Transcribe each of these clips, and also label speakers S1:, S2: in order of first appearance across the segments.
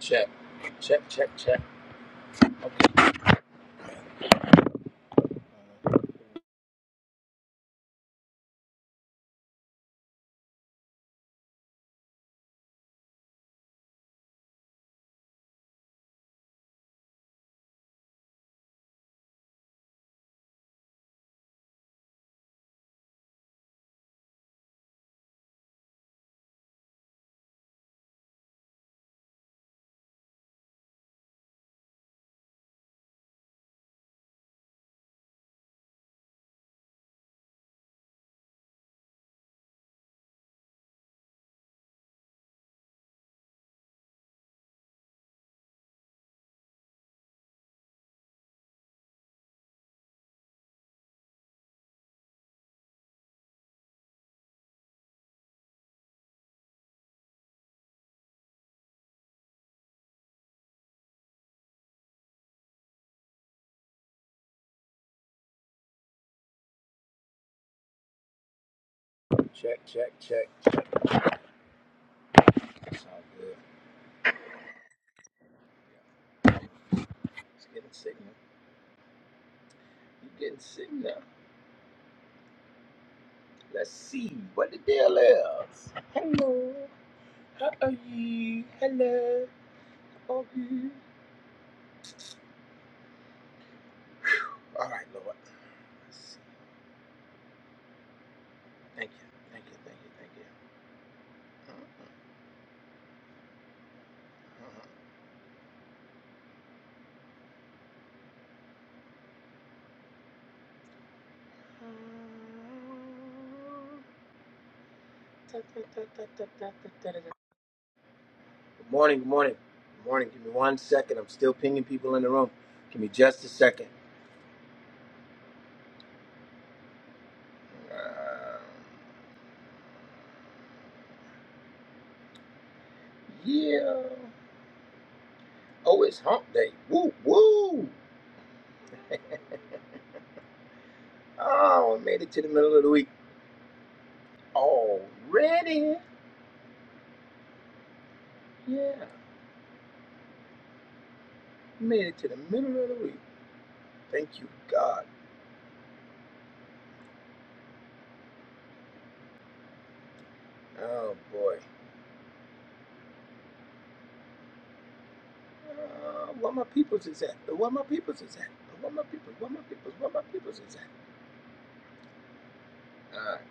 S1: Check, check, check, check. Okay, check, check, check, check. That's all good. Yeah. It's getting signal. You getting signal? Let's see what the deal is. Hello, how are you? Hello, how are you? All right, Lord. Let's see. Thank you, thank you, thank you, thank you. Good morning, good morning, good morning. Give me one second. I'm still pinging people in the room. Give me just a second. Uh, yeah. Oh, it's hump day. Woo, woo. Oh, made it to the middle of the week already. Yeah, made it to the middle of the week. Thank you, God. Oh, boy. Uh, where my peoples is at? Where my peoples is at? Where my peoples? Where my peoples? Where my peoples is at? All right.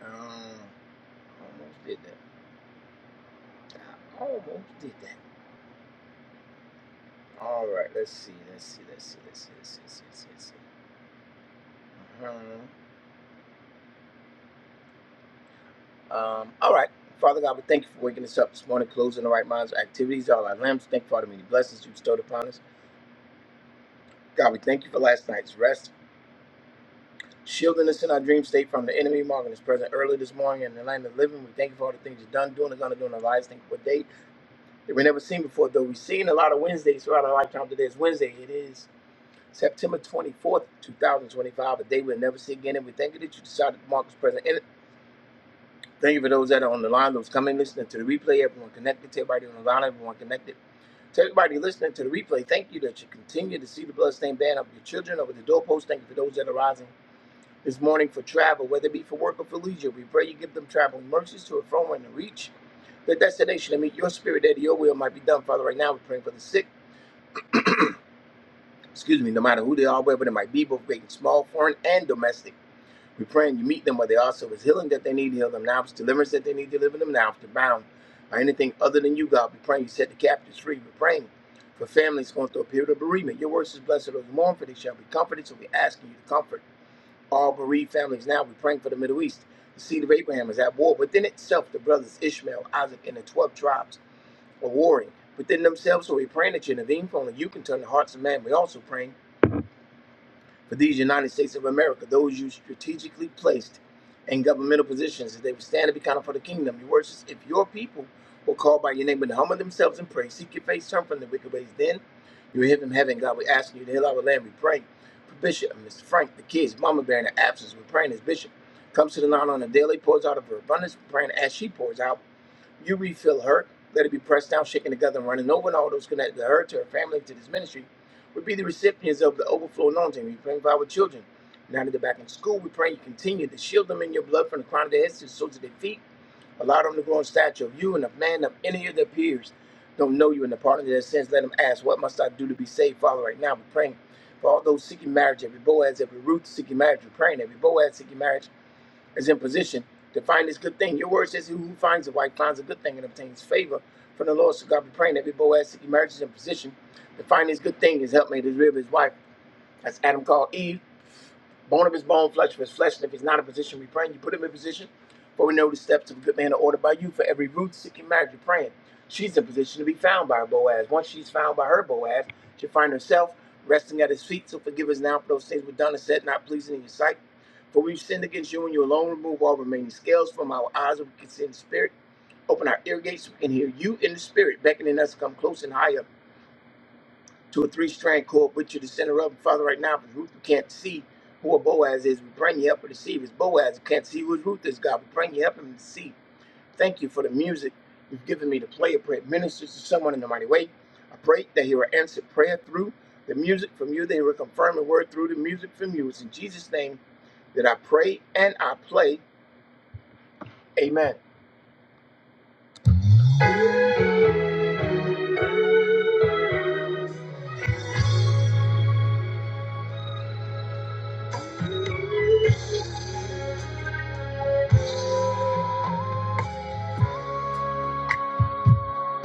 S1: Um, almost did that. I almost did that. All right, let's see. Let's see. Let's see. Let's see. Let's see. Let's see. Let's see. Let's see. Uh-huh. Um, all right. Father God, we thank you for waking us up this morning, closing the right minds, activities, all our limbs. Thank you for all the many blessings you bestowed upon us. God, we thank you for last night's rest, shielding us in our dream state from the enemy, marking us present early this morning in the land of the living. We thank you for all the things you've done, doing, and going to do in our lives. Thank you for a date that we never seen before, though we've seen a lot of Wednesdays throughout our lifetime. Today is Wednesday. It is September 24th, 2025, a day we'll never see again. And we thank you that you decided to mark us present. Thank you for those that are on the line, those coming, listening to the replay. Everyone connected to everybody on the line, everyone connected. To everybody listening to the replay, thank you that you continue to see the bloodstained banner of your children over the doorpost. Thank you for those that are rising this morning for travel, whether it be for work or for leisure. We pray you give them traveling mercies to and from and to reach the destination and meet your spirit there, that your will might be done. Father, right now we're praying for the sick, excuse me, no matter who they are, wherever they might be, both great and small, foreign and domestic. We're praying you meet them where they are. So if it's healing that they need, heal them now. If it's deliverance that they need, deliver them now. If they're bound by anything other than you, God, we're praying you set the captives free. We're praying for families going through a period of bereavement. Your words is blessed are those who mourn, for they shall be comforted. So we're asking you to comfort all bereaved families now. We're praying for the Middle East. The seed of Abraham is at war within itself. The brothers Ishmael, Isaac, and the 12 tribes are warring within themselves. So we're praying that you intervene, for only you can turn the hearts of man. We're also praying for these United States of America, those you strategically placed in governmental positions, that they would stand and be counted for the kingdom. Your words is, if your people will call by your name and humble themselves and pray, seek your face, turn from the wicked ways, then you will hear from heaven. God, we asking you to heal our land. We pray for Bishop and Mr. Frank, the kids, Mama Bear in the absence. We're praying as Bishop comes to the line on a daily, pours out of her abundance. We're praying as she pours out. You refill her. Let it be pressed down, shaken together, and running over, and all those connected to her, to her family, to this ministry would be the recipients of the overflow anointing. We pray for our children. Now that they're back in school, we pray you continue to shield them in your blood from the crown of their heads to the soles of their feet. Allow them to grow in stature of you and of man of any of their peers. Don't know you in the pardon of their sins. Let them ask, What must I do to be saved? Father, right now we're praying for all those seeking marriage, every Boaz, every Ruth seeking marriage. We're praying every Boaz seeking marriage is in position to find this good thing. Your word says, who finds a wife finds a good thing and obtains favor from the Lord. So God be praying that every Boaz seeking marriage is in position to find this good thing, his helpmate, his rib, his wife. That's Adam called Eve. Bone of his bone, flesh of his flesh, and if he's not in position, we praying. You put him in position, for we know the steps of a good man are ordered by you. For every root seeking marriage, you're praying. She's in position to be found by her Boaz. Once she's found by her Boaz, she'll find herself resting at his feet. So forgive us now for those things we've done and said, not pleasing in your sight. For we've sinned against you, and you alone remove all remaining scales from our eyes, that we can see in the spirit. Open our ear gates, so we can hear you in the spirit, beckoning us to come close and higher to a three strand cord, put you to the center of it. Father, right now, because Ruth, who can't see who a Boaz is, we bring you up to see. If it's Boaz, who can't see who his Ruth is, God, we bring you up and to see. Thank you for the music you've given me to play. I pray it ministers to someone in the mighty way. I pray that he will answer prayer through the music from you, that he will confirm the word through the music from you. It's in Jesus' name that I pray and I play. Amen.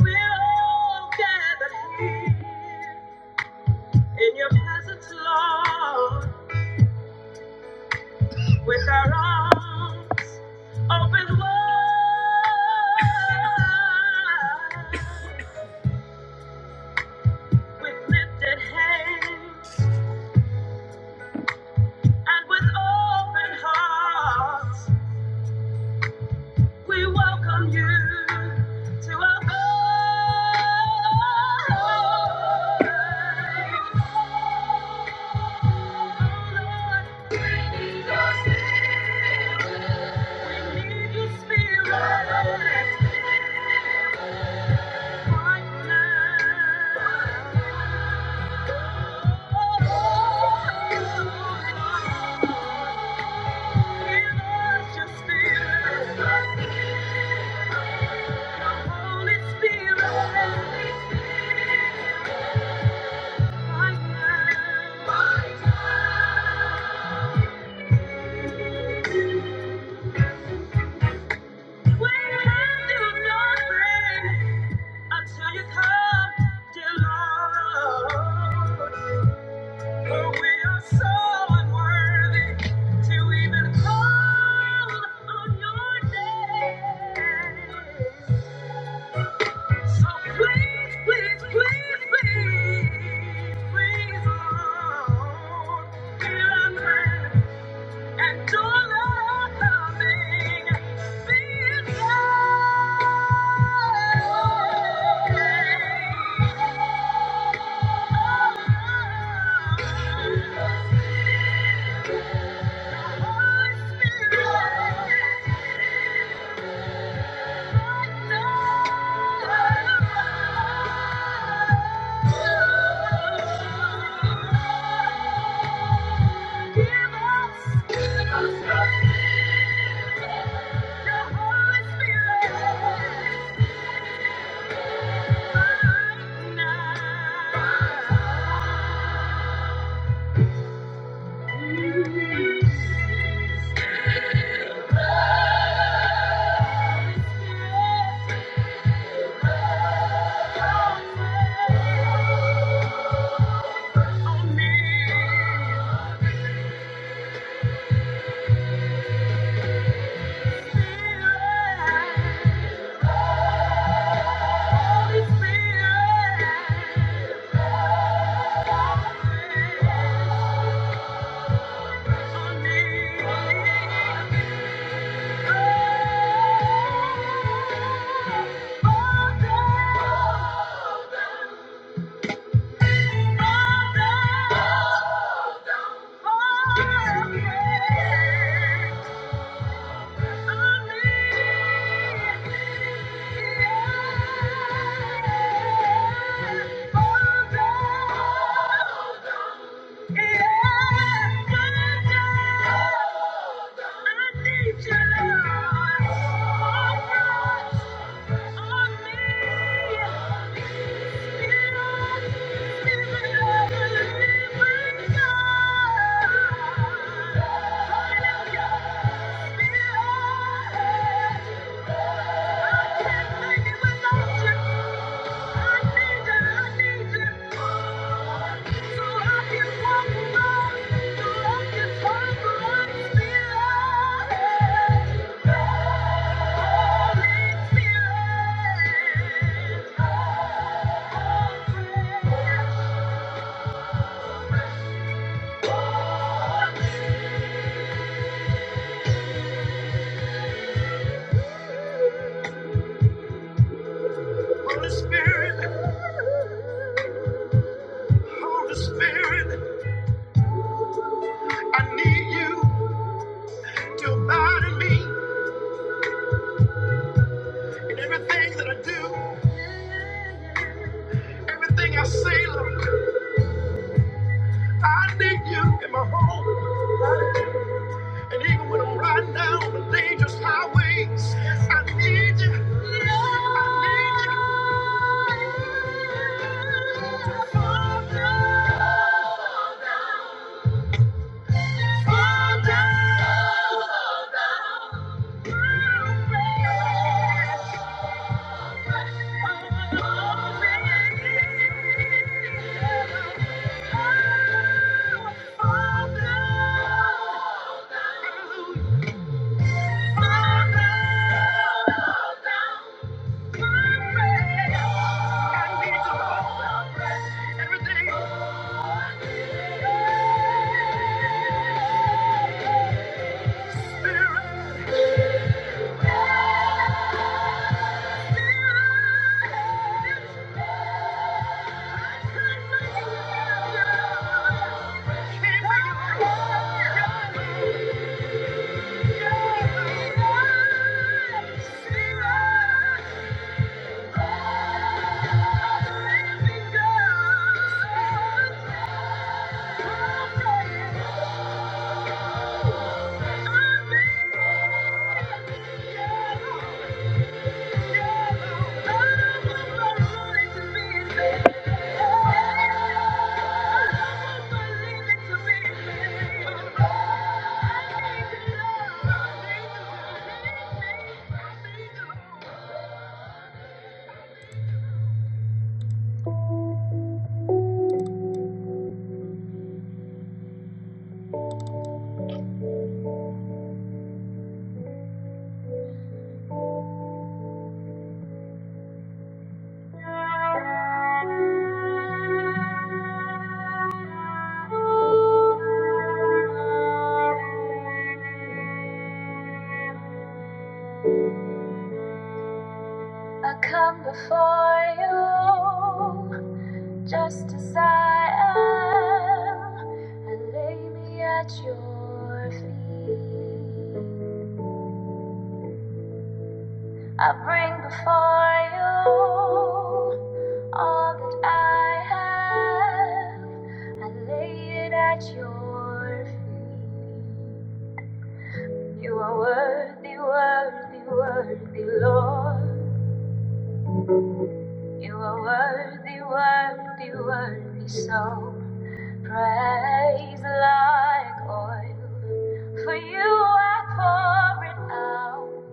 S1: We're all gathered here in your presence, Lord. With our arms open wide, with lifted hands and with open hearts, we welcome you to our God. We need your spirit. We need your spirit. Until you come, dear Lord. For we are so unworthy to even call on your name. So please, please, please, please, please, Lord, hear our prayer and to love coming, be it Give us, give us. Holy Spirit, on me. Yeah. Yeah. Holy Spirit, Holy Spirit, I need you to abide in me in everything that I do, everything I say, Lord. I need you in my home, and even when I'm riding down the dangerous highways, I need you. I need you. Father, Fall down, fall down, Fall down. Yeah. Thank you. I come before you just as I am. and lay me at your feet. I bring before you all that I have. and lay it at your feet. You are worthy, worthy, worthy, Lord. You are worthy, worthy, worthy, so. Praise like oil. For you I pour it out.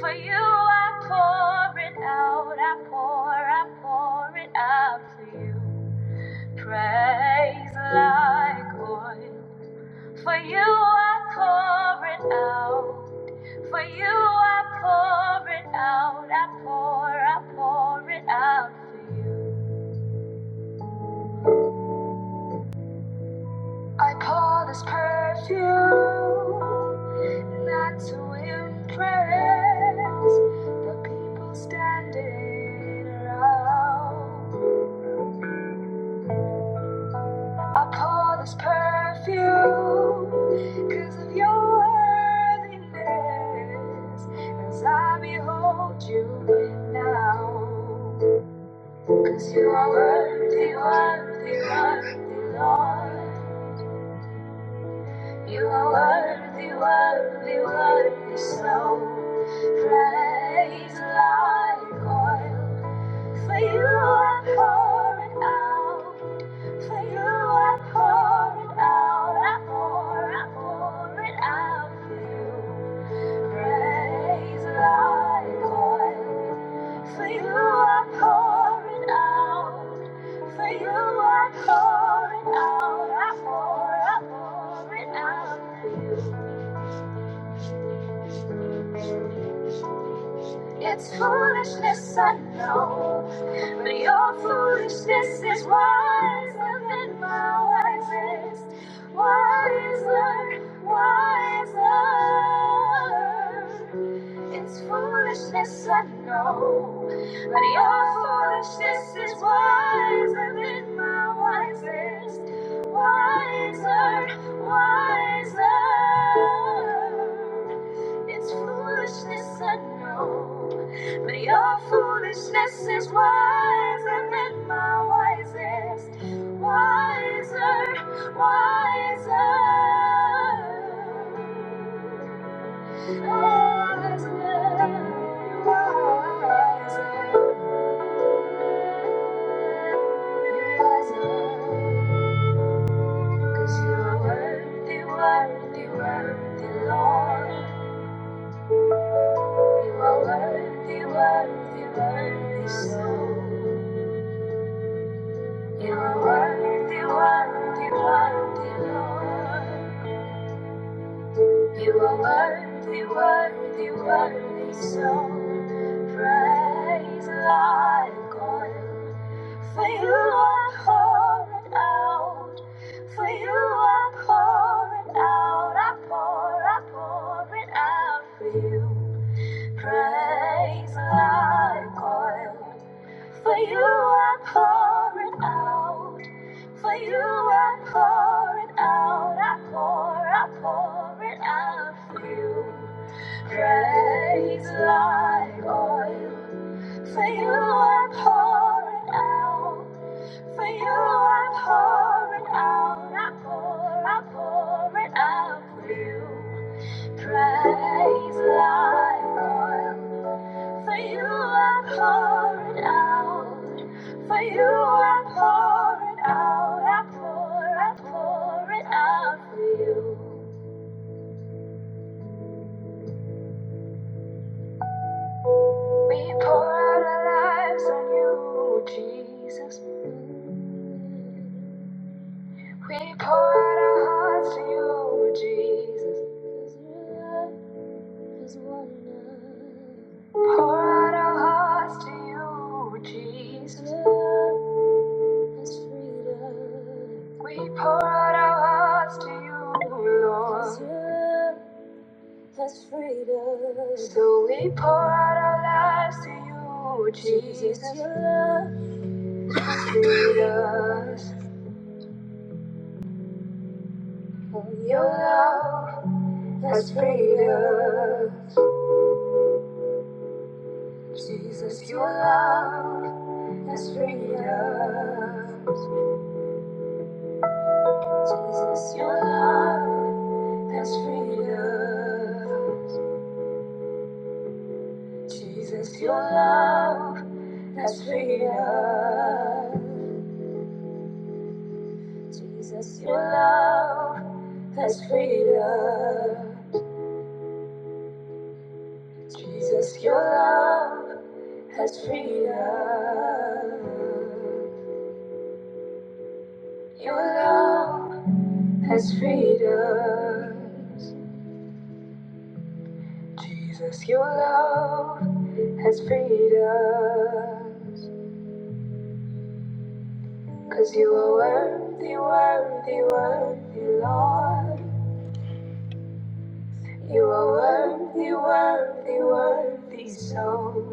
S1: For you I pour it out. I pour, I pour it out for you. Praise like oil. For you I pour it out. For you I pour it out. I pour, I pour it out for you. I pour this perfume not to impress the people standing around. I pour this perfume because of your worthiness as I behold you now. Because you are worthy, worthy, worthy, Lord. You are worthy, worthy, worthy, so praise like oil. For you I pour it out, for you I pour it out, I pour, I pour it out for you praise like oil. For you are pouring out. For you are pouring out. I pour, I pour it out. for you. It's foolishness, I know, but your foolishness is wiser than my wisest. Wiser, wiser. It's foolishness, I know, but your foolishness is wiser than my wisest. Wiser, wiser. It's foolishness, I know. But your foolishness is wiser than my wisest. Wiser, wiser. Wiser, wiser. Cause you're worthy, worthy, worthy, Lord. You are worthy, worthy, worthy, so. You are worthy, worthy, worthy, Lord. You are worthy, worthy, worthy, so. Praise like oil. For you are pouring out. For you are pouring out. I pour, I pour it out for you. Praise thy God. For you I pour it out. For you I pour it out. I pour, I pour it out for you. Praise like oil. For you I pour it out. For you I pour it out, I pour, I pour it out for you. Praise like oil. For you I pour it out. For you I pour it out, I pour, I pour it out for you. We pour out our lives on you, Jesus. We pour out our hearts to you, Jesus. Pour out our hearts to you, Jesus. We pour out our hearts to you, Lord. So we pour out our lives to you, Jesus. Lead us in your love. There's freedom. Jesus, your love has freedom. Jesus, your love has freedom. Jesus, your love has freedom. Jesus, your love has freedom. Jesus, your love has freedom. Your love. has freed us. Jesus, your love has freed us. 'Cause you are worthy, worthy, worthy, Lord. You are worthy, worthy, worthy, so.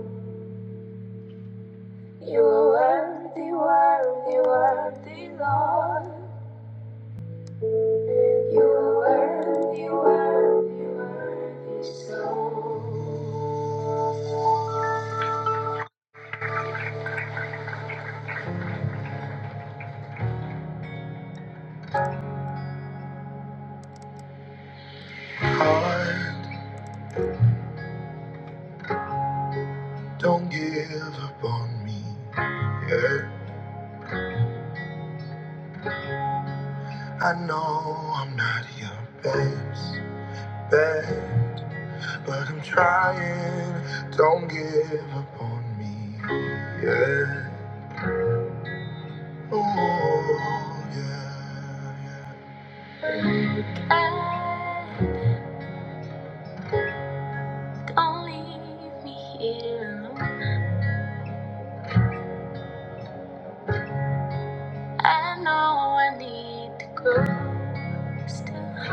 S1: You are worthy, worthy, worthy, Lord. You are worthy, worthy, worthy, so. Don't give up on me. Yeah. I know I'm not your best, best, but I'm trying. Don't give up on me. Yeah. Oh, yeah. yeah. Ah, Don't leave me here alone. I know I need to grow.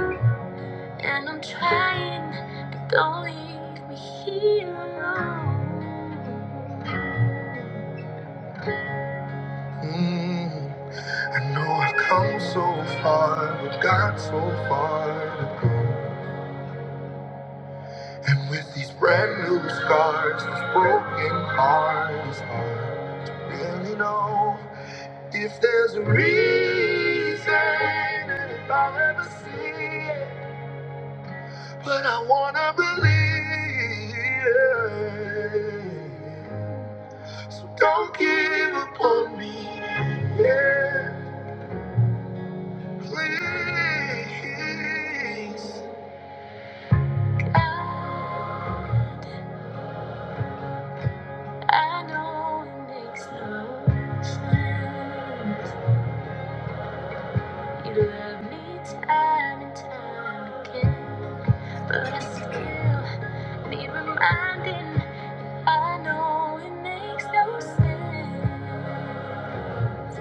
S1: And I'm trying, but don't leave me here alone. Mm, I know I've come so far, but got so far to go. And with these brand new scars, this broken heart is hard to really know if there's a reason and if I'll ever see it. But I wanna believe, so don't give up on me. Yeah, please. I I know it makes no sense. You love me time and time again, but I still need reminding. I know it makes no sense.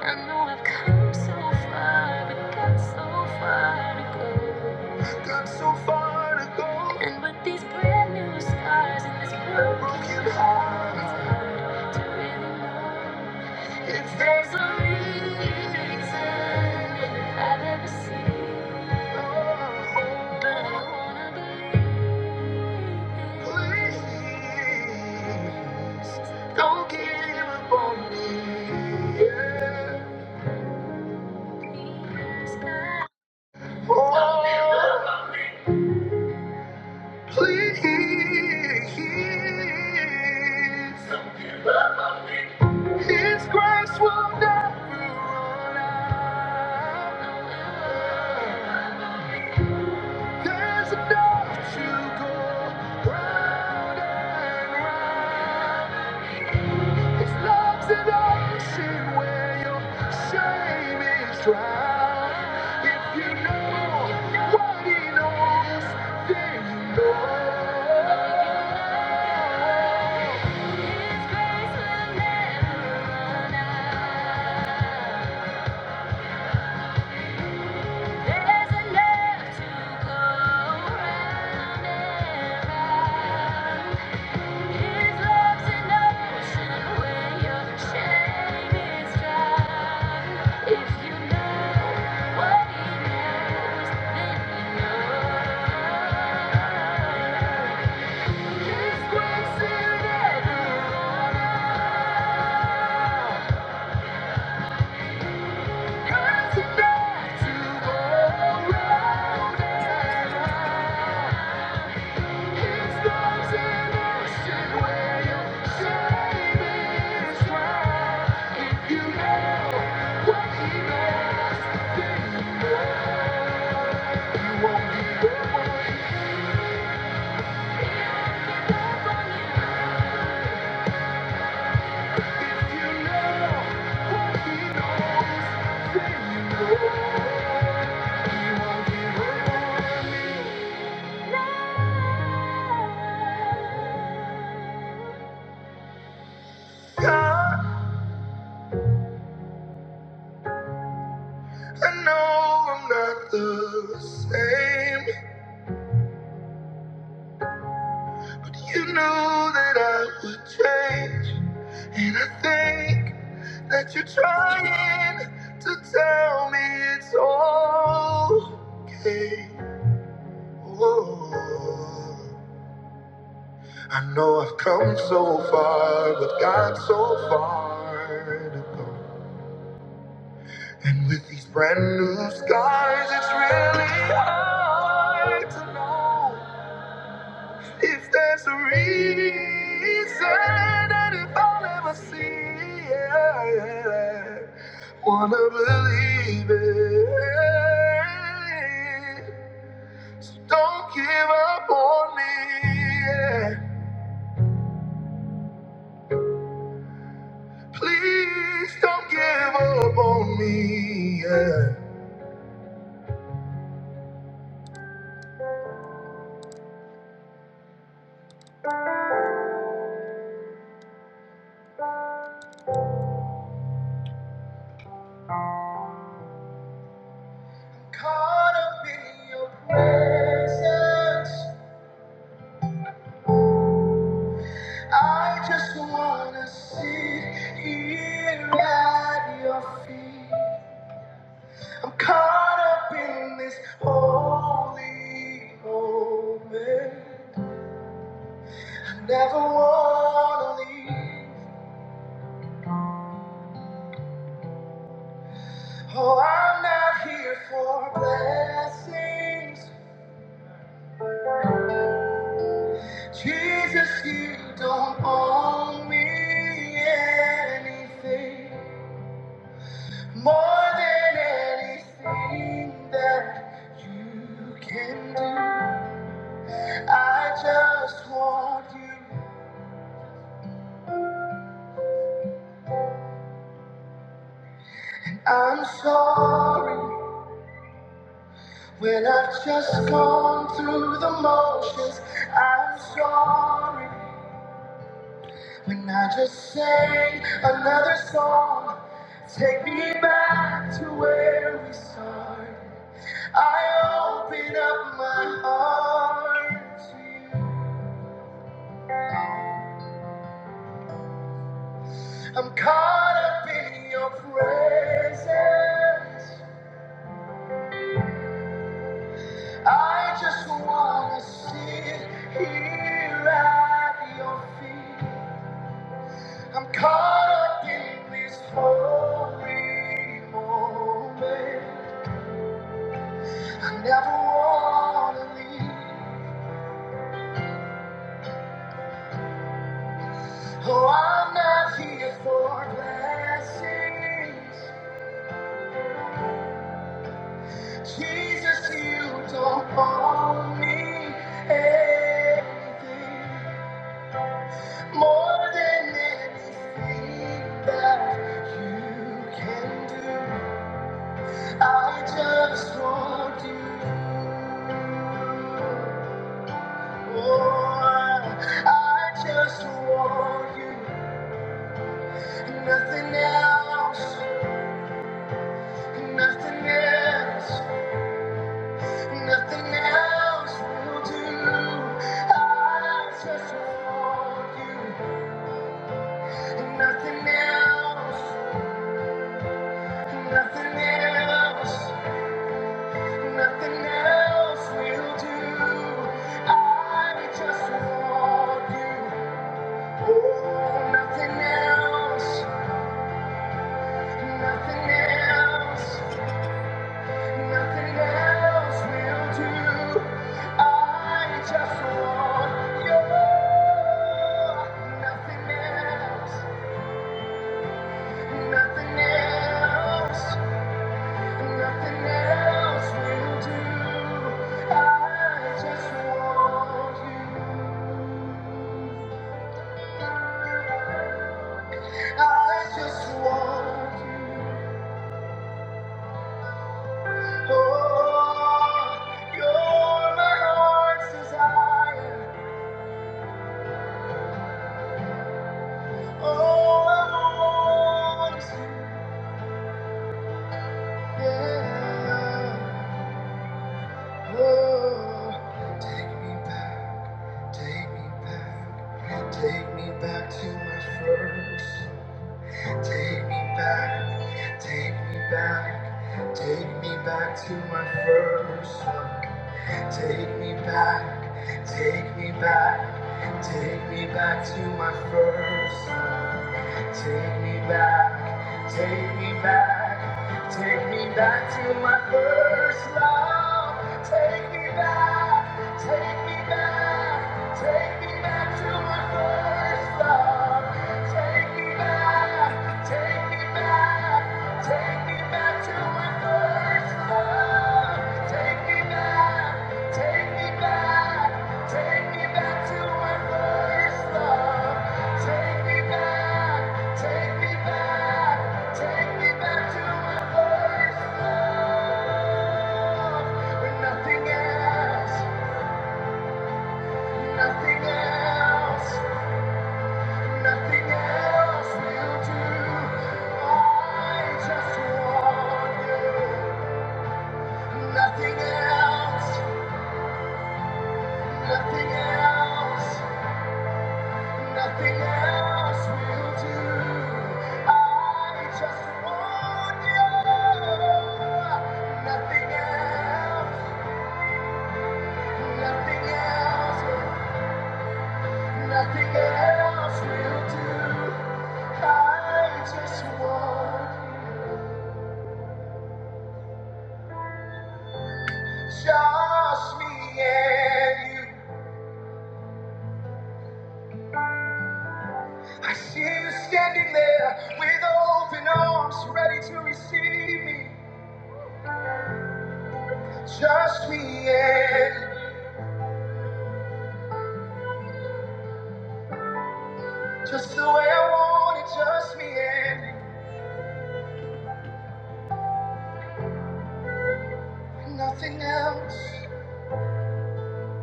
S1: I know I've come so far, but got so far to go. Got so far to go. And with these brand new scars and this broken heart, it's hard to really know if there's a reason I've ever seen. But I wanna believe. Please, don't give up on me. Yeah. Sky. Oh, please, His grace will never run out. Left to go, you will show me if you know what is there you know. His grace will never run out. There's enough to go round His love's an ocean where your shame is drowned. If you know what he knows, then know. His grace will never God, I know I'm not the same. You knew that I would change, and I think that you're trying to tell me it's okay. Oh, I know I've come so far, but got so far to go. And with these brand new scars, it's really hard to know. If there's a reason and if I'll ever see it, wanna believe it. So don't give up on me. yeah. Please don't give up on me. yeah. Caught up in your presence, I just wanna sit here at your feet. I'm caught up in this holy moment. I never wanna leave. Oh, I'm not here for blessings. Jesus, you don't owe me anything more than anything that you can do. I just want you. I'm sorry. When I've just gone through the motions, I'm sorry. When I just sang another song, take me back to where we started. I open up my heart to you. I'm caught up in your presence. I just wanna sit here at your feet. I'm caught up in this holy moment. I never wanna leave. Oh, I'm not here for blessings. Jesus, you don't owe me anything more than anything that I want. I just want you, nothing else, nothing else. Nothing else will do. I just want you. Nothing else, nothing else, nothing else will do. I just want you. Oh, nothing else, nothing else, nothing else will do. I just want you. Nothing else. Nothing else, nothing else will do. I just want you. Oh, you're my heart's desire. Oh, I want you. Oh, take me back, take me back, take me back to my first. Take me back, take me back, take me back to my first love. Take me back, take me back, take me back to my first. Take me back, take me back, take me back to my first love. Take me back, take me back, take me back to my first love. Take me back, take me back, take me back to my first love. Take me back, take me back, take me back to my first love. Take me back, take me back, take me back to my first love. When nothing else, nothing else, nothing else will do. I just want you. Nothing else, nothing else. Nothing else will do. I just want you. Nothing else, nothing else, nothing else will do. I just want just me and you. I see you standing there with open arms, ready to receive me. Just me and you. Just the way I want it, just me and you. Nothing else,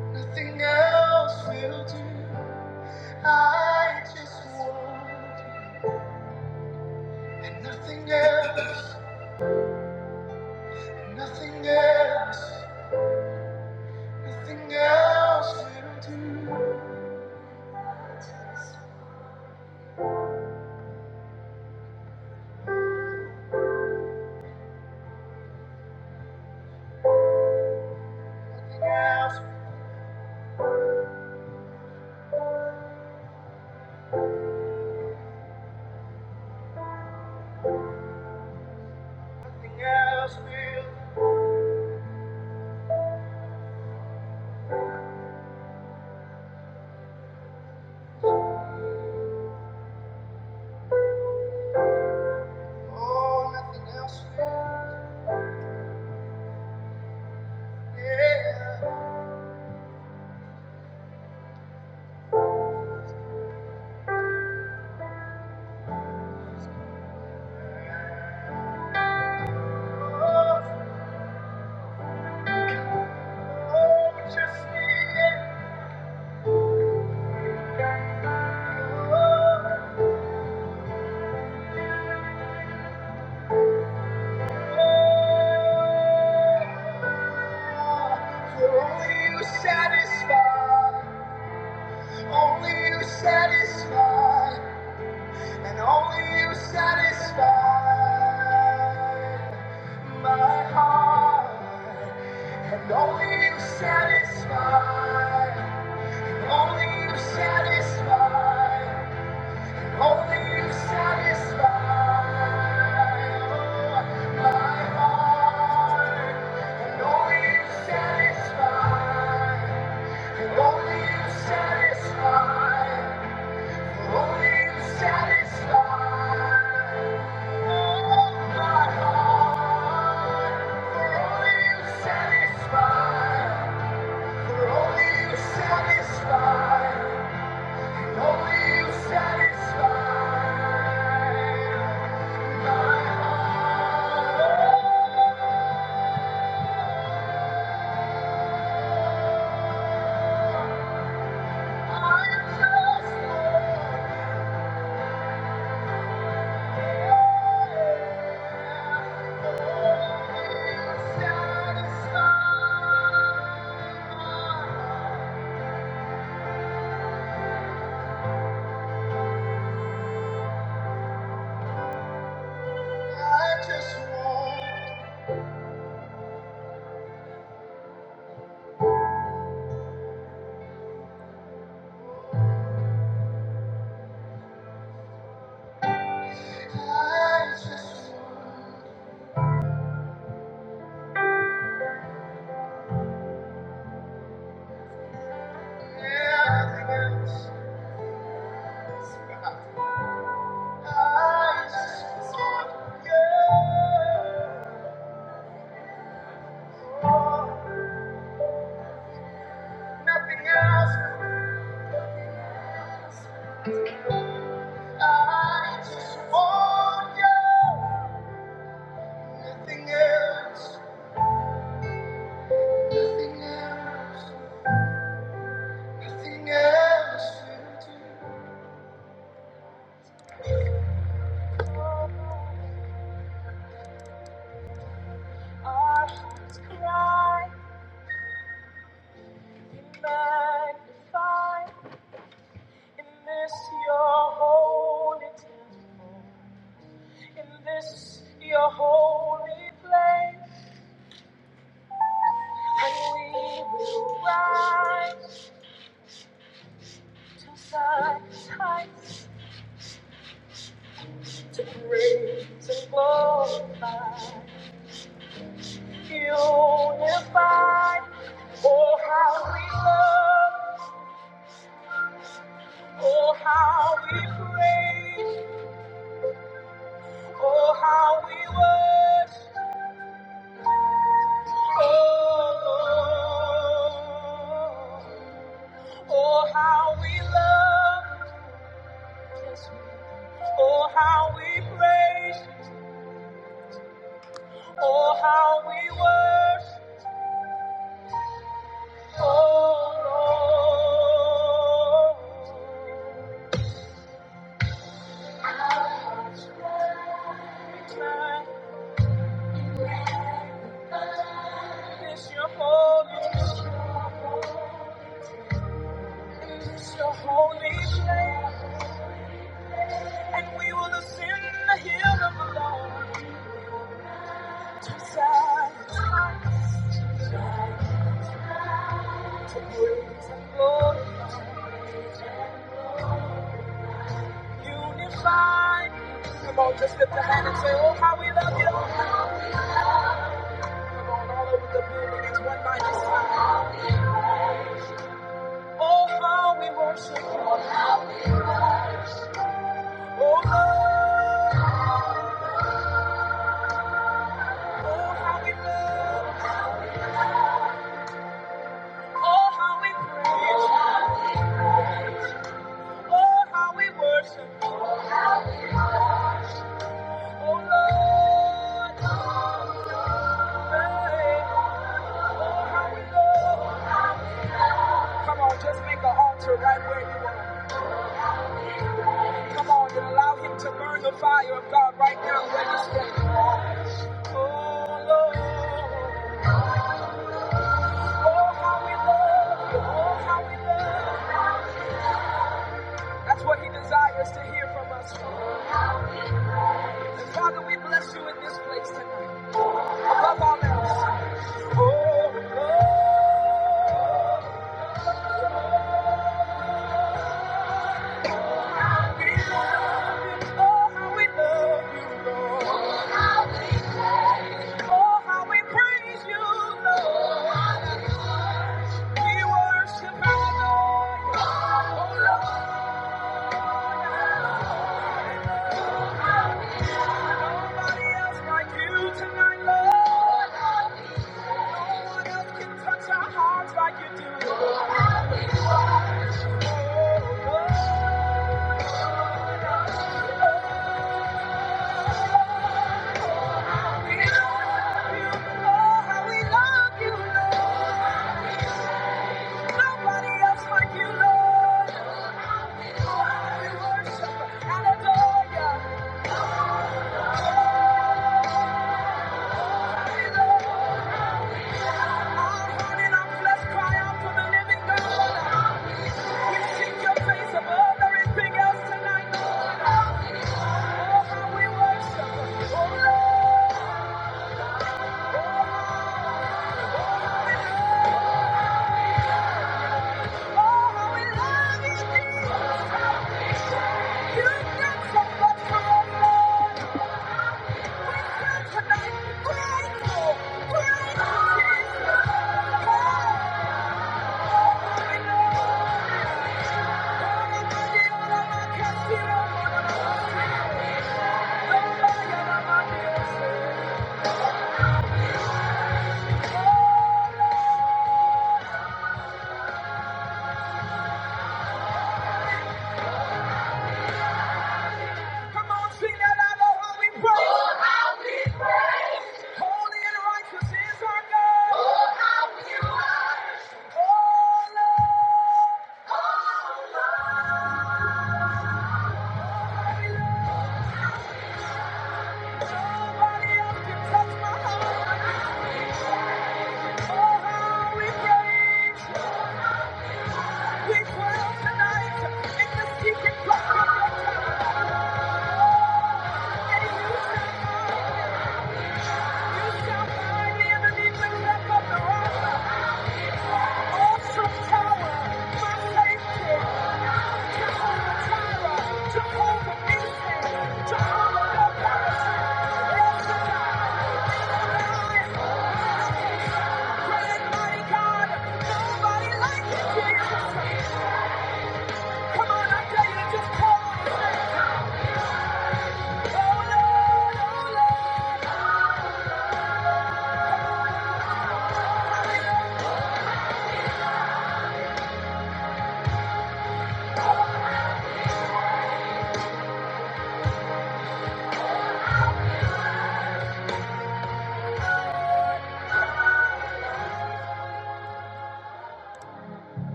S1: nothing else will do. I just want you. And nothing else, nothing else, nothing else will do. Nothing else, nothing else will do. Oh, nothing else will do. yeah. Oh, oh, just me. For only you satisfy. Only you satisfy, and only you satisfy my heart, and only you satisfy, and only you satisfy, and only you satisfy my heart, and only you satisfy, and only you satisfy. Satisfy. I just want, I just want everything else. I just want you. Oh, nothing else. I just want you. Nothing else. Nothing else. Nothing else will do. Our hearts cry, be magnified. In this your holy temple, in this your holy place, and we will rise to such heights to praise and glorify, unified. Oh how we love, oh how we praise, oh how we worship, oh Lord. Oh, how we love, oh, how we praise, oh, how we worship, oh, Lord. It's your holy, it's your holy place, and we will ascend the hill of the Lord. Beside you, Lord, unified. Come on, just lift a hand and say, oh, how we love you. Come on, all over the building, it's one mighty sound. Oh, how we worship you. Oh, Lord. Oh, how we love. Oh, how we praise you. Oh, how we worship you. Oh, Lord. Hey. Oh, how we love. Come on, just make an altar right where you are. Come on and allow him to burn the fire of God right now where you stand. Oh, Lord. Oh, how we love you. Oh, how we love you. That's what he desires to hear from us. Father, we bless you in this place tonight. Above all else. Oh, Lord, we love you. Oh, how we love you, Lord. Oh, how we praise you, Oh, how we praise you, Lord. We worship you, Lord. Oh, Lord. Nobody else like you tonight, Lord. Touch our hearts like you do. Thank you. Holy and righteous is our God. Jehovah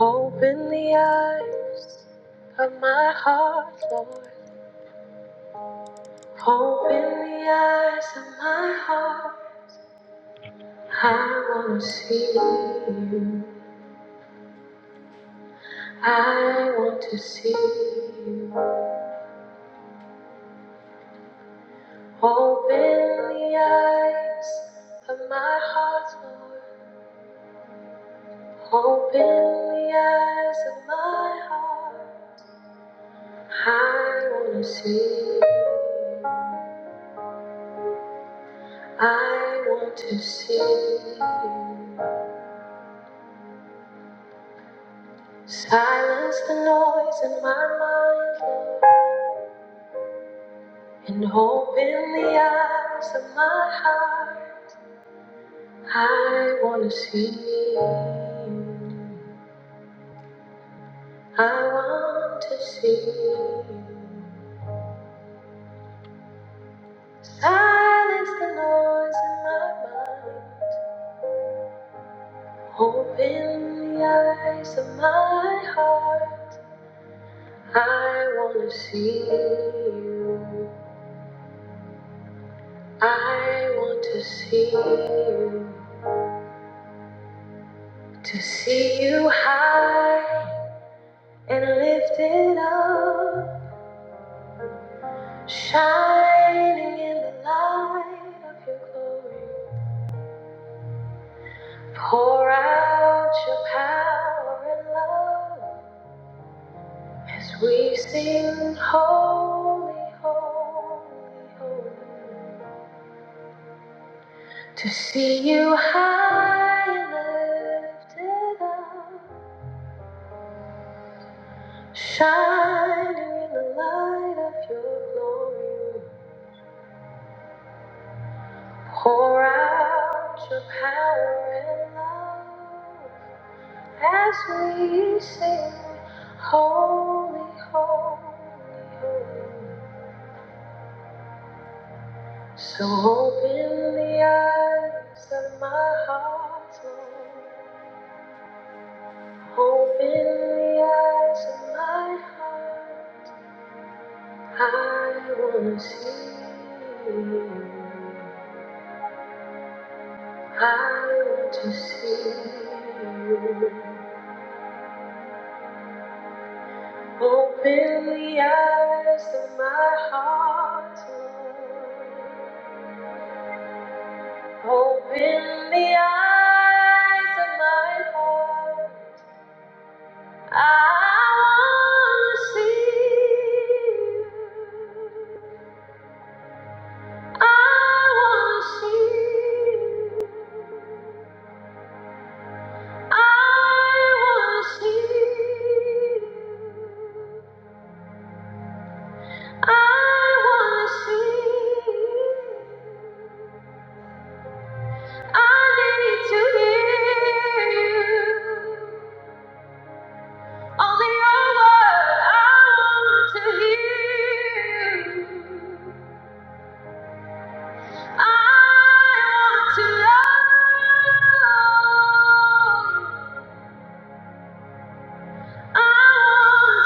S1: Open the eyes of my heart, Lord. Open the eyes of my heart. I want to see you. I want to see you. Open the eyes of my heart, Lord. Open the eyes of my heart. I wanna see, you. I want to see. you. Silence the noise in my mind and open the eyes of my heart. I wanna see, you. I want to see. you. Silence the noise in my mind, open the eyes of my heart. I wanna see you. I want to see you. To see you high and lifted up, shining in the light of your glory. Pour out your power and love as we sing, Holy, Holy, Holy. To see you high and lifted up, shining in the light of your glory. Pour out your power and love as we sing, Holy, Holy, Holy. So open the eyes of my heart, Lord. Open the eyes of my heart. I want to see you. I want to see you. Open the eyes of my heart. Open the eyes of my heart. I want to see you. I want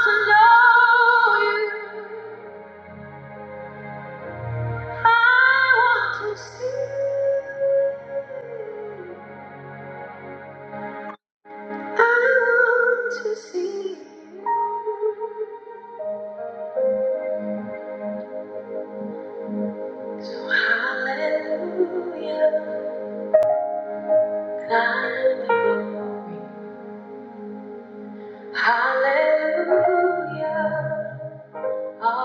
S1: to know you. I want to see. you. I want to see. you. Hallelujah. Hallelujah. All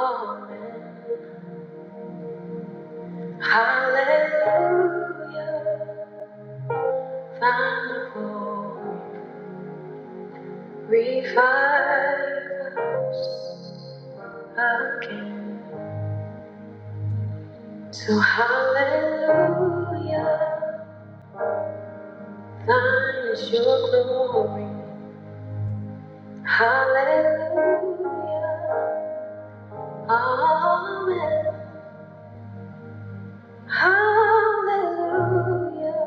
S1: thy glory revives again. So hallelujah. Thine is your glory. Hallelujah. Amen. Hallelujah.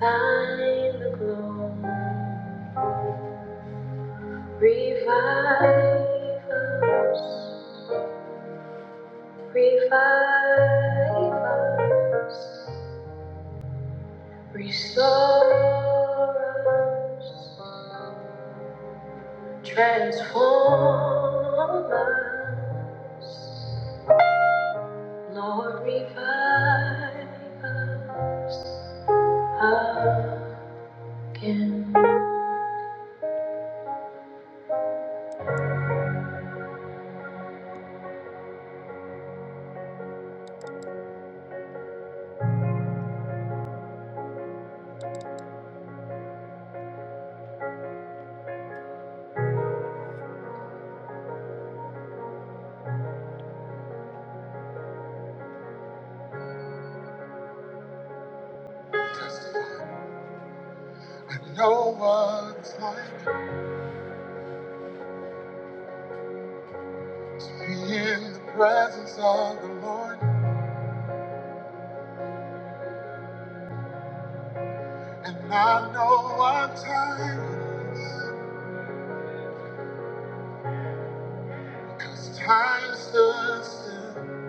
S1: Thine the glow, Revive us. Revive us. Restore us. Transform us. Lord, revive us. And No one's like to be in the presence of the Lord. And I know what time it is, because time stood still.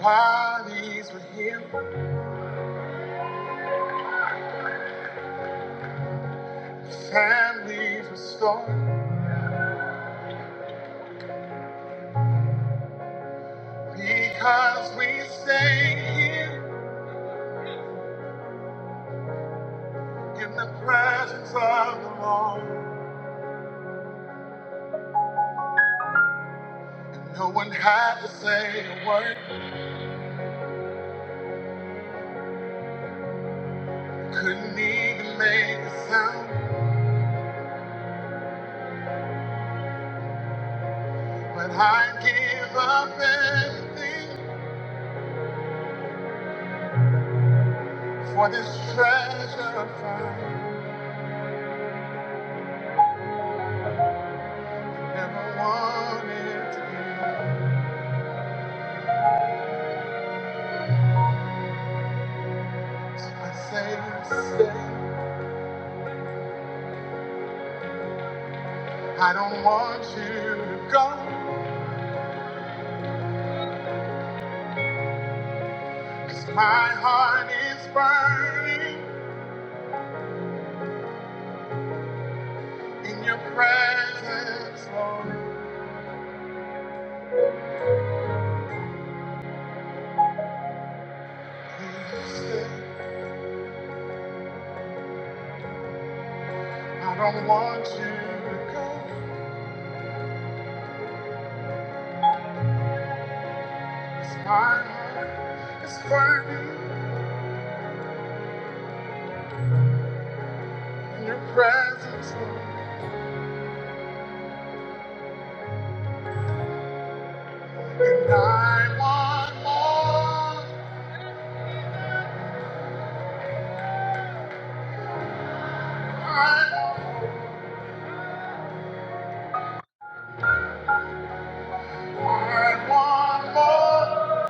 S1: Bodies were healed, families restored, because we stayed here in the presence of the Lord. And no one had to say a word, couldn't even make a sound. But I give up everything for this treasure I found. Never wanted to be. I say, stay. I don't want you to go, 'cause my heart is burning in your presence, Lord. Please stay. I don't want you to go, 'cause my heart is burning in your presence, Lord. And I want more. I, I want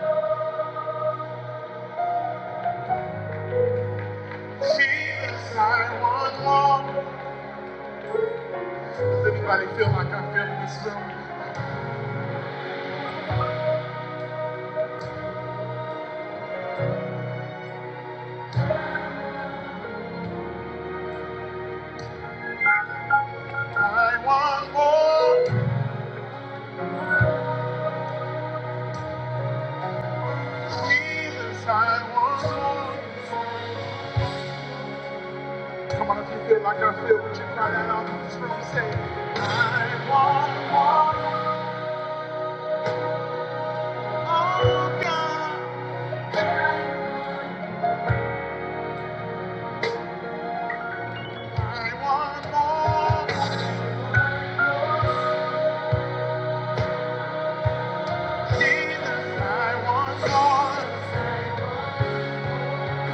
S1: more. Jesus, I want more. Anybody feel like I feel in this room? I want more. Jesus, I want more. Come on, if you feel like I feel, would you cry that out in this room? Say, I want more. Oh, God. I want more. Jesus, I want more.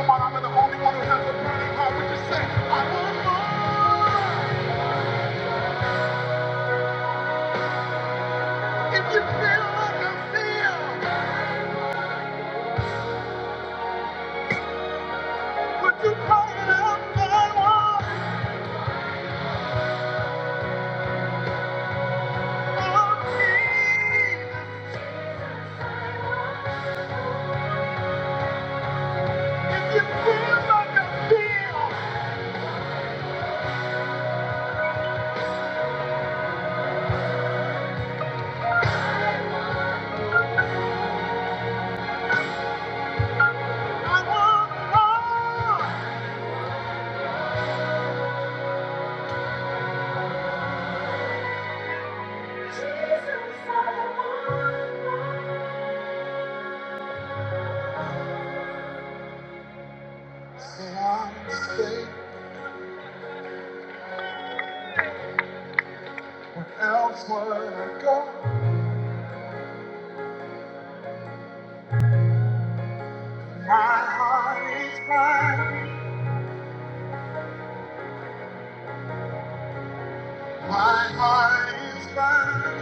S1: Come on, I'm the only one who has a burning heart. Would you say, I want more? If you feel like I feel. Would you cry it out If you feel like I feel, I want more. Say I'm safe when elsewhere I go. My heart is mine. My heart is mine.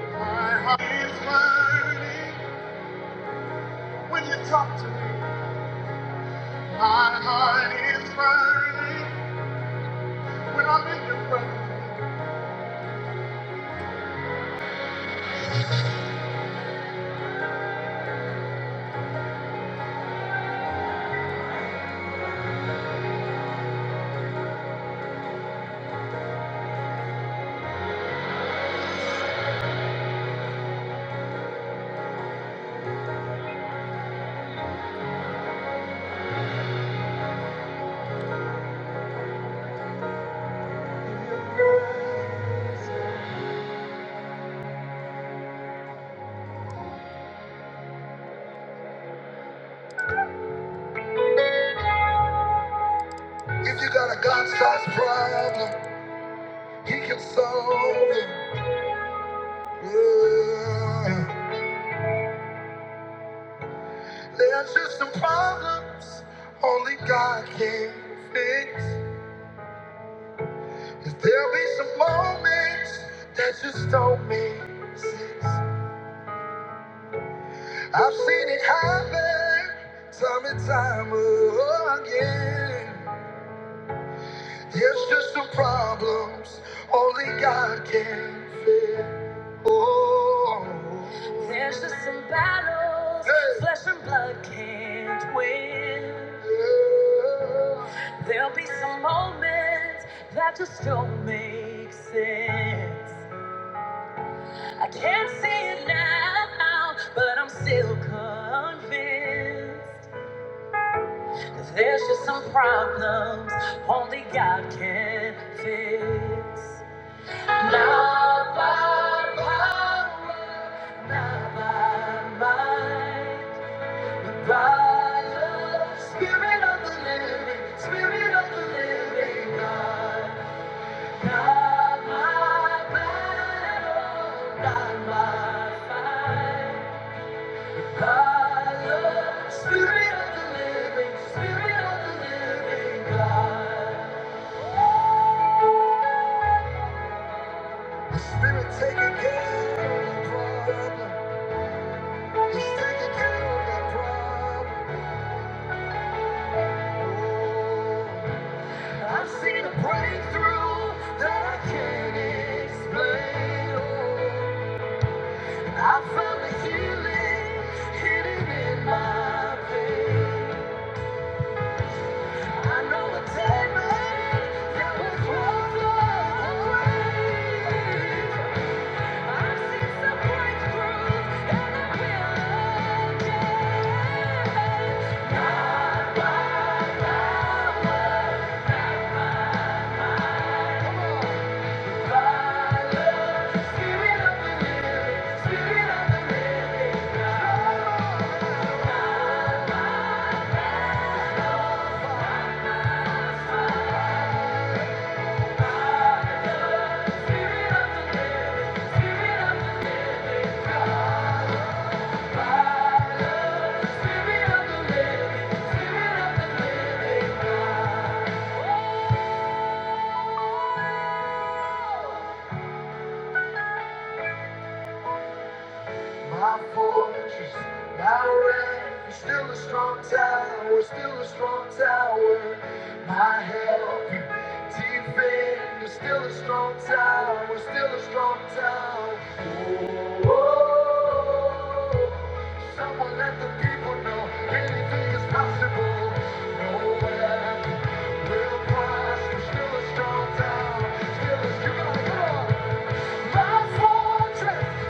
S1: My heart is mine. When you talk to me, my heart is mine. When I'm in your presence. If you got a God-sized problem. He can solve it. Yeah. There's just some problems only God can fix. Cause there'll be some moments that just don't make sense. I've seen it happen time and time again. There's just some problems only God can fix. Oh, there's just some battles Hey. flesh and blood can't win. Yeah. There'll be some moments that just don't make sense. I can't see it now, but I'm still convinced. There's just some problems only God can fix. Not by power. Spirit taking care of the problem. He's taking care of that problem. Oh. My fortress, my refuge, still a strong tower, still a strong tower. My help, defender, still a strong tower, still a strong tower. Oh, oh, oh. someone let the people know anything is possible. No weapon will prosper, still a strong tower, still a strong tower. My fortress.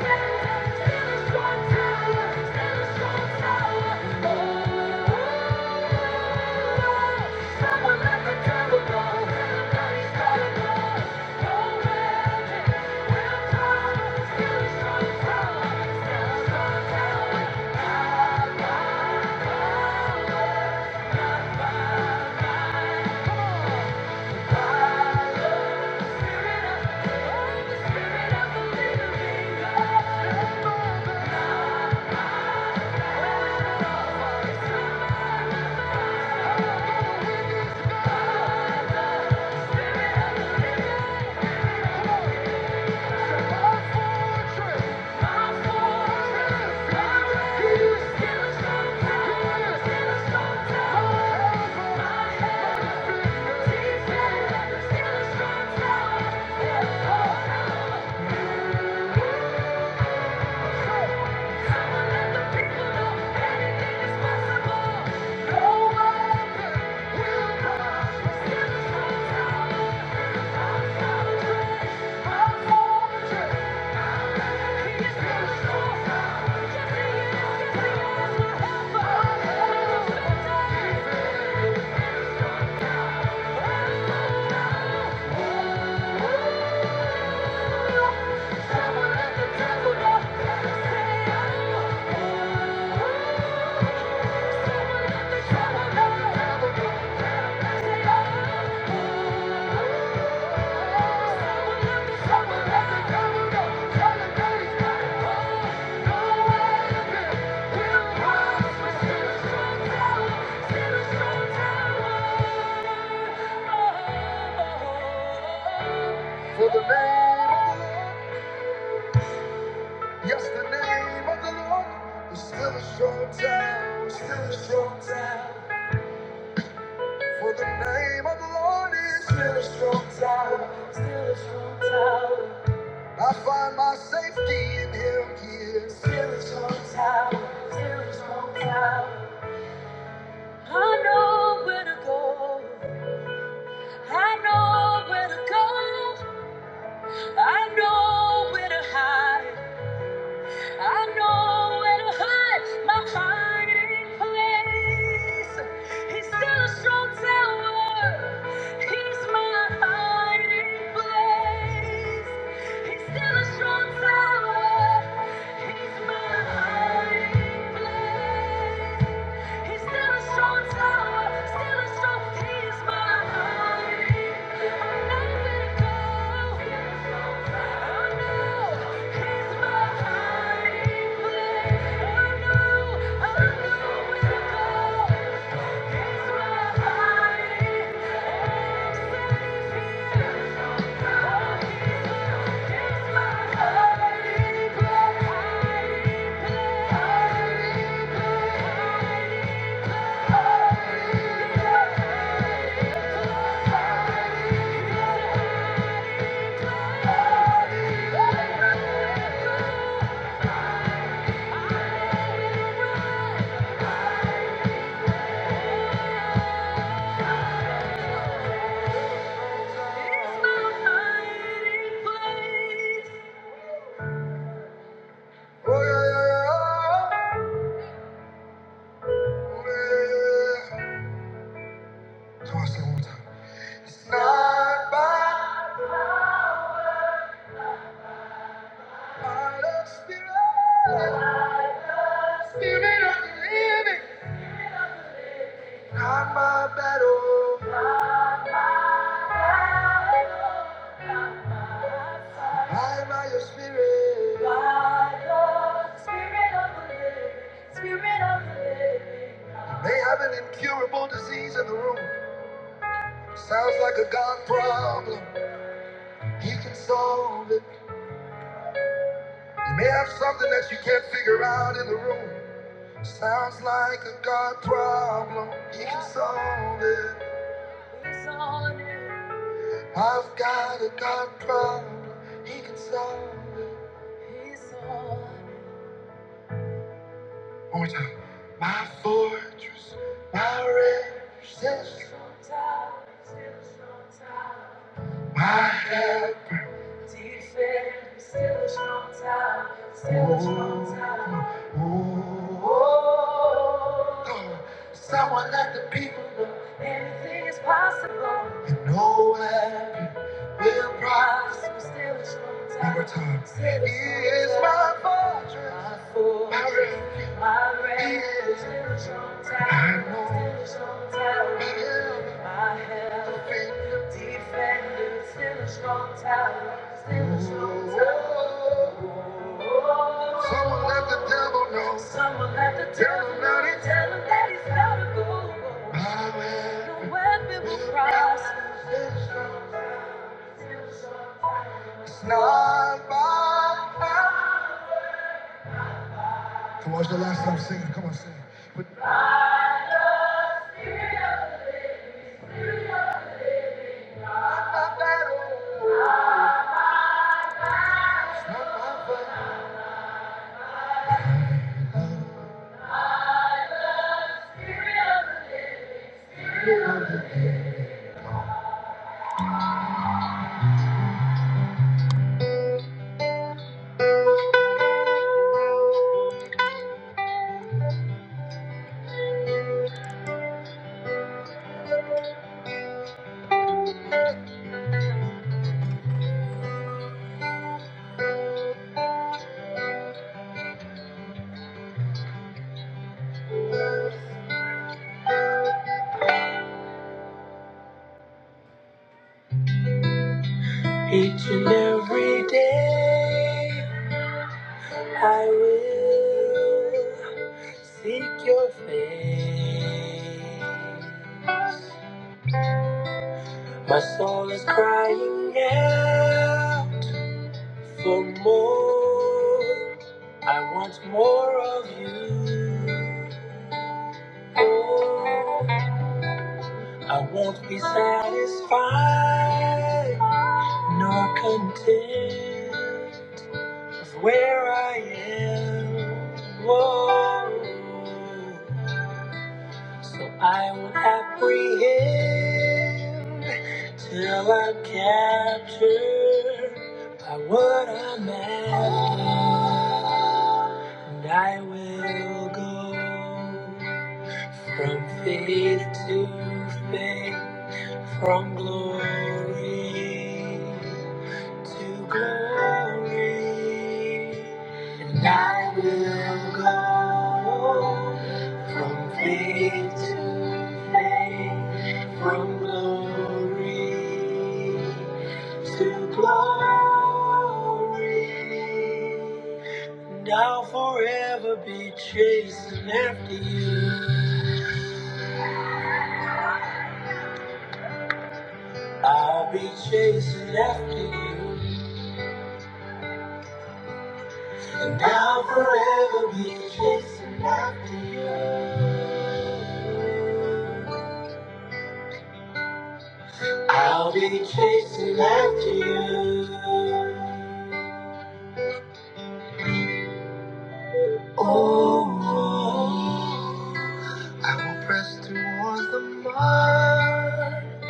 S1: let Thank you. Yeah. For the name, yes, the name of the Lord is still a strong town, still a strong town. For the name of the Lord is still a strong tower, still a strong tower. I find my safety in Him, He is still a strong tower, still a strong tower. I know where to go, I know where to go, I know where to hide. I know where to hide my hiding place. He's still a strong tower. He's my hiding place. He's still a strong tower. He's my hiding place. He's still a strong tower. Still a strong. He's my hiding. I'm not gonna go. Oh, yeah, yeah, yeah. Oh, yeah, yeah, yeah. So one time. It's not by my spirit, spirit of the living, not my battle, by my your spirit. You may have an incurable disease in the room. Sounds like a God problem. He can solve it. You may have something that you can't figure out in the room. Sounds like a God problem. He can solve it. I've got a God problem. He can solve it. One more time. My fortress, my refuge, my helper. Defender, still a strong tower, still a strong tower. Oh. oh, oh. Someone let the people know anything is possible. And no weapon will prosper. Still it's long time. One more time. Still it's He is long time. my time. fortress. My fortress. My refuge. My refuge. He is. Still it's long time. I know. Still it's long time. He is My everything. Still it's long time. Someone let the devil know. Tell him that it's my weapon. Still it's long time. It's not by might. Come on, it's your last time singing. Come on, sing. But not by battle. It's not by might. Each and every day, I will seek your face. My soul is crying out for more. I want more of you. Oh. I won't be satisfied nor content of where I am. Whoa. So I will apprehend till I'm captured by what I'm after. And I will go from faith to faith. From glory to glory, and I will go from faith to faith, from glory to glory, and I'll forever be chasing after you. I'll be chasing after you. And I'll forever be chasing after you. I'll be chasing after you. Oh, oh, I will press toward the mark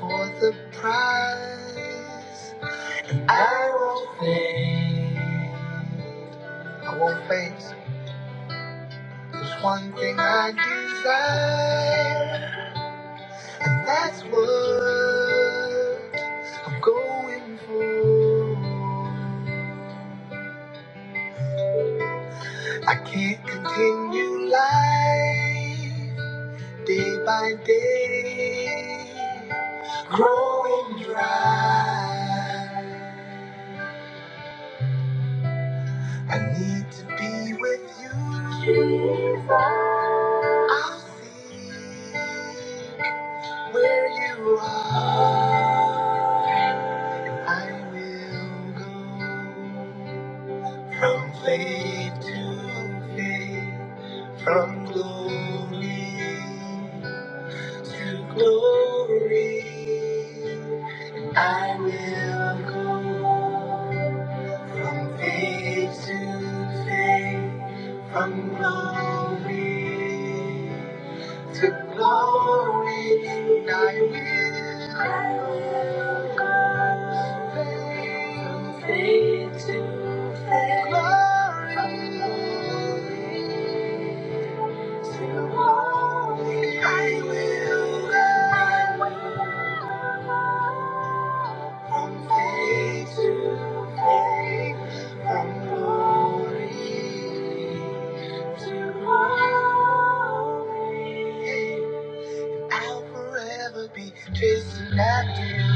S1: for the prize. I won't faint. I won't faint. There's one thing I desire. That's what I'm going for. I can't continue life day by day, growing dry. I need to be with you. Jesus. I'll seek where you are. I will go. From faith to faith, from glory to glory, I will go. From faith to faith, from glory to glory, and I will go from faith to faith. to Glory. I will run from faith to faith, from glory to glory. I'll forever be chasing after you.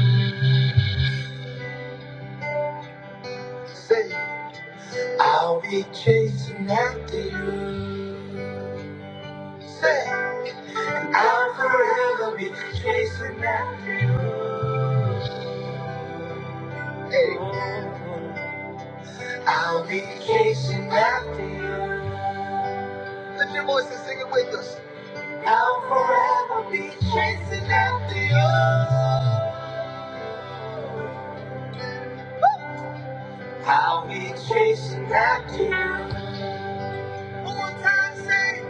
S1: Say, I'll be chasing after you. Say, I'll forever be chasing after you. Hey. I'll be chasing after you. Lift your voice and sing it with us. I'll forever be chasing after you. I'll be chasing after you. One more time, say,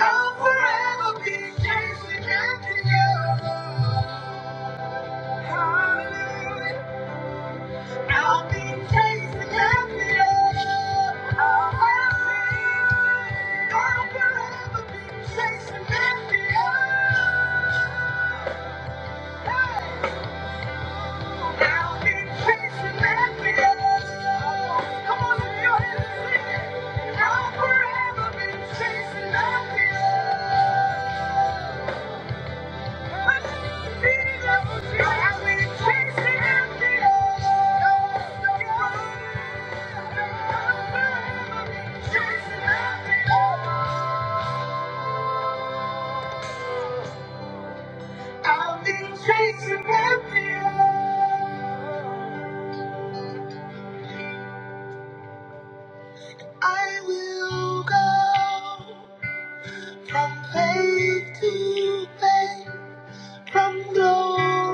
S1: I'll forever be chasing after you. Hallelujah. I'll be chasing after you. I'll forever, I'll forever be chasing after you. Hey. I come low,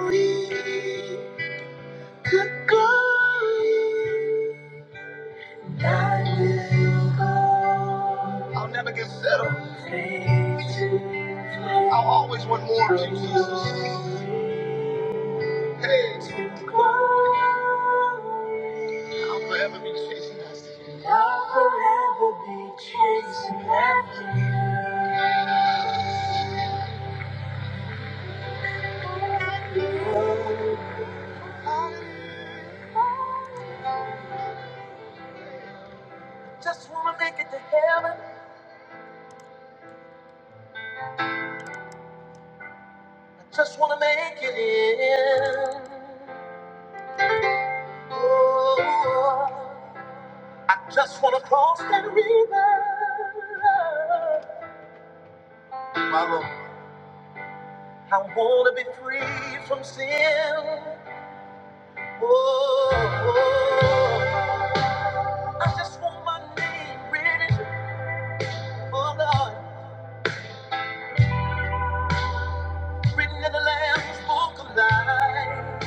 S1: could go, I will go. I'll never get settled. I'll always want more of you, Jesus. Hey, I'll forever be chasing after you. I'll forever be chasing after you. Just wanna make it to heaven. Just wanna make it in. Oh, I just wanna cross that river. My Lord. I wanna be free from sin. Oh, oh. I just want my name written, oh Lord, written in the Lamb's Book of Life.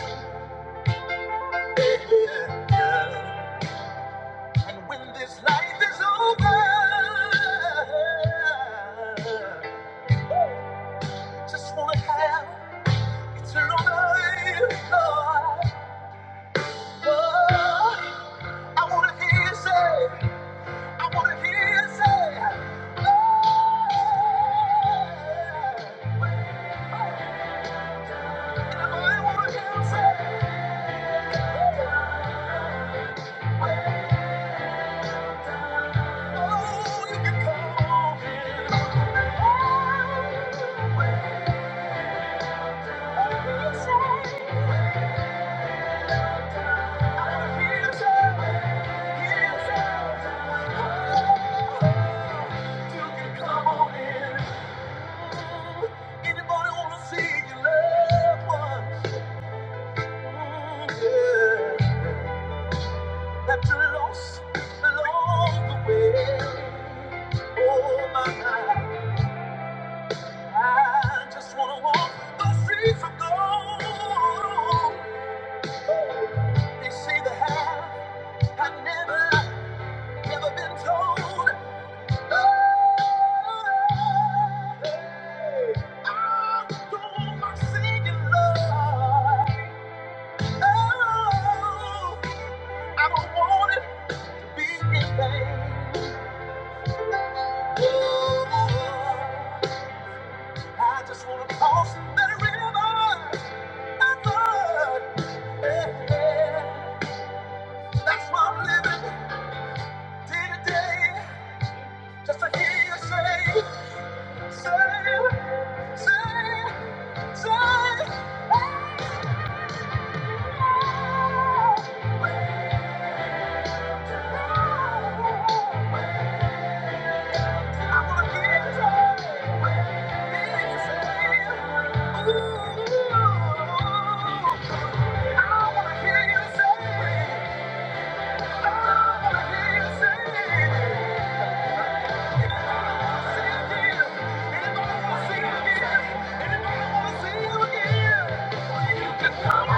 S1: Yeah, yeah. And when this life is over, just wanna have eternal life, Lord. Oh, I wanna hear you say. I wanna hear you say, Lord. And wanna hear you say, Lord. Oh, you can come in. I wanna hear you say, hear you oh, you can come on in. Anybody wanna see your loved ones. That you lost along the way. Oh my God, I just wanna walk those streets of gold. They say the half I never, never been told. Oh, hey, I don't want my singing love. Oh, I don't want it. I just wanna cross that river and run. That's why I'm living day to day, just to hear you say, say, say, say. "Oh, where to go? I wanna hear you say, hear you say, ooh." Thank you. can come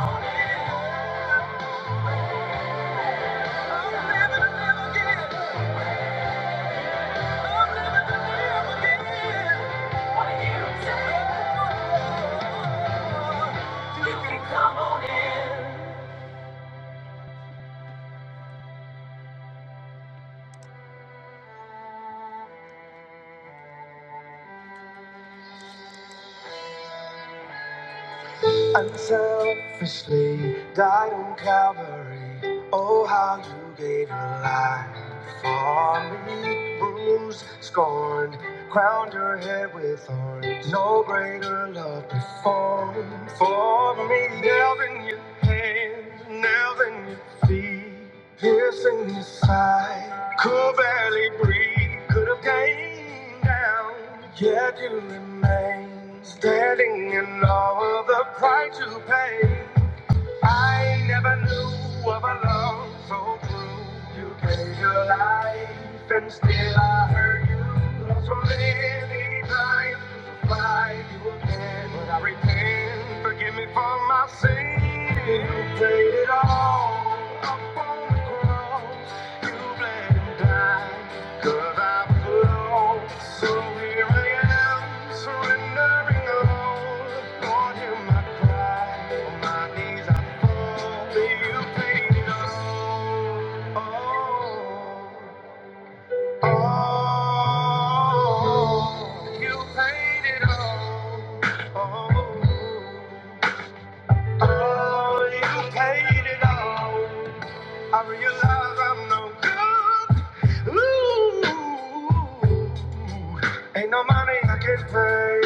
S1: on in. You can come on in. Unselfishly died on Calvary. Oh, how you gave your life for me. Bruised, scorned, crowned your head with thorns. No greater love performed for me. Nailed in your hands, nailed in your feet, piercing your side. Could barely breathe, could have gained down, yet you remain standing in awe. Oh, you paid it all. I realize I'm no good. Ooh, ain't no money I can pay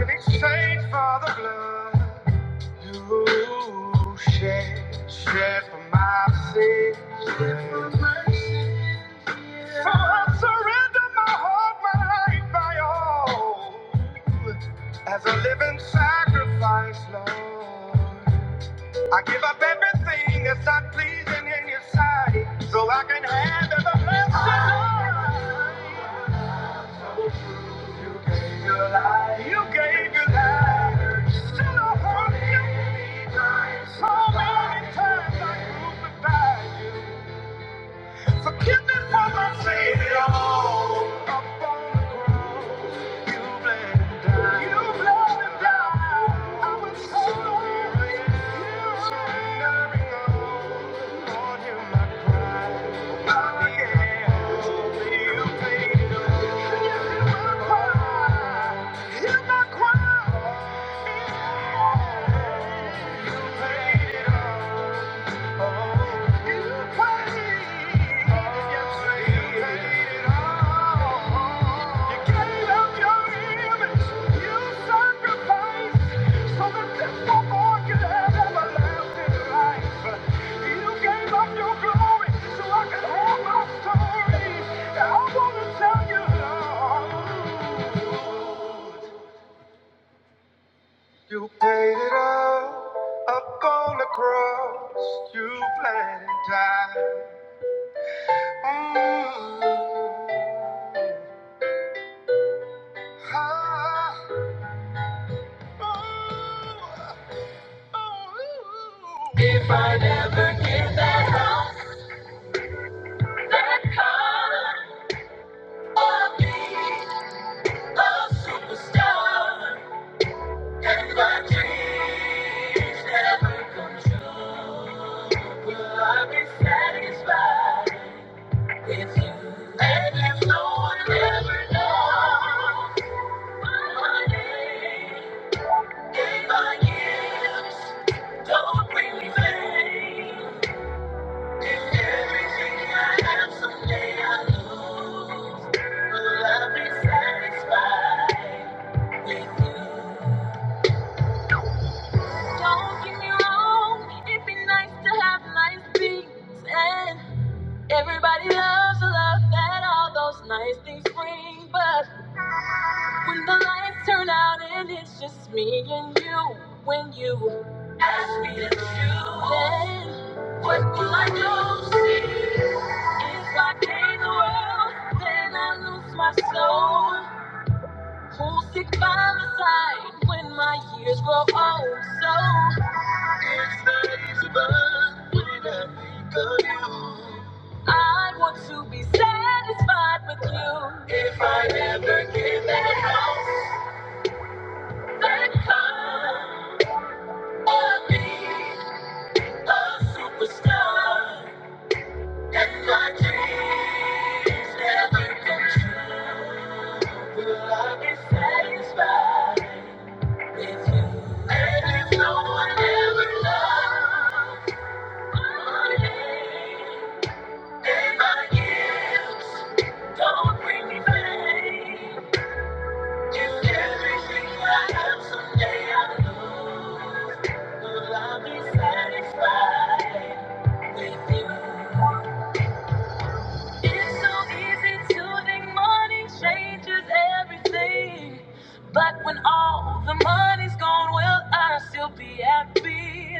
S1: in exchange for the blood you shed, shed for my sins. So I surrender my heart, my life, my all as a living sacrifice, Lord. I give up everything that's not pleasing in your sight. So Oh, you paid. Yes, you paid it all. You gave up your image. You sacrificed so that this one born could have everlasting life. You gave up your glory so I could have my story. I want to tell you, Lord, you paid it all up on the cross. You bled and died. Mm. Ah. If I never get that house, that car, I'll be a superstar. And my dreams never come true. Will I be satisfied with you? And if no one ever knows my name, if my gifts don't bring me fame. Everything I have love that all those nice things bring, but when the lights turn out and it's just me and you, when you ask me to choose, what will I do? See, if I gain the world, then I lose my soul. Who'll stick by my side when my years grow old? So If I ever get that house, that car, I'll be a superstar. And my dreams never come true. Will I be satisfied with you? And if no one ever loved, my name, If I give, don't bring me pain. If everything I have someday I lose, will I be satisfied with you? It's so easy to think money changes everything. But when all the money's gone, will I still be happy?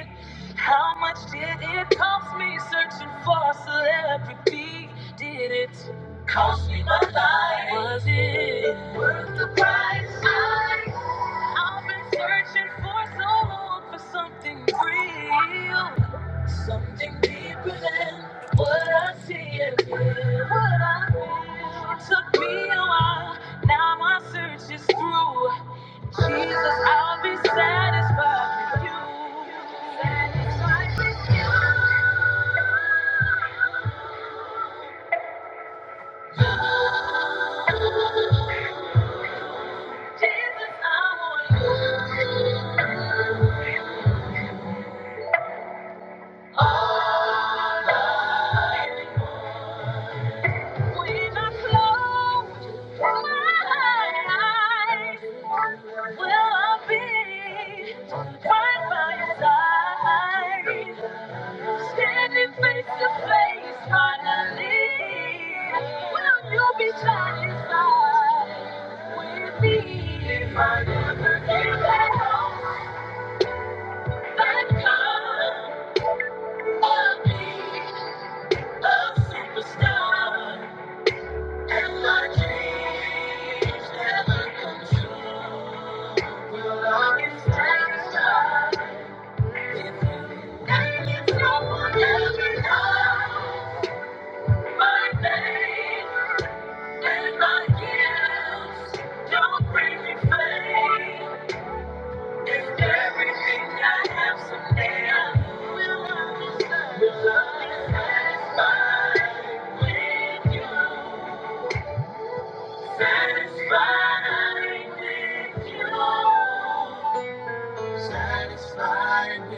S1: How much did it cost me searching for celebrity? Did it cost me my life? Was it worth my time? I've been searching for so long for something real, something deeper than what I see and feel. What I feel. It took me a while, now my search is through. Jesus, I'll be satisfied with you. Satisfied with you, Jesus, I want you. When I close my eyes, will I be right by your side? Standing face to face, finally, will you be satisfied with me? If I never get back home, that I'll be a superstar. And my dreams never come true. Will I be satisfied if you think it's over every night? My pain and my guilt don't bring me fame. If everything I have someday I lose, will I be satisfied? Will I be satisfied with you? Satisfied with you. Satisfied with you.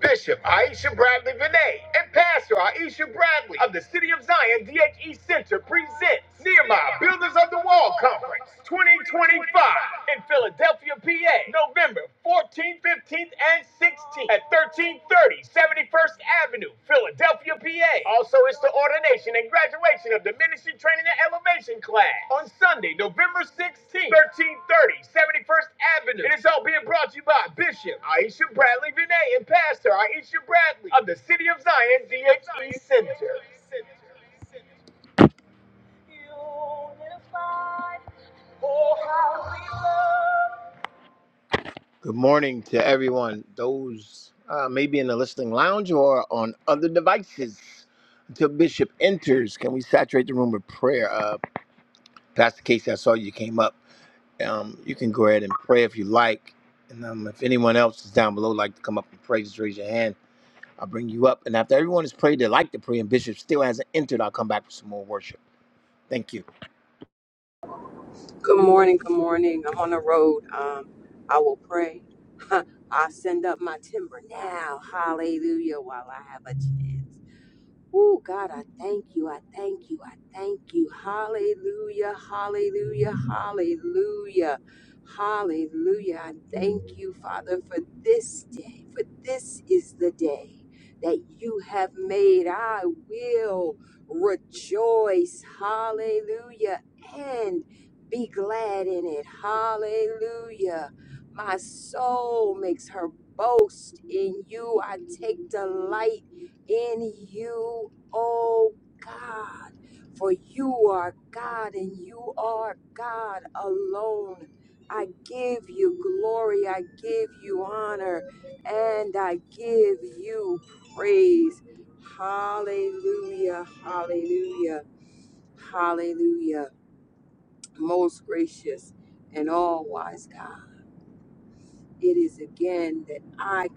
S1: Bishop Aisha Bradley Vinay and Pastor Aisha Bradley of the City of Zion DHE Center presents Nehemiah Builders of the Wall Conference 2025 in Philadelphia, PA, November 14th, 15th, and 16th at 1330 71st Avenue, Philadelphia, PA. Also, it's the ordination and graduation of the Ministry Training and Elevation class on Sunday, November 16th, 1330 71st Avenue. It is all being Bradley Vinay and Pastor Aisha Bradley of the City of Zion DHE Center. Good morning to everyone, those uh, maybe in the listening lounge or on other devices. Until Bishop enters, can we saturate the room with prayer? Uh, Pastor Casey, I saw you came up. Um, you can go ahead and pray if you like. And um, if anyone else is down below, like to come up and pray, just raise your hand. I'll bring you up. And after everyone has prayed, they like to pray, and Bishop still hasn't entered, I'll come back for some more worship. Thank you.
S2: Good morning. Good morning. I'm on the road. Um, I will pray. I send up my timber now. Hallelujah. While I have a chance. Oh, God, I thank you. I thank you. I thank you. Hallelujah. Hallelujah. Hallelujah. Hallelujah. I thank you, Father, for this day. For this is the day that you have made. I will rejoice. Hallelujah. And be glad in it. Hallelujah. My soul makes her boast in you. I take delight in you, oh God. For you are God and you are God alone. I give you glory, I give you honor, and I give you praise. Hallelujah, hallelujah, hallelujah. Most gracious and all wise God, it is again that I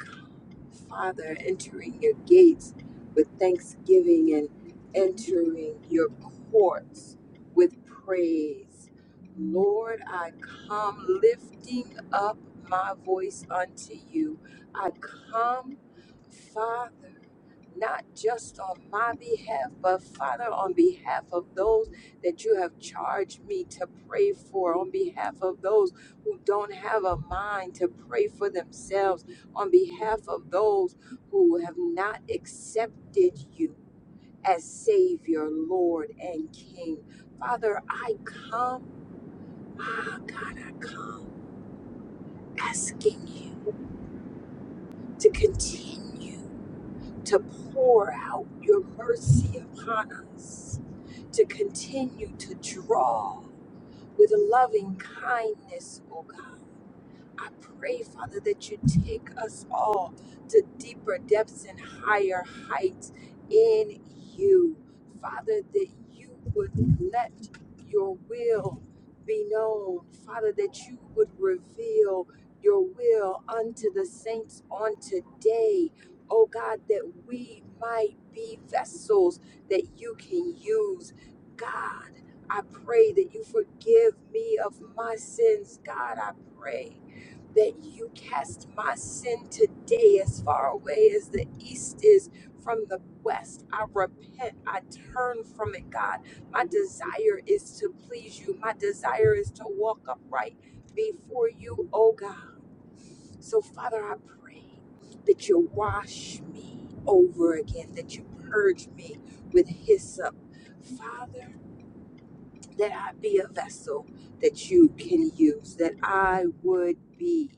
S2: Father, entering your gates with thanksgiving and entering your courts with praise. Lord, I come lifting up my voice unto you. I come, Father not just on my behalf, but Father, on behalf of those that you have charged me to pray for, on behalf of those who don't have a mind to pray for themselves, on behalf of those who have not accepted you as Savior, Lord, and King. Father, I come, ah, God, I'm asking you to continue to pour out your mercy upon us to continue to draw with loving kindness, oh God. I pray, Father, that you take us all to deeper depths and higher heights in you. Father, that you would let your will be known. Father, that you would reveal your will unto the saints on today. Oh God, that we might be vessels that you can use. God, I pray that you forgive me of my sins. God, I pray that you cast my sin today as far away as the east is from the west. I repent. I turn from it, God. My desire is to please you. My desire is to walk upright before you, oh God. So, Father, I pray that you wash me over again, that you purge me with hyssop. Father, that I be a vessel that you can use, that I would be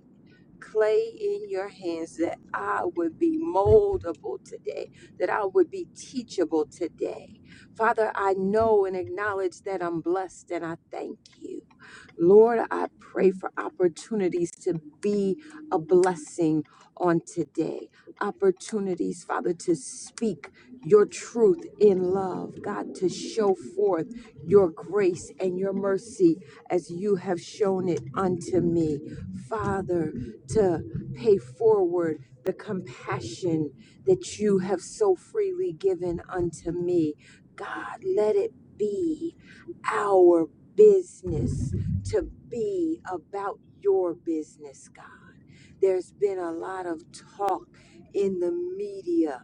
S2: clay in your hands that I would be moldable today, that I would be teachable today. Father, I know and acknowledge that I'm blessed and I thank you. Lord, I pray for opportunities to be a blessing on today. Opportunities, Father, to speak your truth in love. God, to show forth your grace and your mercy as you have shown it unto me. Father, to pay forward the compassion that you have so freely given unto me. God, let it be our business to be about your business, God. There's been a lot of talk in the media.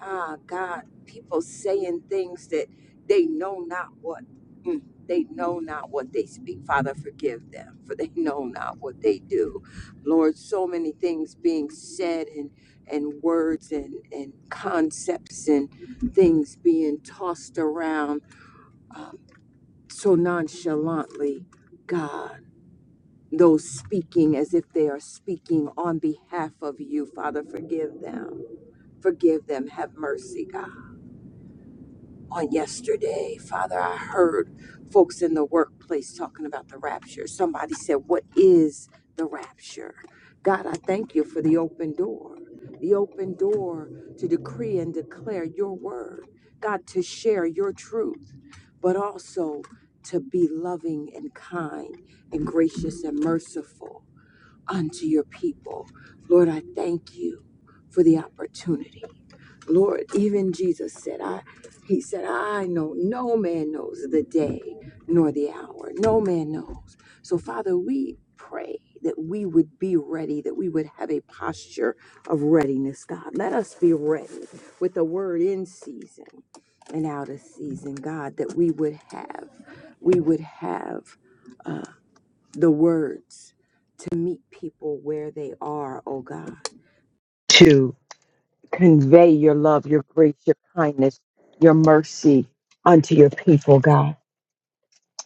S2: Ah, God, people saying things that they know not what. Mm, They know not what they speak. Father, forgive them, for they know not what they do. Lord, so many things being said and and words and, and concepts and things being tossed around so nonchalantly, God. Those speaking as if they are speaking on behalf of you, Father, forgive them. Forgive them. Have mercy, God. on yesterday, Father, I heard folks in the workplace talking about the rapture. Somebody said, What is the rapture? God, I thank you for the open door, the open door to decree and declare your word, God, to share your truth, but also to be loving and kind and gracious and merciful unto your people. Lord, I thank you for the opportunity. Lord, even Jesus said, I he said, I know no man knows the day nor the hour. No man knows. So Father, we pray that we would be ready, that we would have a posture of readiness, God. Let us be ready with the word in season and out of season, God, that we would have, we would have uh, the words to meet people where they are, oh God, to convey your love, your grace, your kindness, your mercy unto your people, God,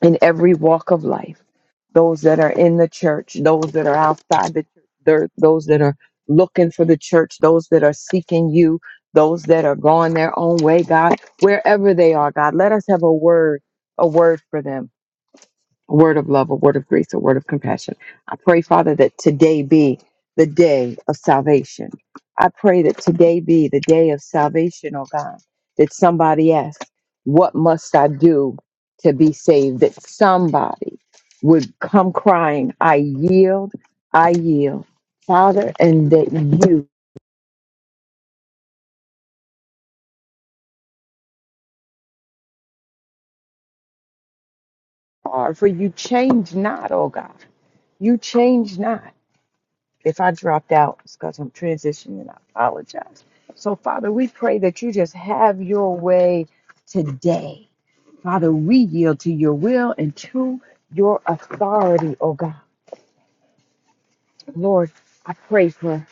S2: in every walk of life. Those that are in the church, those that are outside the church, there- those that are looking for the church, those that are seeking you, those that are going their own way, God, wherever they are, God, let us have a word, a word for them a word of love, a word of grace, a word of compassion. I pray, Father, that today be the day of salvation. I pray that today be the day of salvation, oh God, that somebody asks, What must I do to be saved? That somebody would come crying, I yield, I yield, Father, and that you are, for you change not, oh God. You change not. If I dropped out, it's because I'm transitioning. I apologize. So, Father, we pray that you just have your way today. Father, we yield to your will and to your authority, oh God. Lord, I pray for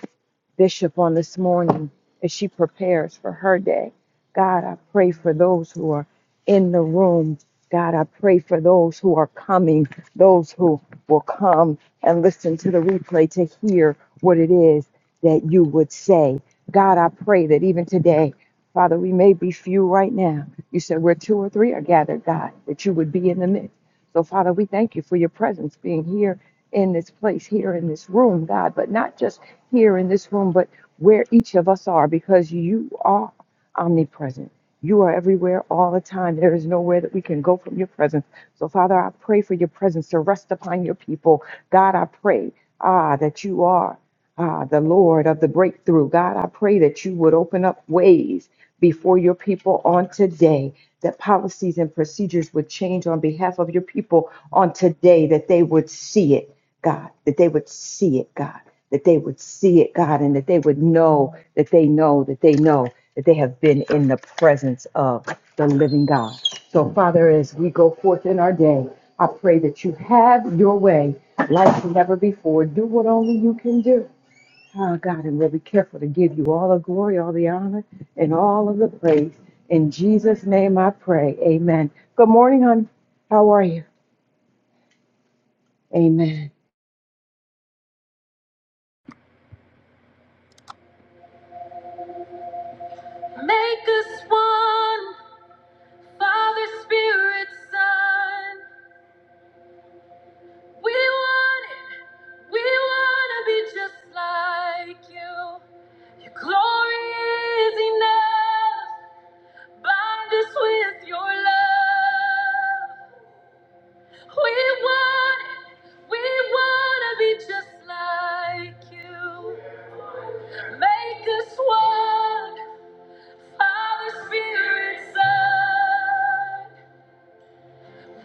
S2: Bishop on this morning as she prepares for her day. God, I pray for those who are in the room. God, I pray for those who are coming, those who will come and listen to the replay to hear what it is that you would say. God, I pray that even today, Father, we may be few right now. You said where two or three are gathered, God, that you would be in the midst. So, Father, we thank you for your presence being here here in this place, here in this room, God, but not just here in this room, but where each of us are, because you are omnipresent. You are everywhere all the time. There is nowhere that we can go from your presence. So, Father, I pray for your presence to rest upon your people. God, I pray, ah, that you are. Ah, the Lord of the breakthrough. God, I pray that you would open up ways before your people on today, that policies and procedures would change on behalf of your people on today, that they would see it, God, that they would see it, God, that they would see it, God, and that they would know that they know that they know that they have been in the presence of the living God. So, Father, as we go forth in our day, I pray that you have your way like never before. Do what only you can do. Oh God, and we'll be careful to give you all the glory, all the honor, and all of the praise. In Jesus' name I pray. Amen. Good morning, hon. How are you? Amen.
S1: Make us one, Father, Spirit, Son. We want it. We want to be just like you. Your glory is enough. Bind us with your love. We want it. We want to be just like you. Make us one, Father, Spirit, Son.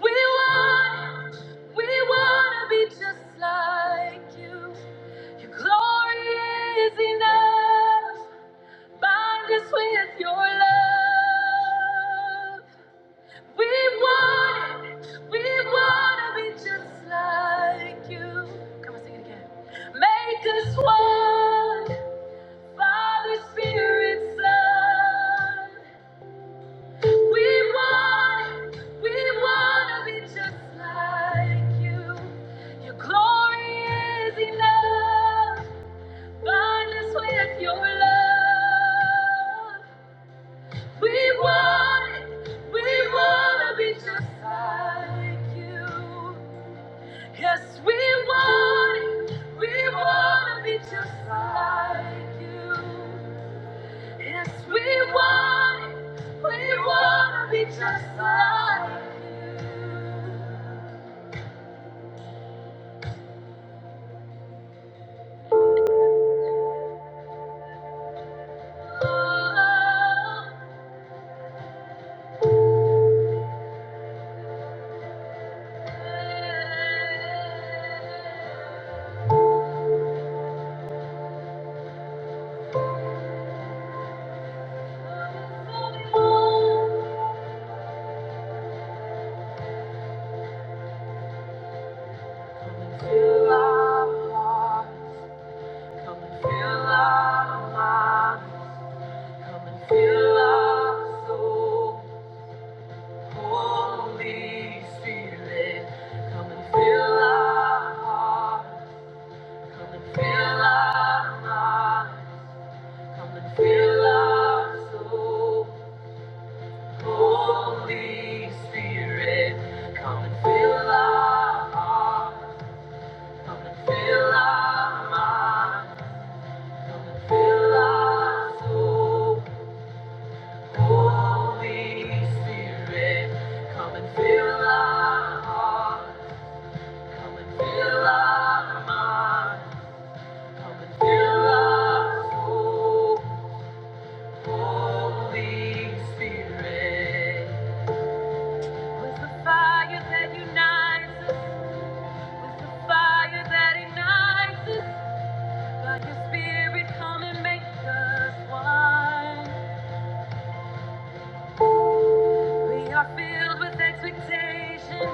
S1: We want, we want to be just like you. Your glory is enough. Bind us with your love. We want it. We want to be just like you. Come on, sing it again. Make us one. Father, Spirit, Son. We want, we want to be just like you. Your glory is enough. Bind us with your love. We want it, we want to be just like you. Yes, we want it, we want to be just like you. Yes, we want it. We want to be just like you. Feel like, come and feel like, come and feel, feel it. Come and feel like, come and feel like, come and feel Holy Spirit. Come and feel our heart. come and feel our mind. come and feel like, Holy Spirit, come and fill our hearts, come and fill our minds, come and fill our soul. Holy Spirit, with the fire that unites us, with the fire that ignites us, by your Spirit, come and make us one. We are filled with expectation.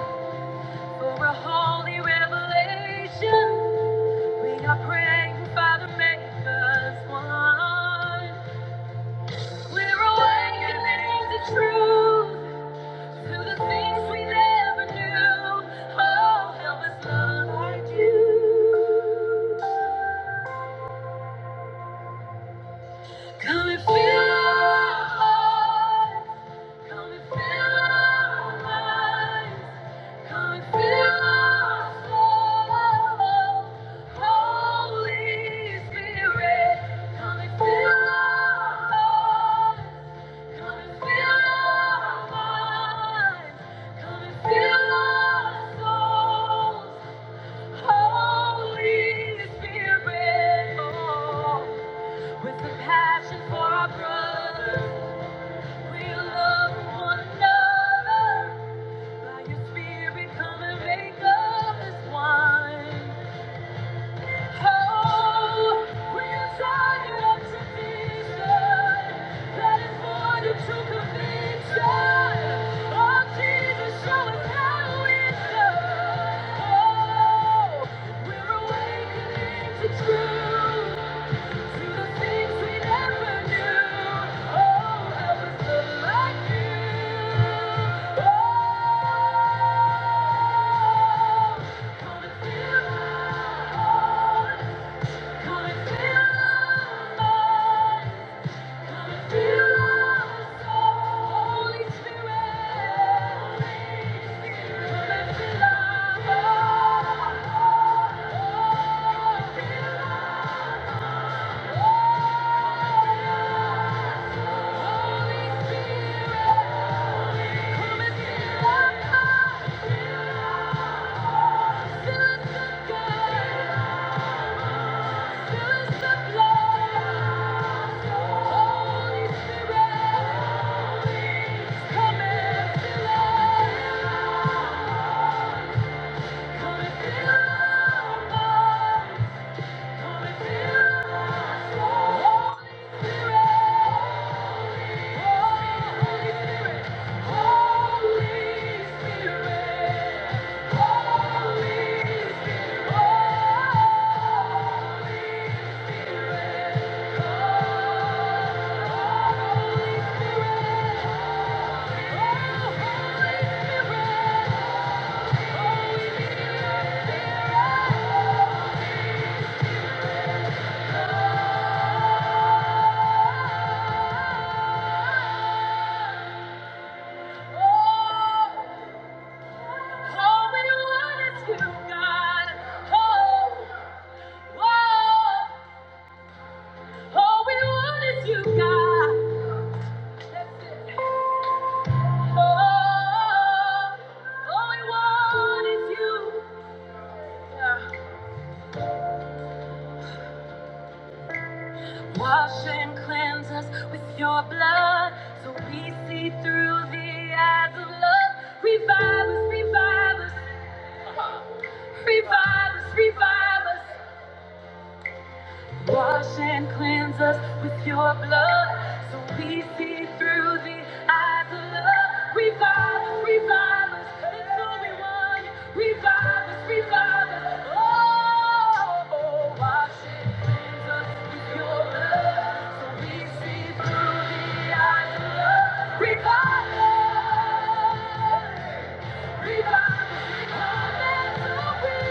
S1: For a holy revelation, we are praying, Father, make us one. We're awakening to truth, to the things we never knew. Oh, help us love like you. Come and fill our hearts. Come and fill our minds. Come and fill our soul. Holy Spirit, come and fill our hearts. Come and fill our minds. Come and fill our souls. Holy Spirit, oh, with compassion for our brothers. We love one another. By your spirit, come and make of this wine. Oh, we are tired of tradition that is born of true conviction. Oh, Jesus, show us how it's done. Oh, we're awakening to truth, to the things we never knew. Oh, help us look like you. Come and feel our hearts, fill us with God. Holy Spirit. Holy Spirit, oh, Oh, we want is you, God. Oh, whoa. Oh, we want is you, God. That's Oh, all we want is you. Yeah. Wash and cleanse us with your blood so we see through the eyes of love. Revive us, revive us, revive us, revive us. Wash and cleanse us with your blood so we see through the eyes of love. Revive revive us, that's all we want. Revive us, revive us. Oh, oh, wash and cleanse us with your blood so we see through the eyes of love. Revive us. Revive, us revive, us, revive. us.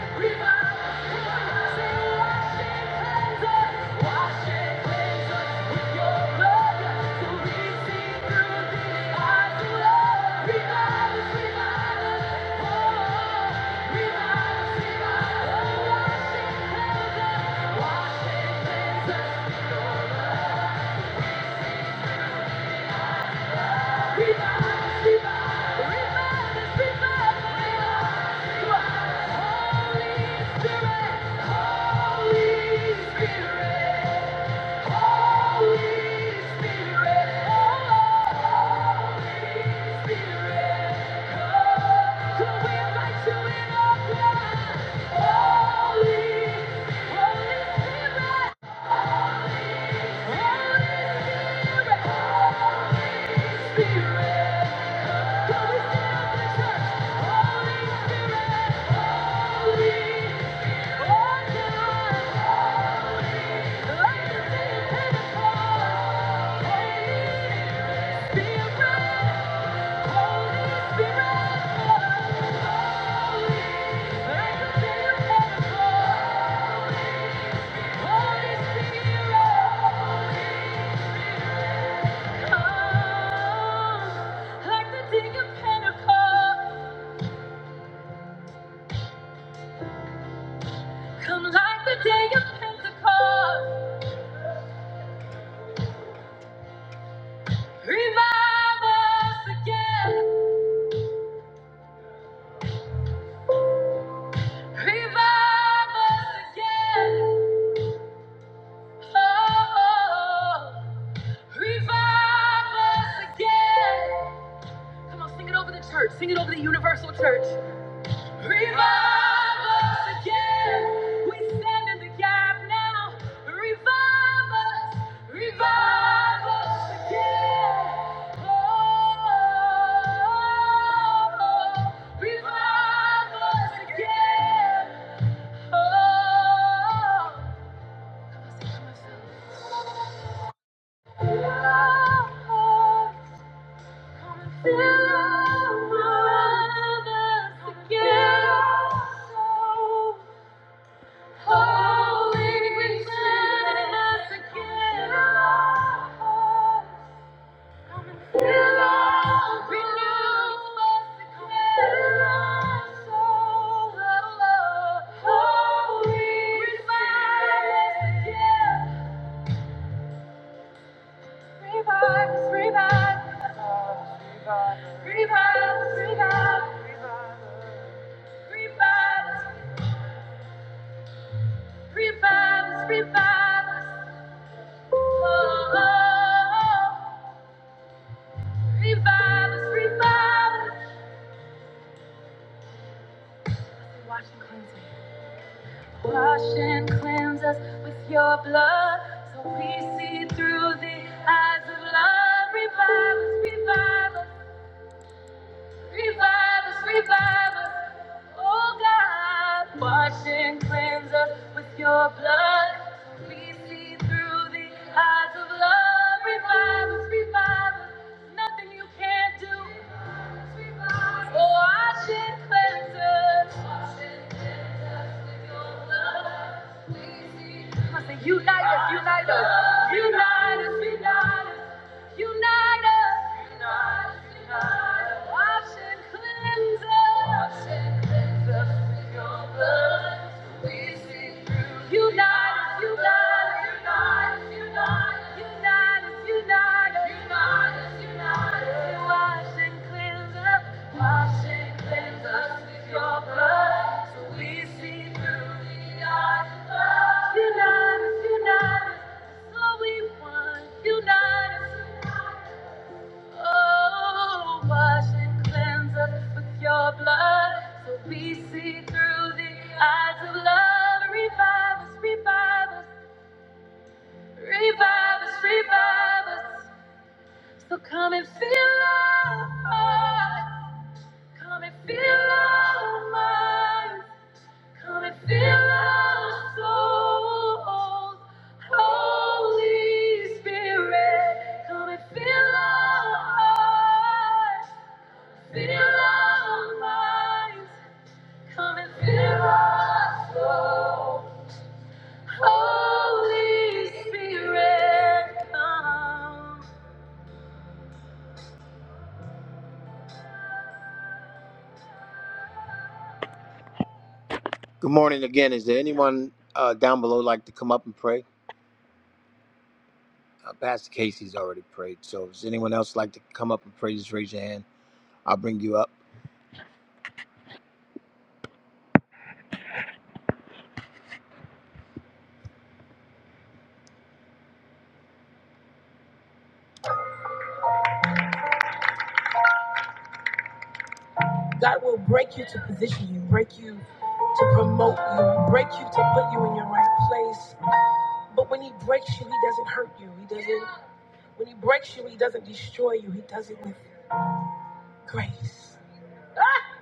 S1: Holy Spirit, Holy Spirit. Like the day of Pentecost. Come like the day of Pentecost, revive us again, revive us again, oh, oh, oh. revive us again. Come on, sing it over the church, sing it over the universal church. Revive us again. We stand in the gap now. Revive us. Revive us again. Oh, revive us again. Oh, come and fill us. Come and Fill us again. Holy, we send us again our hearts. Come and fill us, renew us, declare love. Holy, revive us again. Revive us, revive us, revive us, Oh, oh, oh. Revive us, revive us. Wash and cleanse us. Wash and cleanse us with your blood so we see through the eyes of love. Revive us, revive us, revive us, revive us. Oh God, wash and cleanse us with your blood so we see through the eyes of love. Revive us, revive us. Nothing you can't do. Unite us, unite us, unite us, unite us, unite us, wash and cleanse us, wash and cleanse us with your blood. Unite, unite, unite, unite, unite, unite, unite, and cleanse us, wash and cleanse us with your blood, so we see through the eyes of love. Unite us, unite us, that's we want. Oh, wash and cleanse us with your blood so we see through the eyes of love. Revive us, revive us, revive us, revive us. So come and fill our hearts, come and fill our minds, come and fill our souls. Holy Spirit, come and fill our hearts. Good morning again. Is there anyone uh, down below like to come up and pray? Uh, Pastor Casey's already prayed. So, does anyone else like to come up and pray? Just raise your hand. I'll bring you up. God will break you to position you, break you to promote you, break you to put you in your right place. But when He breaks you, He doesn't hurt you. He doesn't. When he breaks you, he doesn't destroy you. He does it with grace. Ah!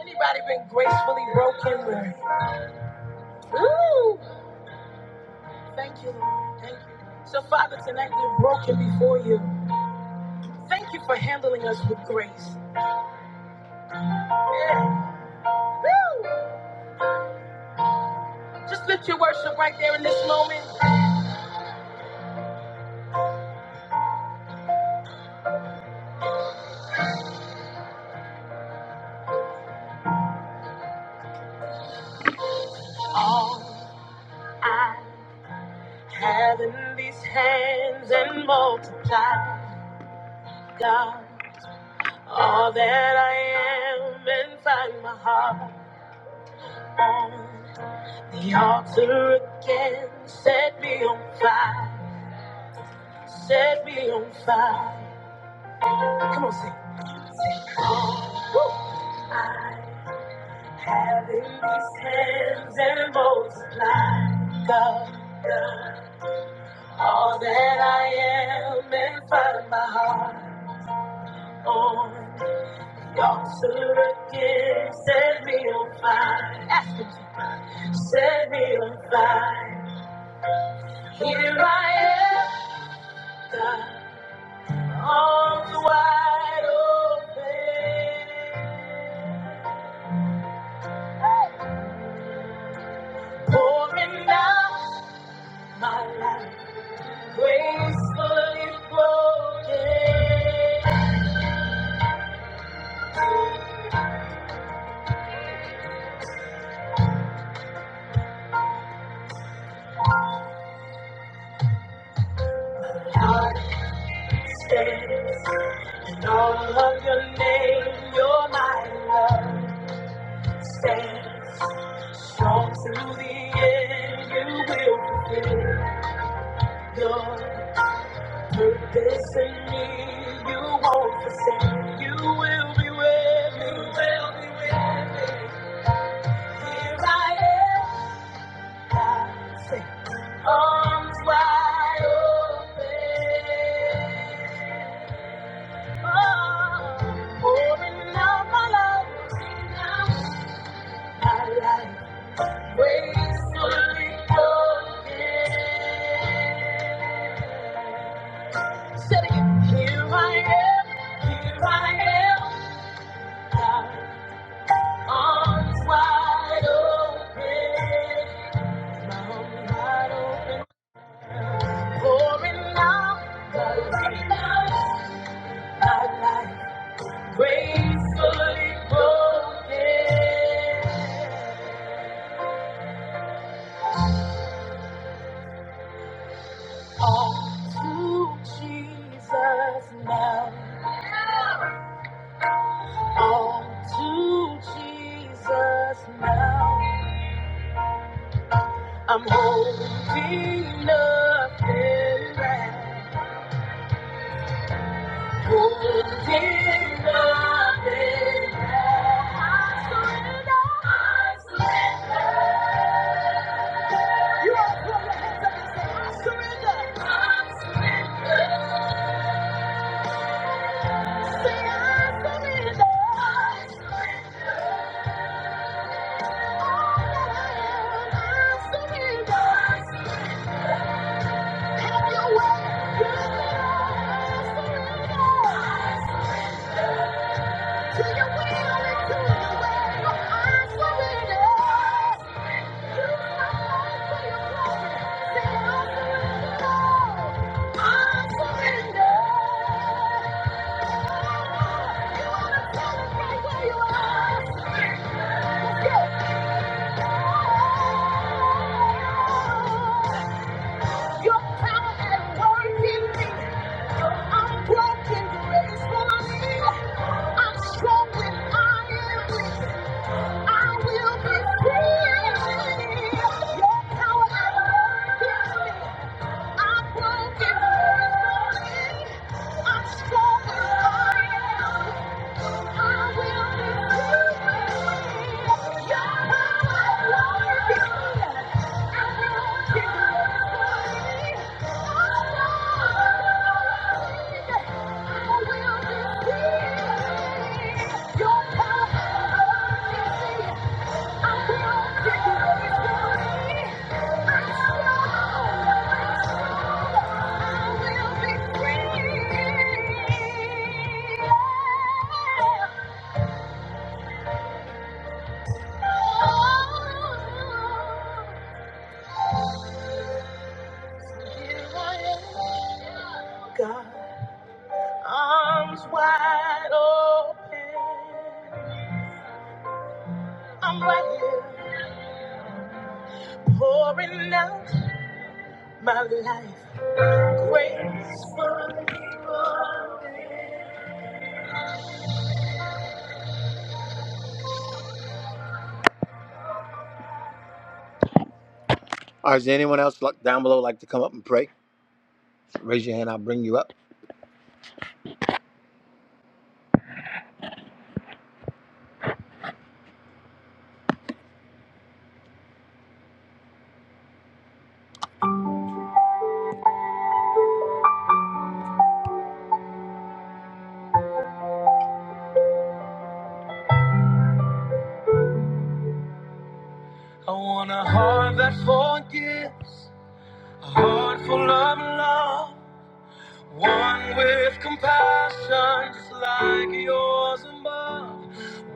S1: Anybody been gracefully broken? Where? Ooh! Thank you, Lord. Thank you. So, Father, tonight we're broken before you. Thank you for handling us with grace. Yeah. Woo! Just lift your worship right there in this moment. All I have in these hands and multiply, God. All that I am and find my heart on. The altar again set me on fire, set me on fire. Come on, sing. Woo. I have in these hands and multiply, God, God, all that I am and find my heart on. The altar again set me on fire. Ask him to set me on fire. Here I am, God. Arms wide open, pouring out my life, gracefully broken. Heart stands in all of your name, you're my love. Stands strong to the end, you will fulfill your This me, you won't forsake. You will be with me. You will be with me. Here I am, God sings. Arms wide open. Oh, pouring out my love. Pouring out My life gracefully broken. Say it again. Here I am. Here I am. God. Arms wide open, mouth wide open, pouring out the love. of life, gracefully broken. All to Jesus now. All to Jesus now. I'm holding nothing back. Have your way. I surrender. To your will to your way, I surrender. You are to your glory. Say, I surrender all. I surrender. You wanna celebrate where you are? Yes, your power at work in me. Your unbroken grace for me. I'm strong when I am weak. Your power, I will be free. Your power. God, arms wide open. I'm right here pouring out my life. Grace. All right, is there anyone else like, down below like to come up and pray? Raise your hand. I'll bring you up. I want a heart that forgives, a heart full of love, one with compassion, just like yours above,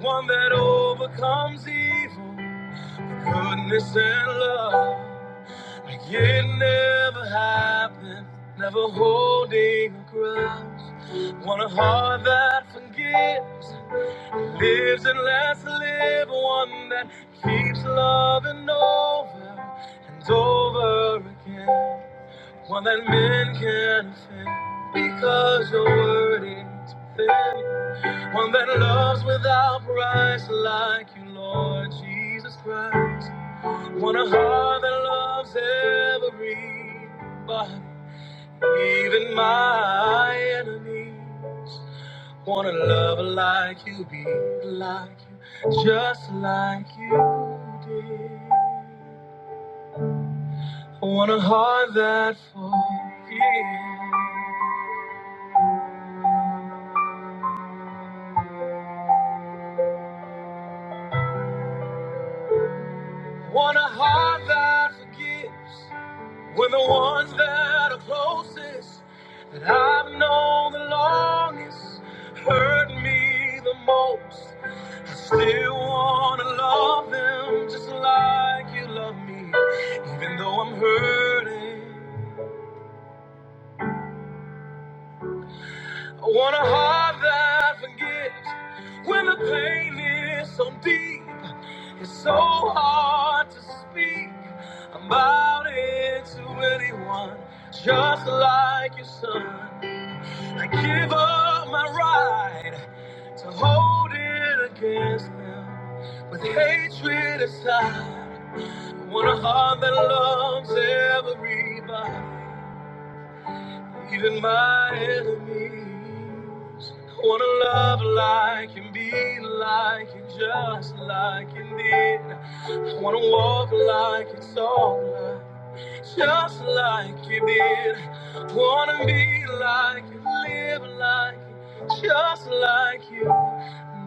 S1: one that overcomes evil, goodness and love, like it never happened, never holding a grudge. Want a heart that forgives. Lives and lets live one that keeps loving over and over again. One that men can offend because your word is thin. One that loves without price like you, Lord Jesus Christ. One a heart that loves everybody, even my enemies. Wanna love like you, be like you, just like you did. I want a heart that forgives. Want a heart that forgives. When the ones that are closest, that I've known the longest, hurt me the most. I still wanna love them just like you love me, even though I'm hurting. That forgives. When the pain is so hard to speak about it to anyone, just like your son, I give up my right to hold it against them with hatred aside. I want a heart that loves everybody. Even my enemies wanna love like and be like and just like and did. I wanna walk like it's all like, just like you did. Wanna be like and live like just like you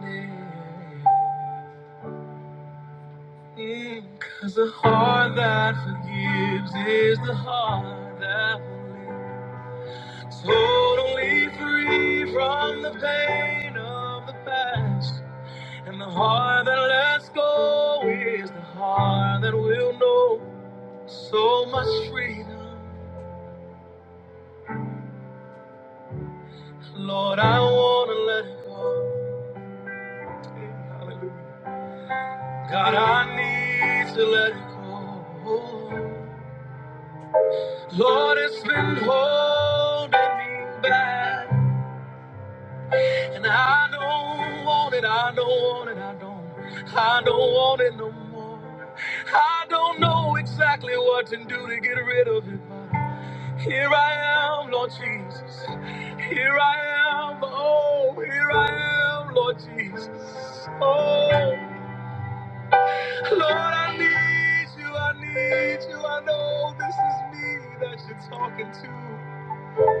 S1: did. Mm, Cause the heart that forgives is the heart that will live. Totally free from the pain of the past. And the heart that lets go is the heart that will know so much freedom. Lord, I want to let it go. Hallelujah. God, I need to let it go. Lord, it's been holding me back. And I don't want it, I don't want it, I don't, I don't want it no more. I don't know exactly what to do to get rid of it, but here I am, Lord Jesus. Here I am, oh, here I am, Lord Jesus. Oh, Lord, I need you, I need you. I know this is me that you're talking to.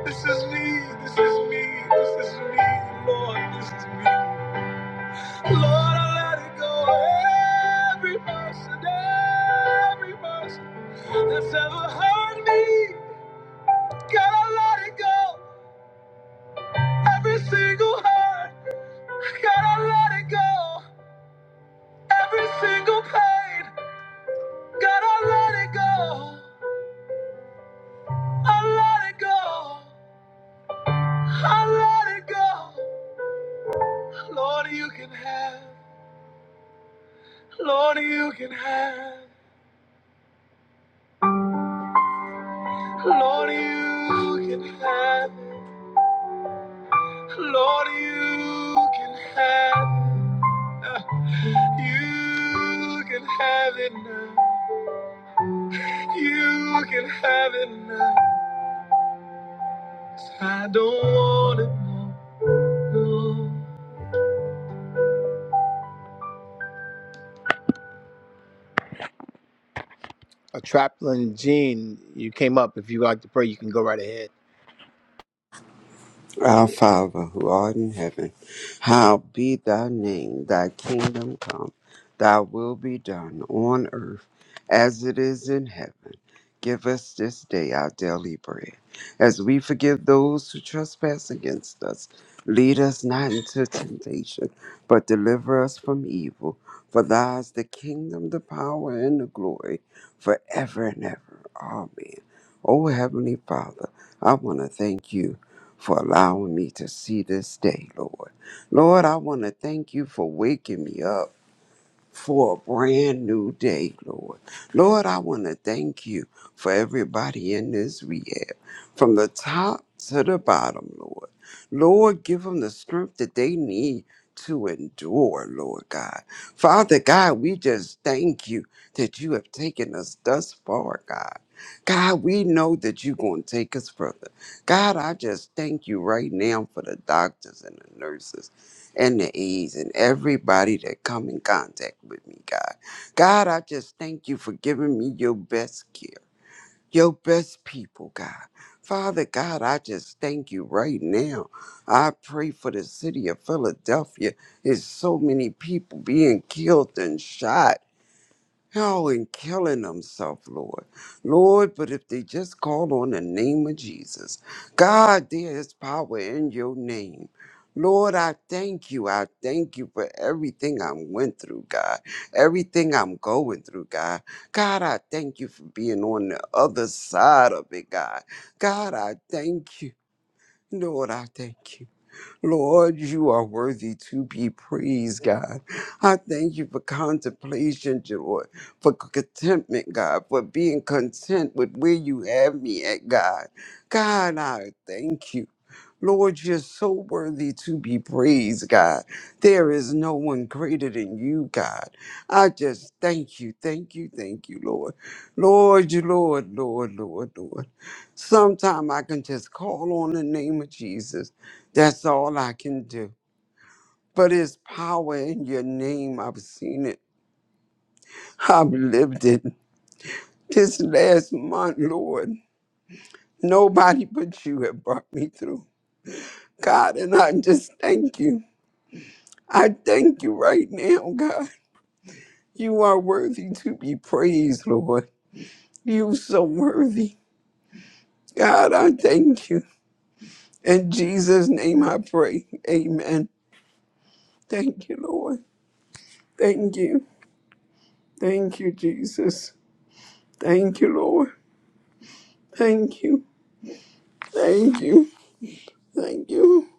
S1: This is me, this is me, this is me, Lord, this is me. Lord, I let it go. Every person, every person that's ever hurt me, gotta let it go. Every single hurt, gotta let it go. Every single pain, gotta let it go. I let it go. I let it go. Lord, you can have. Lord, you can have. Lord, you can have. Lord, you can have uh, You, you.
S3: Our Father, who art in heaven, hallowed be thy name, thy kingdom come, thy will be done on earth as it is in heaven. Give us this day our daily bread, as we forgive those who trespass against us. Lead us not into temptation, but deliver us from evil. For thine is the kingdom, the power, and the glory, forever and ever. Amen. O Heavenly Father, I want to thank you for allowing me to see this day, Lord. Lord, I want to thank you for waking me up for a brand new day, Lord. Lord, I want to thank you for everybody in this rehab, from the top to the bottom, Lord. Lord, give them the strength that they need to endure, Lord God. Father God, we just thank you that you have taken us thus far, God. God, we know that you're going to take us further. God, I just thank you right now for the doctors and the nurses and the E's and everybody that come in contact with me, God. God, I just thank you for giving me your best care, your best people, God. Father God, I just thank you right now. I pray for the city of Philadelphia. There's so many people being killed and shot Oh, and killing themselves, Lord. Lord, but if they just call on the name of Jesus, God, there is power in your name. Lord, I thank you. I thank you for everything I went through, God. Everything I'm going through, God. God, I thank you for being on the other side of it, God. God, I thank you. Lord, I thank you. Lord, you are worthy to be praised, God. I thank you for contemplation, Lord, for contentment, God, for being content with where you have me at, God. God, I thank you. Lord, you're so worthy to be praised, God. There is no one greater than you, God. I just thank you, thank you, thank you, Lord. Lord, you, Lord, Lord, Lord, Lord. Sometime I can just call on the name of Jesus. That's all I can do. But it's power in your name. I've seen it. I've lived it. This last month, Lord, nobody but you have brought me through. God, and I just thank you. I thank you right now, God. You are worthy to be praised, Lord. You so worthy. God, I thank you. In Jesus' name I pray. Amen. Thank you, Lord. Thank you. Thank you, Jesus. Thank you, Lord. Thank you. Thank you. Thank you.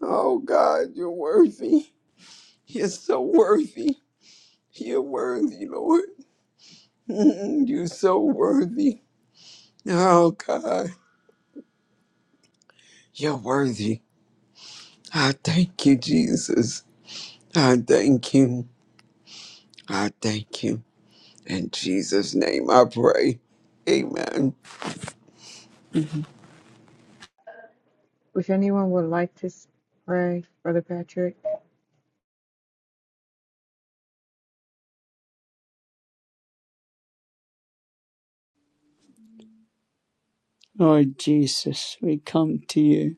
S3: Oh, God, you're worthy. You're so worthy. You're worthy, Lord. Mm, You're so worthy. Oh, God, you're worthy. I thank you, Jesus. I thank you. I thank you. In Jesus' name I pray. Amen.
S2: If anyone would like to s- pray, Brother Patrick.
S4: Lord Jesus, we come to you,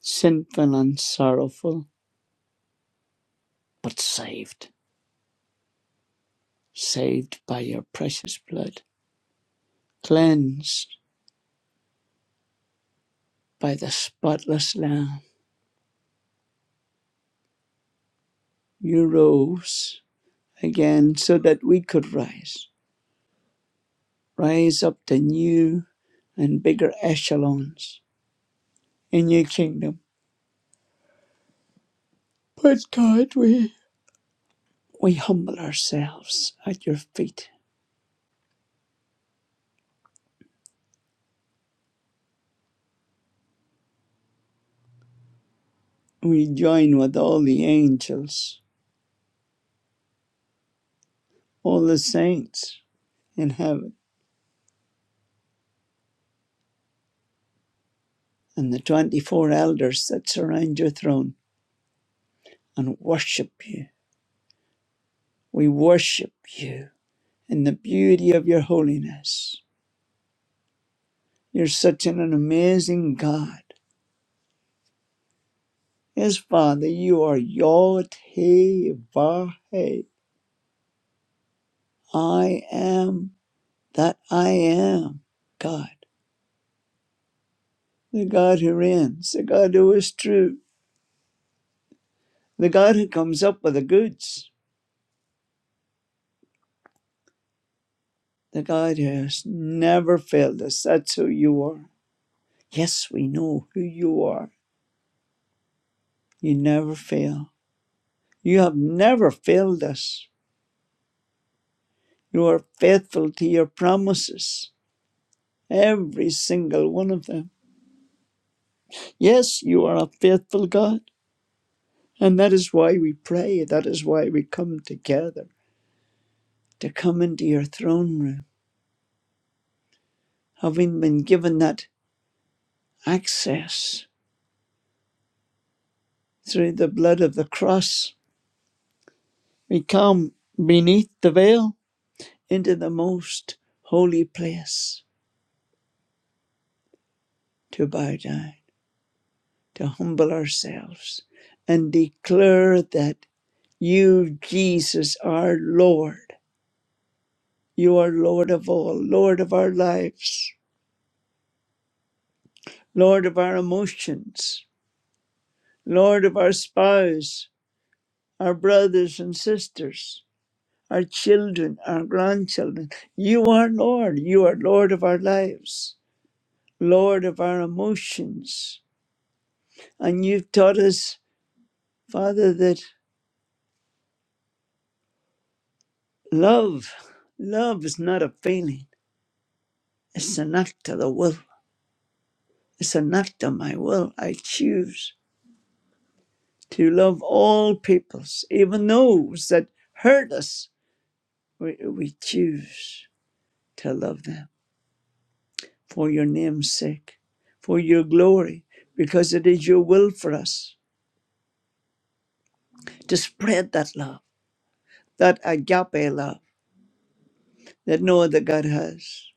S4: sinful and sorrowful, but saved, saved by your precious blood, cleansed by the spotless Lamb. You rose again so that we could rise, rise up to new and bigger echelons in your kingdom. But God, we, we humble ourselves at your feet. We join with all the angels, all the saints in heaven and the 24 elders that surround your throne and worship you. We worship you in the beauty of your holiness. You're such an amazing God. Yes, Father, you are Yod He Vahe. I am that I am God, the God who reigns, the God who is true, the God who comes up with the goods, the God who has never failed us. That's who you are. Yes, we know who you are. You never fail. You have never failed us. You are faithful to your promises, every single one of them. Yes, you are a faithful God. And that is why we pray. That is why we come together to come into your throne room, having been given that access through the blood of the cross. We come beneath the veil into the most holy place to bow down. to humble ourselves and declare that you, Jesus, are Lord. You are Lord of all, Lord of our lives, Lord of our emotions, Lord of our spouse, our brothers and sisters, our children, our grandchildren. You are Lord. You are Lord of our lives, Lord of our emotions. And you've taught us, Father, that love, love is not a feeling. It's an act of the will. It's an act of my will. I choose to love all peoples, even those that hurt us. We, we choose to love them for your name's sake, for your glory, because it is your will for us to spread that love, that agape love that no other God has.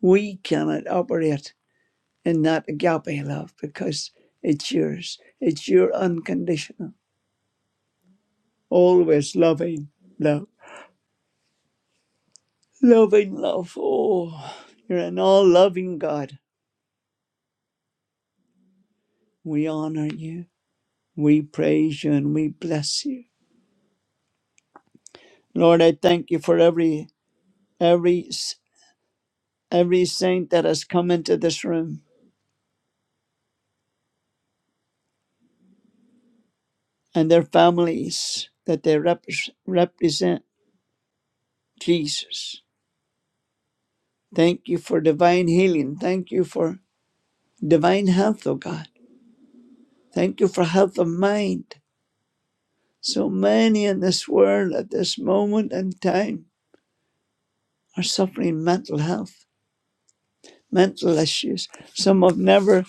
S4: We cannot operate in that agape love because it's yours. It's your unconditional, always loving love Loving love. Oh, you're an all loving God. We honor you. We praise you and we bless you. Lord, I thank you for every every every saint that has come into this room and their families that they rep- represent Jesus. Thank you for divine healing. Thank you for divine health, oh God. Thank you for health of mind. So many in this world at this moment in time are suffering mental health mental issues. Some have never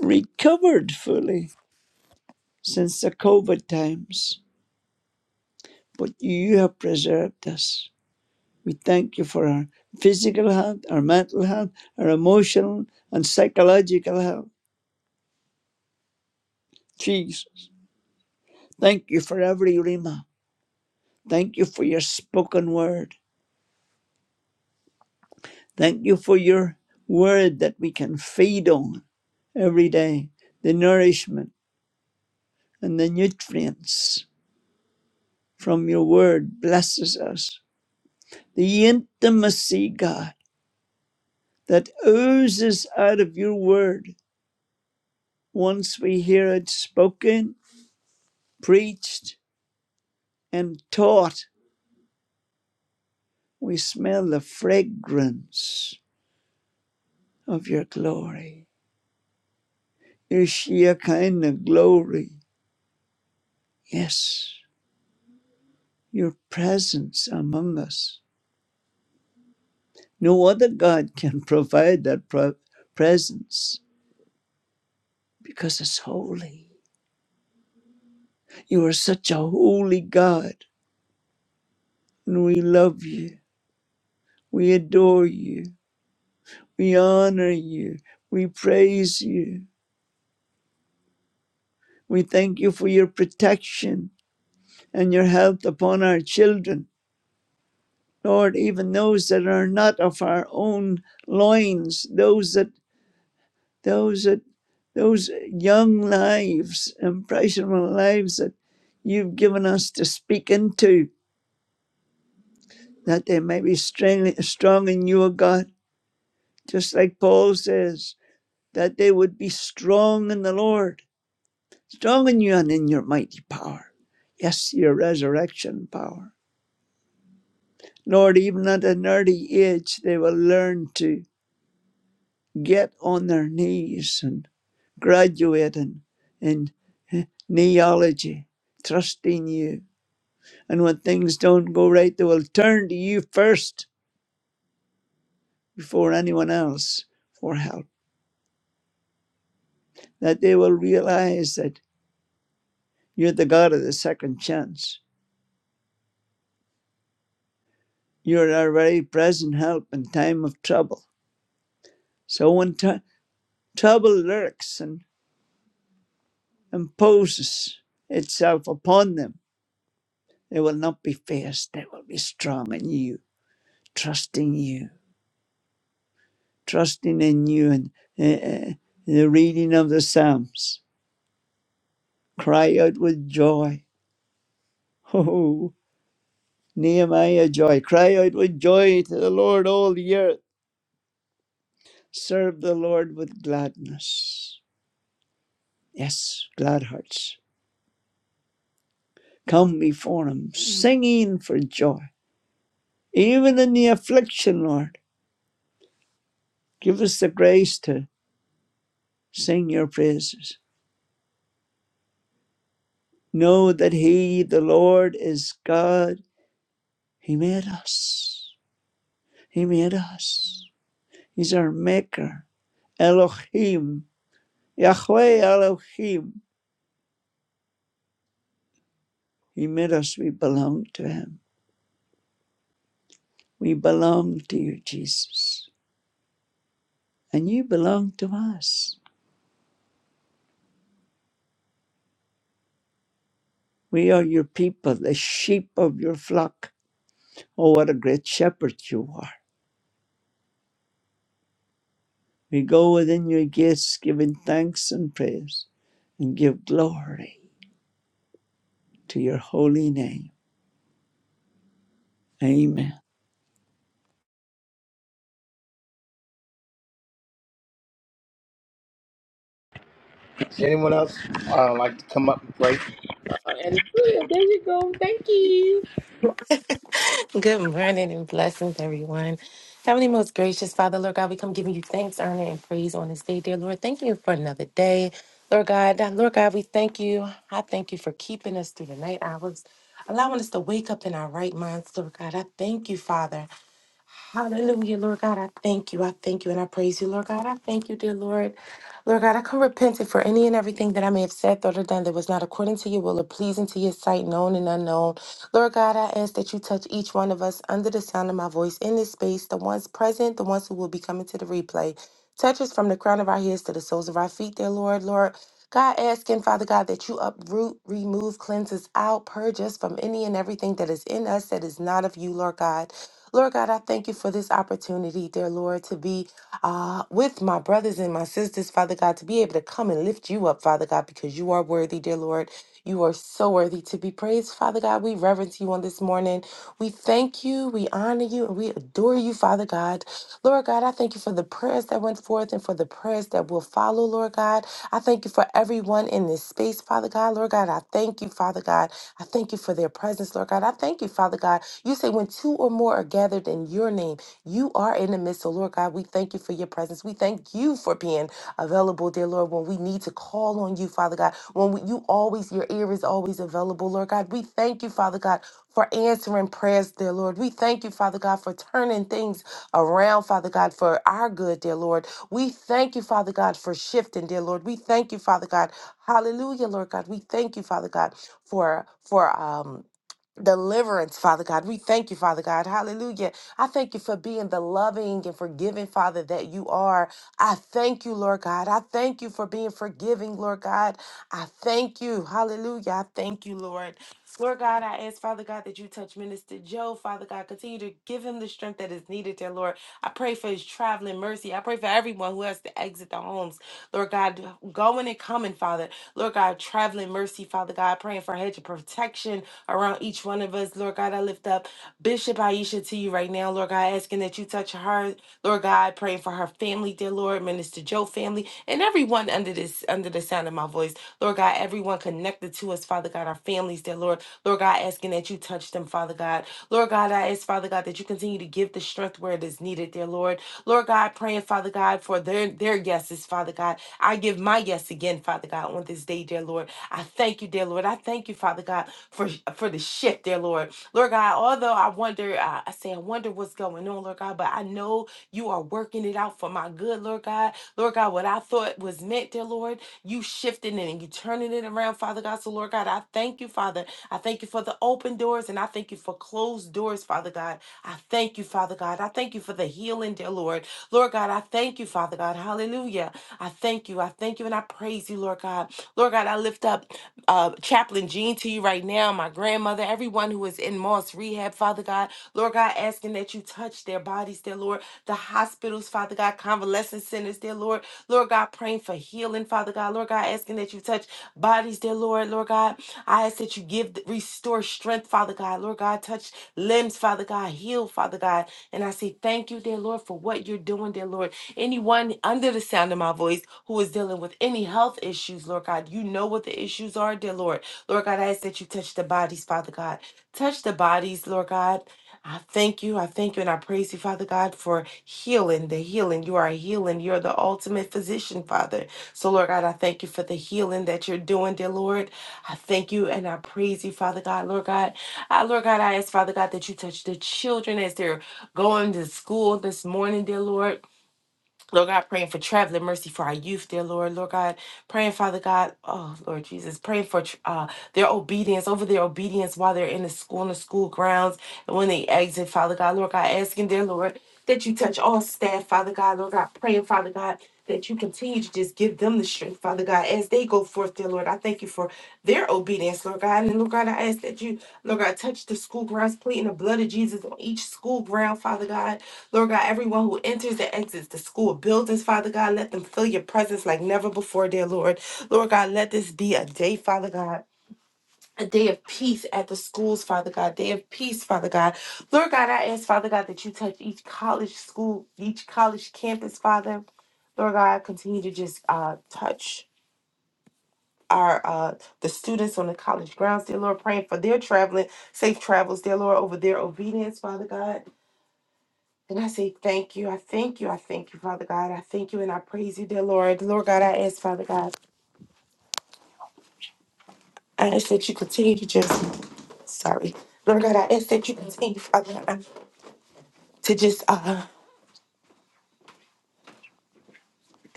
S4: recovered fully since the COVID times, but you have preserved us. We thank you for our physical health, our mental health, our emotional and psychological health. Jesus, thank you for every Rima. Thank you for your spoken word. Thank you for your word that we can feed on every day. The nourishment and the nutrients from your word blesses us the intimacy, God, that oozes out of your word once we hear it spoken, preached, and taught. We smell the fragrance of your glory, your sheer kind of glory. Yes, your presence among us. No other God can provide that pro- presence because it's holy. You are such a holy God, and we love you. We adore you. We honor you. We praise you. We thank you for your protection and your help upon our children. Lord, even those that are not of our own loins, those that, those that, those young lives, impressionable lives that you've given us to speak into, that they may be strong, in you, O God. Just like Paul says, that they would be strong in the Lord strong in you and in your mighty power. Yes, your resurrection power. Lord, even at an early age, they will learn to get on their knees and graduate in, in eh, neology, trusting you. And when things don't go right, they will turn to you first before anyone else for help. That they will realize that you're the God of the second chance. You're our very present help in time of trouble. So when ti- trouble lurks and imposes itself upon them, they will not be fierce. They will be strong in you, trusting you, trusting in you. And uh, uh, the reading of the Psalms, cry out with joy. Oh, Nehemiah, joy. Cry out with joy to the Lord, all the earth. Serve the Lord with gladness. Yes, glad hearts. Come before him, singing for joy. Even in the affliction, Lord. Give us the grace to sing your praises. Know that He, the Lord, is God. He made us. He made us. He's our Maker. Elohim. Yahweh Elohim. He made us. We belong to Him. We belong to you, Jesus. And you belong to us. We are your people, the sheep of your flock. Oh, what a great shepherd you are. We go within your gates giving thanks and praise and give glory to your holy name. Amen.
S1: Does anyone else uh, like to come up and pray?
S5: Good morning and blessings, everyone. Heavenly, most gracious Father, Lord God, we come giving you thanks, honor, and praise on this day, dear Lord. Thank you for another day, Lord God. Uh, Lord God, we thank you. I thank you for keeping us through the night hours, allowing us to wake up in our right minds, Lord God. I thank you, Father. Hallelujah, Lord God. I thank you. I thank you and I praise you, Lord God. I thank you, dear Lord. Lord God, I come repentant for any and everything that I may have said, thought, or done that was not according to your will or pleasing to your sight, known and unknown. Lord God, I ask that you touch each one of us under the sound of my voice in this space, the ones present, the ones who will be coming to the replay. Touch us from the crown of our heads to the soles of our feet, dear Lord. Lord, God, asking, Father God, that you uproot, remove, cleanse us out, purge us from any and everything that is in us that is not of you, Lord God. Lord God, I thank you for this opportunity, dear Lord, to be uh, with my brothers and my sisters, Father God, to be able to come and lift you up, Father God, because you are worthy, dear Lord. You are so worthy to be praised, Father God. We reverence you on this morning. We thank you, we honor you, and we adore you, Father God. Lord God, I thank you for the prayers that went forth and for the prayers that will follow, Lord God. I thank you for everyone in this space, Father God. Lord God, I thank you, Father God. I thank you for their presence, Lord God. I thank you, Father God. You say when two or more are gathered in your name, you are in the midst. So, Lord God, we thank you for your presence. We thank you for being available, dear Lord, when we need to call on you, Father God. When we, you always, your ear is always available, Lord God. We thank you, Father God, for answering prayers, dear Lord. We thank you, Father God, for turning things around, Father God, for our good, dear Lord. We thank you, Father God, for shifting, dear Lord. We thank you, Father God. Hallelujah, Lord God. We thank you, Father God for for um deliverance, Father God. We thank you, Father God. Hallelujah. I thank you for being the loving and forgiving Father that you are I thank you, Lord God. I thank you for being forgiving, Lord God. I thank you. Hallelujah. I thank you, Lord. Lord God, I ask, Father God, that you touch Minister Joe. Father God, continue to give him the strength that is needed there, Lord. I pray for his traveling mercy. I pray for everyone who has to exit the homes. Lord God, going and coming, Father. Lord God, traveling mercy, Father God, praying for a hedge of protection around each one of us. Lord God, I lift up Bishop Aisha to you right now, Lord God, asking that you touch her, Lord God, praying for her family, dear Lord, Minister Joe family, and everyone under this under the sound of my voice. Lord God, everyone connected to us, Father God, our families, dear Lord. Lord God, asking that you touch them, Father God. Lord God, I ask, Father God, that you continue to give the strength where it is needed, dear Lord. Lord God, praying, Father God, for their their yeses, Father God. I give my yes again, Father God, on this day, dear Lord. I thank you, dear Lord. I thank you, Father God, for for the shift, dear Lord. Lord God, although I wonder, uh, I say I wonder what's going on, Lord God, but I know know you are working it out for my good, Lord God. Lord God, what I thought was meant, dear Lord, you shifting it and you turning it around, Father God. So, Lord God, I thank you, Father. I thank you for the open doors and I thank you for closed doors, Father God. I thank you, Father God. I thank you for the healing, dear Lord. Lord God, I thank you, Father God. Hallelujah. I thank you. I thank you and I praise you, Lord God. Lord God, I lift up uh, Chaplain Jean to you right now, my grandmother, everyone who is in Moss Rehab, Father God. Lord God, asking that you you touch their bodies, dear Lord. The hospitals, Father God, convalescent centers, dear Lord. Lord God, praying for healing, Father God. Lord God, asking that you touch bodies, dear Lord. Lord God, I ask that you give, restore strength, Father God. Lord God, touch limbs, Father God. Heal, Father God. And I say thank you, dear Lord, for what you're doing, dear Lord. Anyone under the sound of my voice who is dealing with any health issues, Lord God, you know what the issues are, dear Lord. Lord God, I ask that you touch the bodies, Father God. Touch the bodies, Lord God. I thank you. I thank you and I praise you, Father God, for healing, the healing. You are a healing. You're the ultimate physician, Father. So, Lord God, I thank you for the healing that you're doing, dear Lord. I thank you and I praise you, Father God. Lord God, I, Lord God, I ask, Father God, that you touch the children as they're going to school this morning, dear Lord. Lord God, praying for traveling mercy for our youth, dear Lord. Lord God, praying, Father God, oh Lord Jesus, praying for tr- uh, their obedience, over their obedience while they're in the school, in the school grounds, and when they exit, Father God, Lord God, asking, dear Lord, that you touch all staff, Father God, Lord God, praying, Father God that you continue to just give them the strength, Father God, as they go forth, dear Lord. I thank you for their obedience, Lord God. And Lord God, I ask that you, Lord God, touch the school grounds, pleading the blood of Jesus on each school ground, Father God. Lord God, everyone who enters and exits the school buildings, Father God, let them feel your presence like never before, dear Lord. Lord God, let this be a day, Father God a day of peace at the schools, Father God. Day of peace, Father God. Lord God, I ask, Father God, that you touch each college school, each college campus, Father. Lord God, continue to just uh, touch our uh, the students on the college grounds, dear Lord, praying for their traveling, safe travels, dear Lord, over their obedience, Father God. And I say thank you. I thank you. I thank you, Father God. I thank you and I praise you, dear Lord. Lord God, I ask, Father God, I ask that you continue to just, sorry. Lord God, I ask that you continue, Father God. to just uh,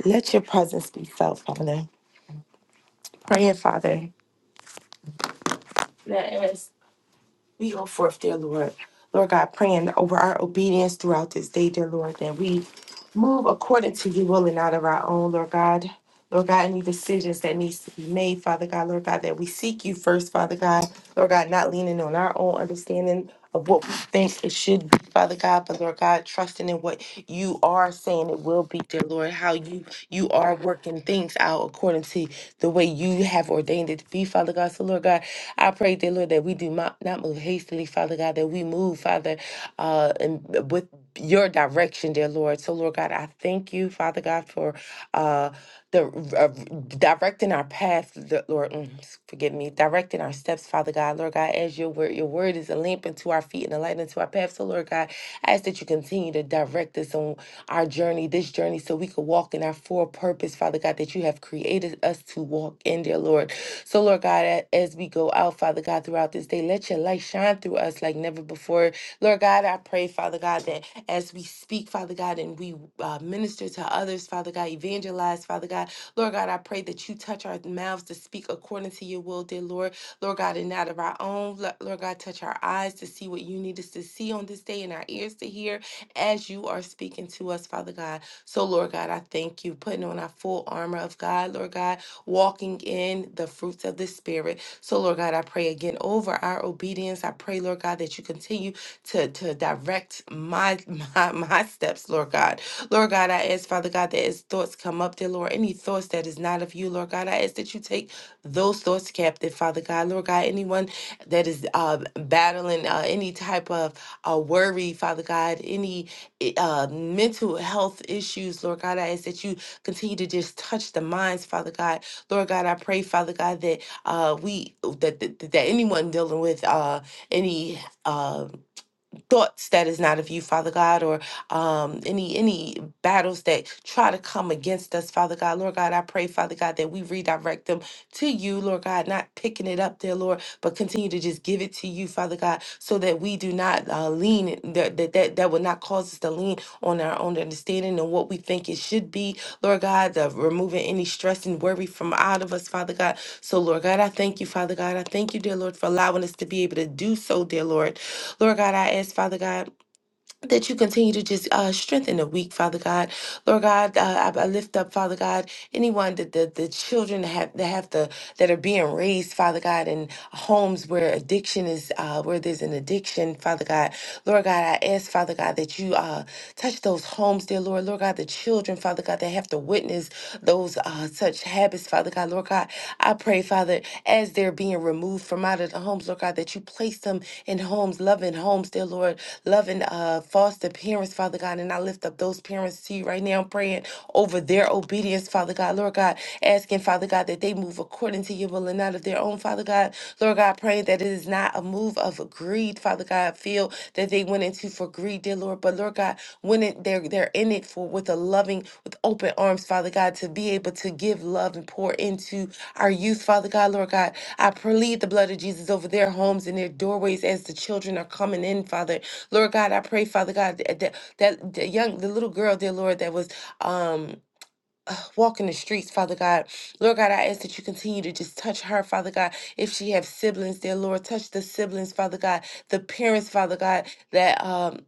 S5: let your presence be felt, Father. Praying, Father. that as We go forth, dear Lord. Lord God, praying over our obedience throughout this day, dear Lord, that we move according to your will and not of our own, Lord God. Lord God, any decisions that needs to be made, Father God, Lord God, that we seek you first, Father God, Lord God, not leaning on our own understanding of what we think it should be, Father God, but Lord God, trusting in what you are saying it will be, dear Lord, how you you are working things out according to the way you have ordained it to be, Father God. So Lord God, I pray, dear Lord, that we do not, not move hastily, Father God, that we move, Father, uh, and with your direction, dear Lord. So, Lord God, I thank you, Father God, for uh, the uh, directing our path, the- Lord. mm, Forgive me, directing our steps, Father God, Lord God. As your word, your word is a lamp unto our feet and a light unto our path. So, Lord God, I ask that you continue to direct us on our journey, this journey, so we could walk in our full purpose, Father God, that you have created us to walk in, dear Lord. So, Lord God, a- as we go out, Father God, throughout this day, let your light shine through us like never before. Lord God, I pray, Father God, that as we speak, Father God, and we uh, minister to others, Father God, evangelize, Father God, Lord God, I pray that you touch our mouths to speak according to your will, dear Lord. Lord God, and not of our own, Lo- Lord God, touch our eyes to see what you need us to see on this day and our ears to hear as you are speaking to us, Father God. So, Lord God, I thank you putting on our full armor of God, Lord God walking in the fruits of the Spirit. So, Lord God, I pray again over our obedience. I pray, Lord God, that you continue to, to direct my, my my steps, Lord God. Lord God, I ask, Father God, that as thoughts come up, dear Lord, any thoughts that is not of you, Lord God, I ask that you take those thoughts captive, Father God. Lord God, anyone that is uh, battling uh, any type of uh, worry, Father God, any i- uh, mental health issues, Lord God, I ask that you continue to just touch the minds, Father God Lord God, I pray, Father God, that uh, we that, that that anyone dealing with uh, any. Uh, thoughts that is not of you, Father God, or um, any any battles that try to come against us, Father God. Lord God, I pray, Father God, that we redirect them to you, Lord God, not picking it up there, Lord, but continue to just give it to you, Father God, so that we do not uh, lean that that that, that will not cause us to lean on our own understanding and what we think it should be, Lord God, the removing any stress and worry from out of us, Father God. So, Lord God, I thank you, Father God. I thank you, dear Lord, for allowing us to be able to do so, dear Lord. Lord God, I ask, Father God, that you continue to just uh, strengthen the weak, Father God. Lord God, uh, I, I lift up, Father God, anyone that the, the children have that have to that are being raised, Father God, in homes where addiction is, uh, where there's an addiction, Father God. Lord God, I ask, Father God, that you uh, touch those homes, dear Lord. Lord God, the children, Father God, that have to witness those uh, such habits, Father God. Lord God, I pray, Father, as they're being removed from out of the homes, Lord God, that you place them in homes, loving homes, dear Lord, loving uh, foster parents, Father God. And I lift up those parents to you right now, praying praying over their obedience, Father God. Lord God, asking, Father God, that they move according to your will and not of their own, Father God. Lord God, praying that it is not a move of greed, Father God, feel that they went into for greed, dear Lord. But Lord God, when it, they're they're in it for with a loving, with open arms, Father God, to be able to give love and pour into our youth, Father God, Lord God. I plead the blood of Jesus over their homes and their doorways as the children are coming in, Father. Lord God, I pray, Father God, that, that that the young the little girl, dear Lord, that was um uh, walking the streets father god lord god i ask that you continue to just touch her father god if she have siblings dear lord touch the siblings father god the parents father god that um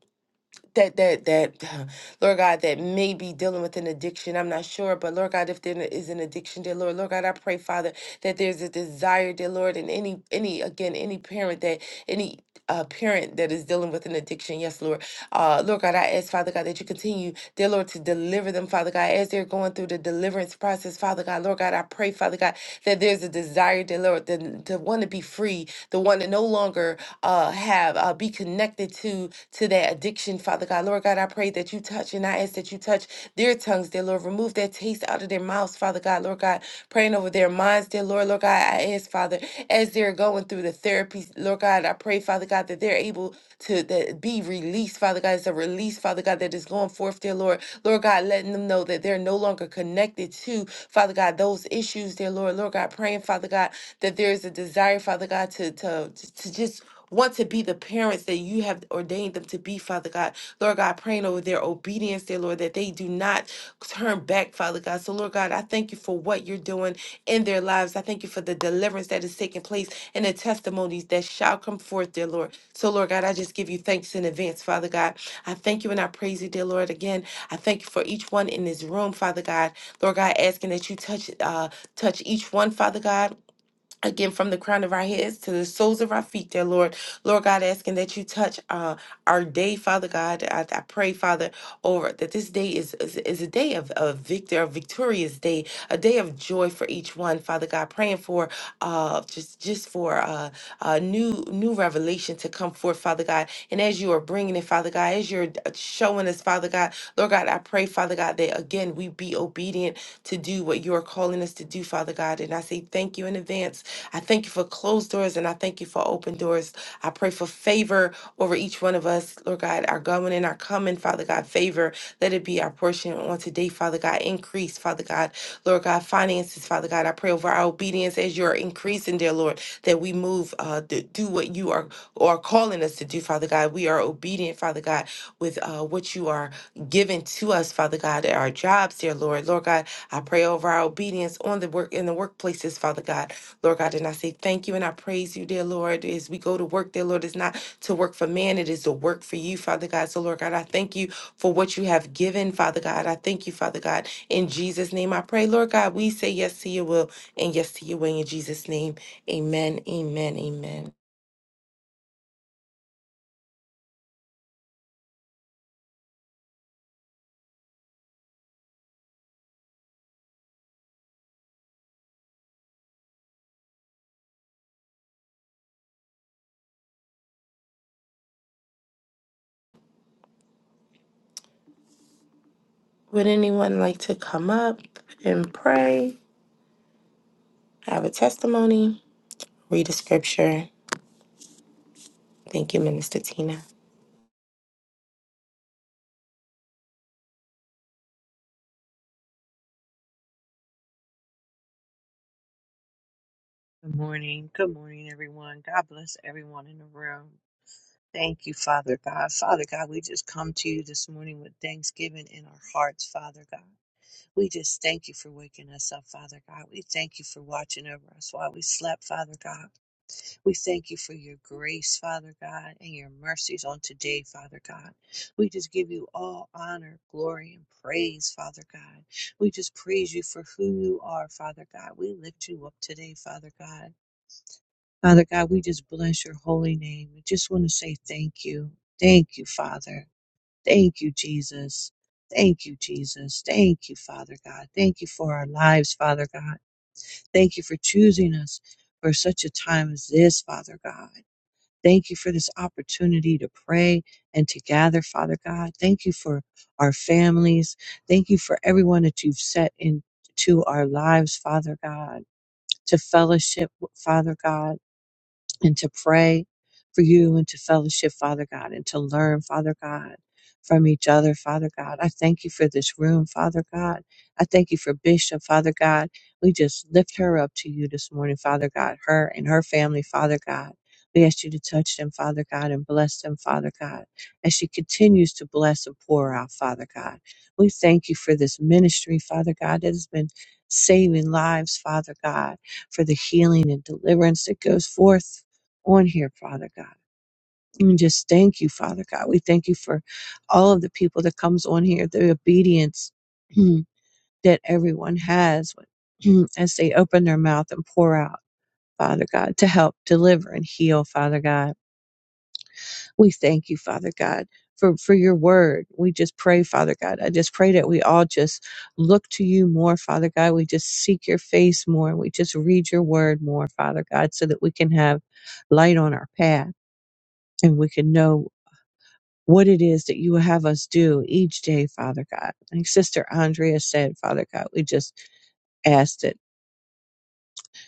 S5: that that that uh, lord god that may be dealing with an addiction i'm not sure but lord god if there is an addiction dear lord lord god i pray father that there's a desire dear lord and any any again any parent that any uh, parent that is dealing with an addiction yes lord uh, Lord God, I ask, Father God, that you continue, dear Lord, to deliver them, Father God, as they're going through the deliverance process, Father God. Lord God, I pray, Father God, that there's a desire, dear Lord, to, to want to be free, the one to no longer uh, have uh, be connected to to that addiction, Father God. Lord God, I pray that you touch and I ask that you touch their tongues, dear Lord. Remove that taste out of their mouths, Father God. Lord God, praying over their minds, dear dear Lord, Lord God, I ask, Father, as they're going through the therapy, Lord God, I pray, Father God, that they're able to that be released, Father God. It's a release, Father God, that is going forth, dear Lord. Lord God, letting them know that they're no longer connected to, Father God, those issues, dear Lord. Lord God, praying, Father God, that there is a desire, Father God, to to, to just want to be the parents that you have ordained them to be, Father God. Lord God, praying over their obedience, dear Lord, that they do not turn back, Father God. So, Lord God, I thank you for what you're doing in their lives. I thank you for the deliverance that is taking place and the testimonies that shall come forth, dear Lord. So, Lord God, I just give you thanks in advance, Father God. I thank you and I praise you, dear Lord. Again, I thank you for each one in this room, Father God. Lord God, asking that you touch uh touch each one, Father God. Again, from the crown of our heads to the soles of our feet, dear Lord. Lord God, asking that you touch uh, our day, Father God. I, I pray, Father, over that this day is, is, is a day of, of victor, a victorious day, a day of joy for each one, Father God. Praying for uh, just just for uh, uh, new new revelation to come forth, Father God. And as you are bringing it, Father God, as you're uh, showing us, Father God, Lord God, I pray, Father God, that again we be obedient to do what you are calling us to do, Father God. And I say thank you in advance I thank you for closed doors and I thank you for open doors. I pray for favor over each one of us, Lord God, our going and our coming, Father God, favor. Let it be our portion on today, Father God. Increase, Father God, Lord God, finances, Father God. I pray over our obedience as you are increasing, dear Lord, that we move, uh, to do what you are are calling us to do, Father God. We are obedient, Father God, with uh, what you are given to us, Father God, at our jobs, dear Lord. Lord God, I pray over our obedience on the work in the workplaces, Father God. Lord God, and I say thank you and I praise you, dear Lord, as we go to work, dear Lord. It's not to work for man, it is to work for you, Father God. So, Lord God, I thank you for what you have given, Father God. I thank you, Father God. In Jesus' name I pray, Lord God, we say yes to your will and yes to your way in Jesus' name. Amen, amen, amen. Would anyone like to come up and pray, have a testimony, read a scripture? Thank you, Minister Tina.
S6: Good morning. Good morning, everyone. God bless everyone in the room. Thank you, Father God. Father God, we just come to you this morning with thanksgiving in our hearts, Father God. We just thank you for waking us up, Father God. We thank you for watching over us while we slept, Father God. We thank you for your grace, Father God, and your mercies on today, Father God. We just give you all honor, glory, and praise, Father God. We just praise you for who you are, Father God. We lift you up today, Father God. Father God, we just bless your holy name. We just want to say thank you. Thank you, Father. Thank you, Jesus. Thank you, Jesus. Thank you, Father God. Thank you for our lives, Father God. Thank you for choosing us for such a time as this, Father God. Thank you for this opportunity to pray and to gather, Father God. Thank you for our families. Thank you for everyone that you've set into our lives, Father God, to fellowship, Father God and to pray for you and to fellowship, Father God, and to learn, Father God, from each other, Father God. I thank you for this room, Father God. I thank you for Bishop, Father God. We just lift her up to you this morning, Father God, her and her family, Father God. We ask you to touch them, Father God, and bless them, Father God, as she continues to bless and pour out, Father God. We thank you for this ministry, Father God, that has been saving lives, Father God for the healing and deliverance that goes forth on here, Father God. And just thank you, Father God. We thank you for all of the people that comes on here, the obedience that everyone has when- as they open their mouth and pour out, Father God, to help deliver and heal, Father God. We thank you, Father God. For, for your word. We just pray, Father God. I just pray that we all just look to you more, Father God. We just seek your face more. and We just read your word more, Father God, so that we can have light on our path and we can know what it is that you have us do each day, Father God. Like Sister Andrea said, Father God, we just ask that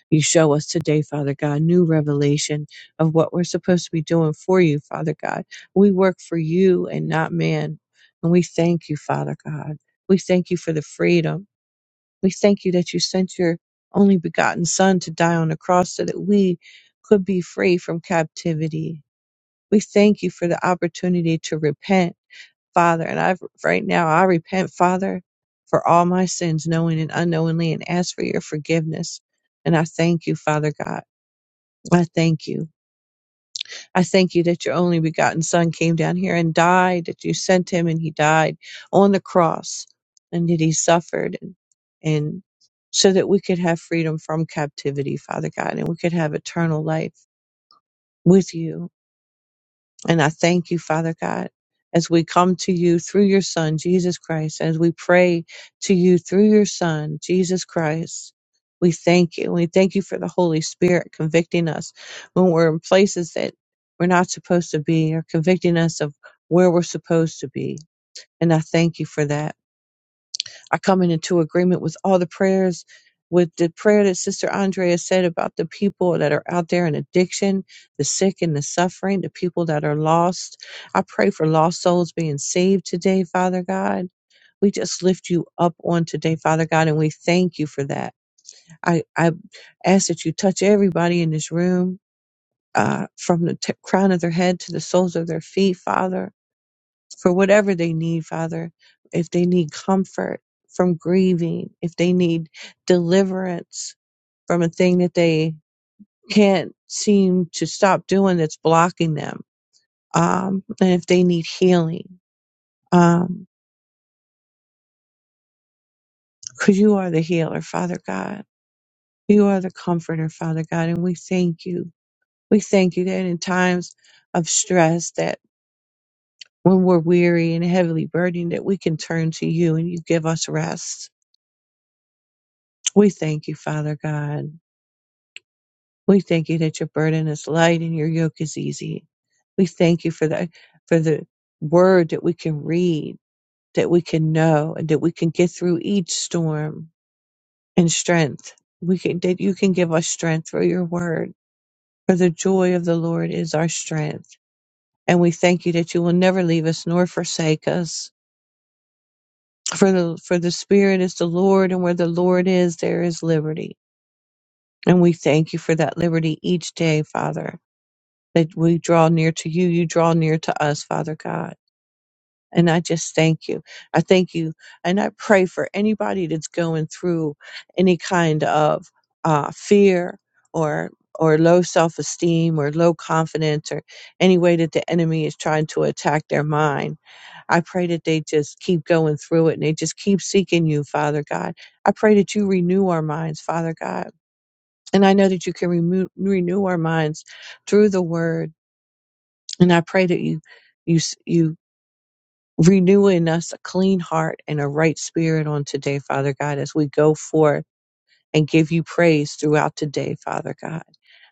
S6: you show us today, Father God, new revelation of what we're supposed to be doing for you, Father God. We work for you and not man. And we thank you, Father God. We thank you for the freedom. We thank you that you sent your only begotten Son to die on the cross so that we could be free from captivity. We thank you for the opportunity to repent Father, and I right now I repent, Father, for all my sins, knowing and unknowingly, and ask for your forgiveness. And I thank you, Father God. I thank you. I thank you that your only begotten Son came down here and died, that you sent him and he died on the cross, and that he suffered and, and so that we could have freedom from captivity, Father God, and we could have eternal life with you And I thank you, Father God, as we come to you through your Son, Jesus Christ, as we pray to you through your Son, Jesus Christ. We thank you. We thank you for the Holy Spirit convicting us when we're in places that we're not supposed to be or convicting us of where we're supposed to be. And I thank you for that. I come in into agreement with all the prayers, with the prayer that Sister Andrea said about the people that are out there in addiction, the sick and the suffering, the people that are lost. I pray for lost souls being saved today, Father God. We just lift you up on today, Father God, and we thank you for that. I, I ask that you touch everybody in this room, uh, from the t- crown of their head to the soles of their feet, Father for whatever they need, Father. If they need comfort from grieving, if they need deliverance from a thing that they can't seem to stop doing that's blocking them, um, and if they need healing, um, because you are the healer, Father God. You are the comforter, Father God, and we thank you. We thank you that in times of stress, that when we're weary and heavily burdened, that we can turn to you and you give us rest. We thank you, Father God. We thank you that your burden is light and your yoke is easy. We thank you for the for the word that we can read, that we can know, and that we can get through each storm and strength. We can, that you can give us strength through your word. For the joy of the Lord is our strength. And we thank you that you will never leave us nor forsake us. For the, for the Spirit is the Lord, and where the Lord is, there is liberty. And we thank you for that liberty each day, Father. that we draw near to you, you draw near to us, Father God. And I just thank you. I thank you. And I pray for anybody that's going through any kind of uh, fear or or low self-esteem or low confidence or any way that the enemy is trying to attack their mind. I pray that they just keep going through it and they just keep seeking you, Father God. I pray that you renew our minds, Father God. And I know that you can remo- renew our minds through the word and I pray that you, you, s- you renew in us a clean heart and a right spirit on today, Father God, as we go forth and give you praise throughout today, Father God.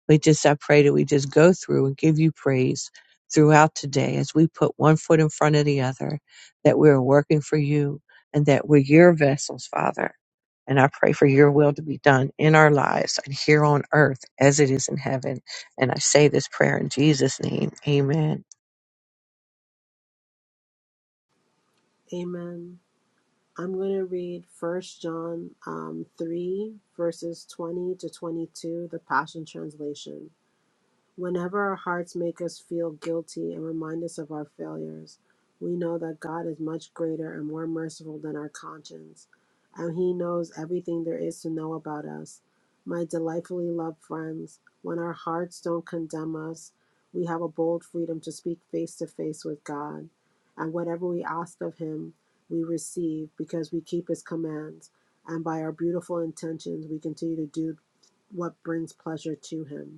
S6: We just, I pray that we just go through and give you praise throughout today as we put one foot in front of the other, that we're working for you and that we're your vessels, Father. And I pray for your will to be done in our lives and here on earth as it is in heaven. And I say this prayer in Jesus' name. Amen.
S7: Amen. I'm going to read 1st John um, 3, verses 20 to 22, the Passion Translation. Whenever our hearts make us feel guilty and remind us of our failures, we know that God is much greater and more merciful than our conscience, and He knows everything there is to know about us. My delightfully loved friends, when our hearts don't condemn us, we have a bold freedom to speak face to face with God. And whatever we ask of Him, we receive because we keep His commands, and by our beautiful intentions, we continue to do what brings pleasure to Him.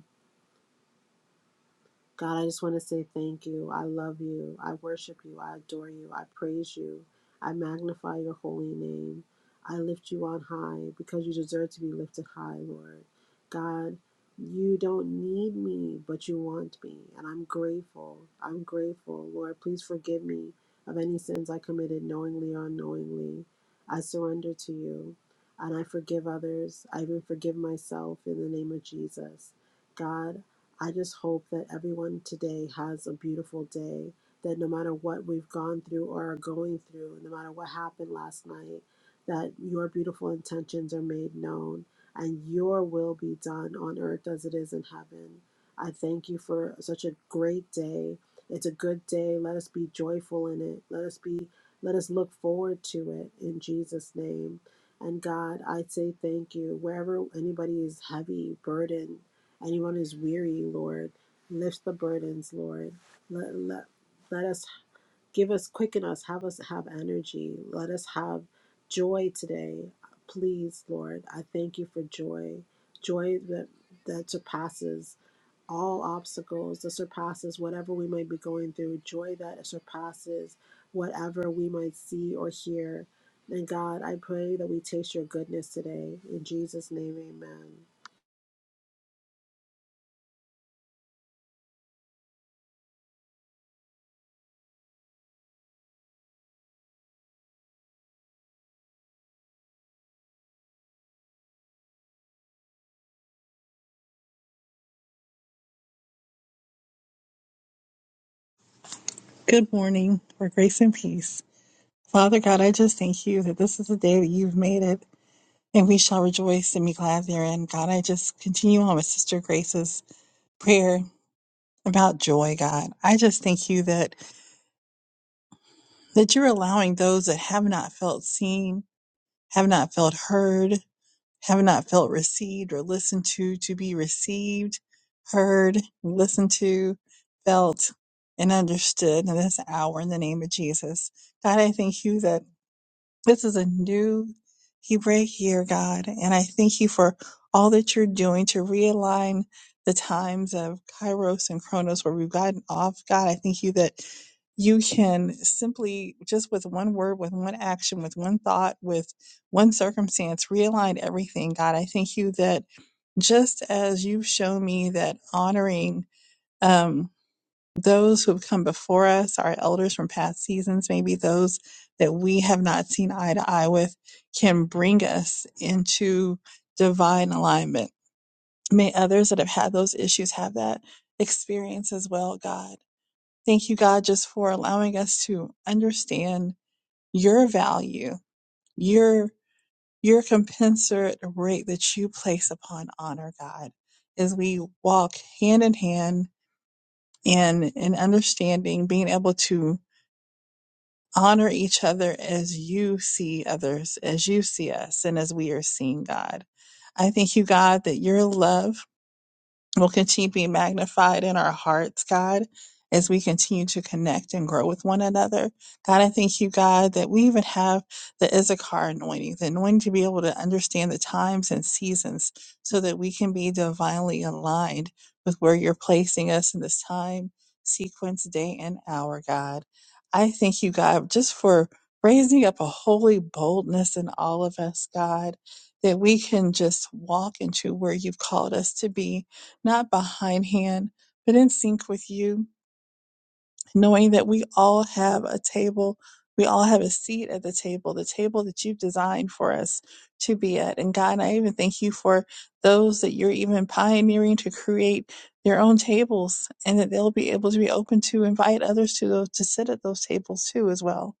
S7: God, I just want to say thank you. I love you. I worship you. I adore you. I praise you. I magnify your holy name. I lift you on high because you deserve to be lifted high, Lord. God, you don't need me, but you want me. And I'm grateful. I'm grateful. Lord, please forgive me of any sins I committed knowingly or unknowingly. I surrender to you and I forgive others. I even forgive myself in the name of Jesus. God, I just hope that everyone today has a beautiful day. That no matter what we've gone through or are going through, no matter what happened last night, that your beautiful intentions are made known and your will be done on earth as it is in heaven. I thank you for such a great day. It's a good day. Let us be joyful in it. Let us be let us look forward to it in Jesus name. And God, I say thank you. Wherever anybody is heavy, burdened, Anyone who's weary, Lord, lift the burdens, Lord. Let, let, let us give us, quicken us, have us have energy. Let us have joy today. Please, Lord, I thank you for joy. Joy that, that surpasses all obstacles, that surpasses whatever we might be going through. Joy that surpasses whatever we might see or hear. And God, I pray that we taste your goodness today. In Jesus' name, amen.
S8: Good morning, for grace and peace. Father God, I just thank you that this is the day that you've made it, and we shall rejoice and be glad therein. God, I just continue on with Sister Grace's prayer about joy, God. I just thank you that that you're allowing those that have not felt seen, have not felt heard, have not felt received or listened to to be received, heard, listened to, felt, and understood in this hour in the name of Jesus. God, I thank you that This is a new Hebrew year, God, and I thank you for all that you're doing to realign the times of Kairos and Chronos where we've gotten off. God, I thank you that you can simply, just with one word, with one action, with one thought, with one circumstance, realign everything. God, I thank you that just as you've shown me that honoring. um, those who have come before us, our elders from past seasons, maybe those that we have not seen eye to eye with, can bring us into divine alignment. May others that have had those issues have that experience as well, God. Thank you, God, just for allowing us to understand your value, your your compensate rate that you place upon honor, God, as we walk hand in hand and in understanding, being able to honor each other as you see others, as you see us, and as we are seeing God. I thank you, God, that your love will continue to be magnified in our hearts, God, as we continue to connect and grow with one another. God, I thank you, God, that we even have the Issachar anointing, the anointing to be able to understand the times and seasons so that we can be divinely aligned with where you're placing us in this time, sequence, day, and hour, God. I thank you, God, just for raising up a holy boldness in all of us, God, that we can just walk into where you've called us to be not behindhand, but in sync with you, knowing that we all have a table. We all have a seat at the table, the table that you've designed for us to be at. And God, I even thank you for those that you're even pioneering to create their own tables and that they'll be able to be open to invite others to those to sit at those tables too as well.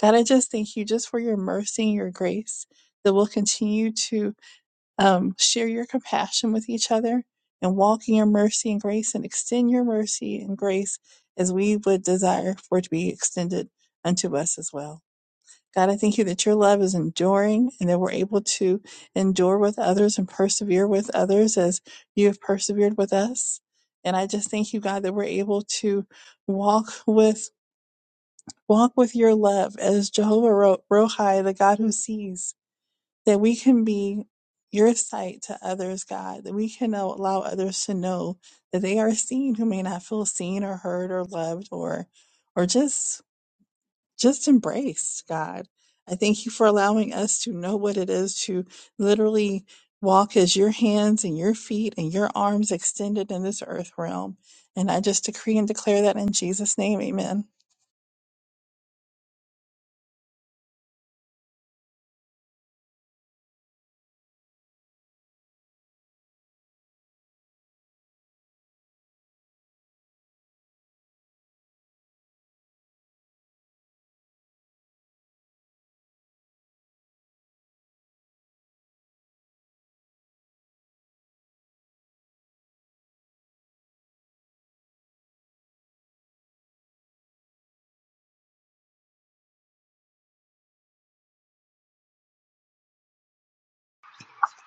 S8: God, I just thank you just for your mercy and your grace that will continue to um, share your compassion with each other and walk in your mercy and grace and extend your mercy and grace as we would desire for it to be extended unto us as well. God, I thank you that your love is enduring and that we're able to endure with others and persevere with others as you have persevered with us. And I just thank you, God, that we're able to walk with walk with your love as Jehovah Ro- Rohi, the God who sees, that we can be your sight to others, God, that we can al- allow others to know that they are seen who may not feel seen or heard or loved or or just just embraced, God. I thank you for allowing us to know what it is to literally walk as your hands and your feet and your arms extended in this earth realm. And I just decree and declare that in Jesus' name, amen.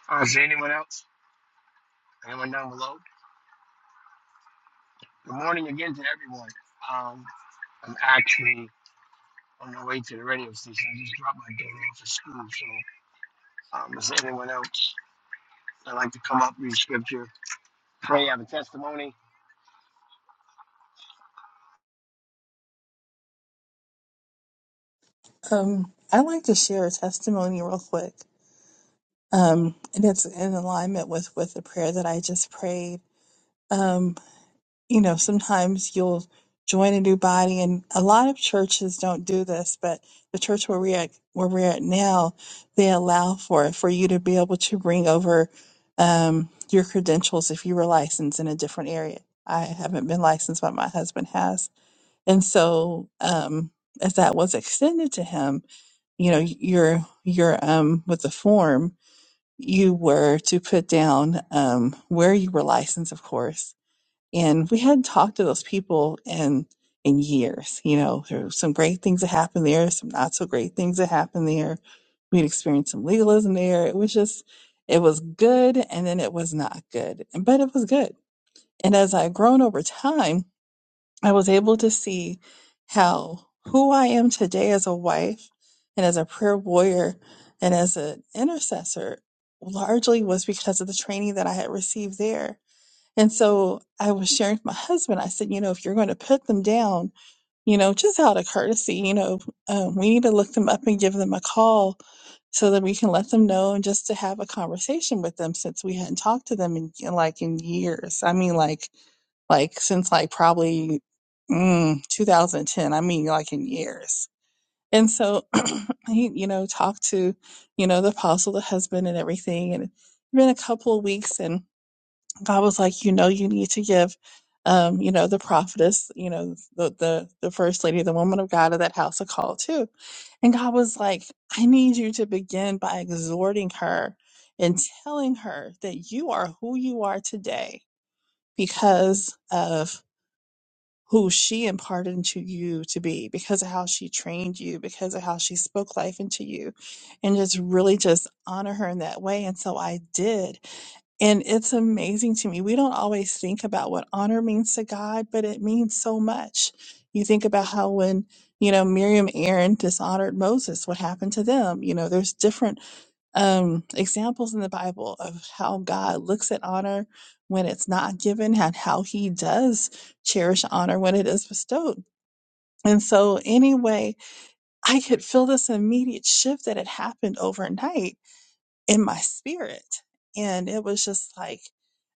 S9: Uh, is there anyone else? Anyone down below? Good morning again to everyone. Um, I'm actually on the way to the radio station. I just dropped my daughter off at school. So, um, is there anyone else that like to come up, read scripture, pray, have a testimony?
S8: Um, I'd like to share a testimony real quick. Um, and it's in alignment with, with the prayer that I just prayed. Um, you know, sometimes you'll join a new body and a lot of churches don't do this, but the church where we're at, where we're at now, they allow for it, for you to be able to bring over, um, your credentials if you were licensed in a different area. I haven't been licensed, but my husband has. And so, um, as that was extended to him, you know your your um with the form you were to put down um where you were licensed of course and we hadn't talked to those people in in years you know there were some great things that happened there some not so great things that happened there we'd experienced some legalism there it was just it was good and then it was not good but it was good and as i've grown over time I was able to see how who I am today as a wife and as a prayer warrior and as an intercessor largely was because of the training that I had received there. And so I was sharing with my husband, I said, you know, if you're going to put them down, you know, just out of courtesy, you know, um, we need to look them up and give them a call so that we can let them know and just to have a conversation with them since we hadn't talked to them in, in like in years. I mean, like, like since like probably mm, 2010. I mean, like in years. And so he, you know, talked to, you know, the apostle, the husband, and everything. And it's been a couple of weeks, and God was like, you know, you need to give, um, you know, the prophetess, you know, the the the first lady, the woman of God of that house, a call too. And God was like, I need you to begin by exhorting her and telling her that you are who you are today because of who she imparted into you to be because of how she trained you, because of how she spoke life into you, and just really just honor her in that way. And so I did. And it's amazing to me. We don't always think about what honor means to God, but it means so much. You think about how when, you know, Miriam Aaron dishonored Moses, what happened to them? You know, there's different um, examples in the Bible of how God looks at honor when it's not given and how he does cherish honor when it is bestowed. And so, anyway, I could feel this immediate shift that had happened overnight in my spirit. And it was just like,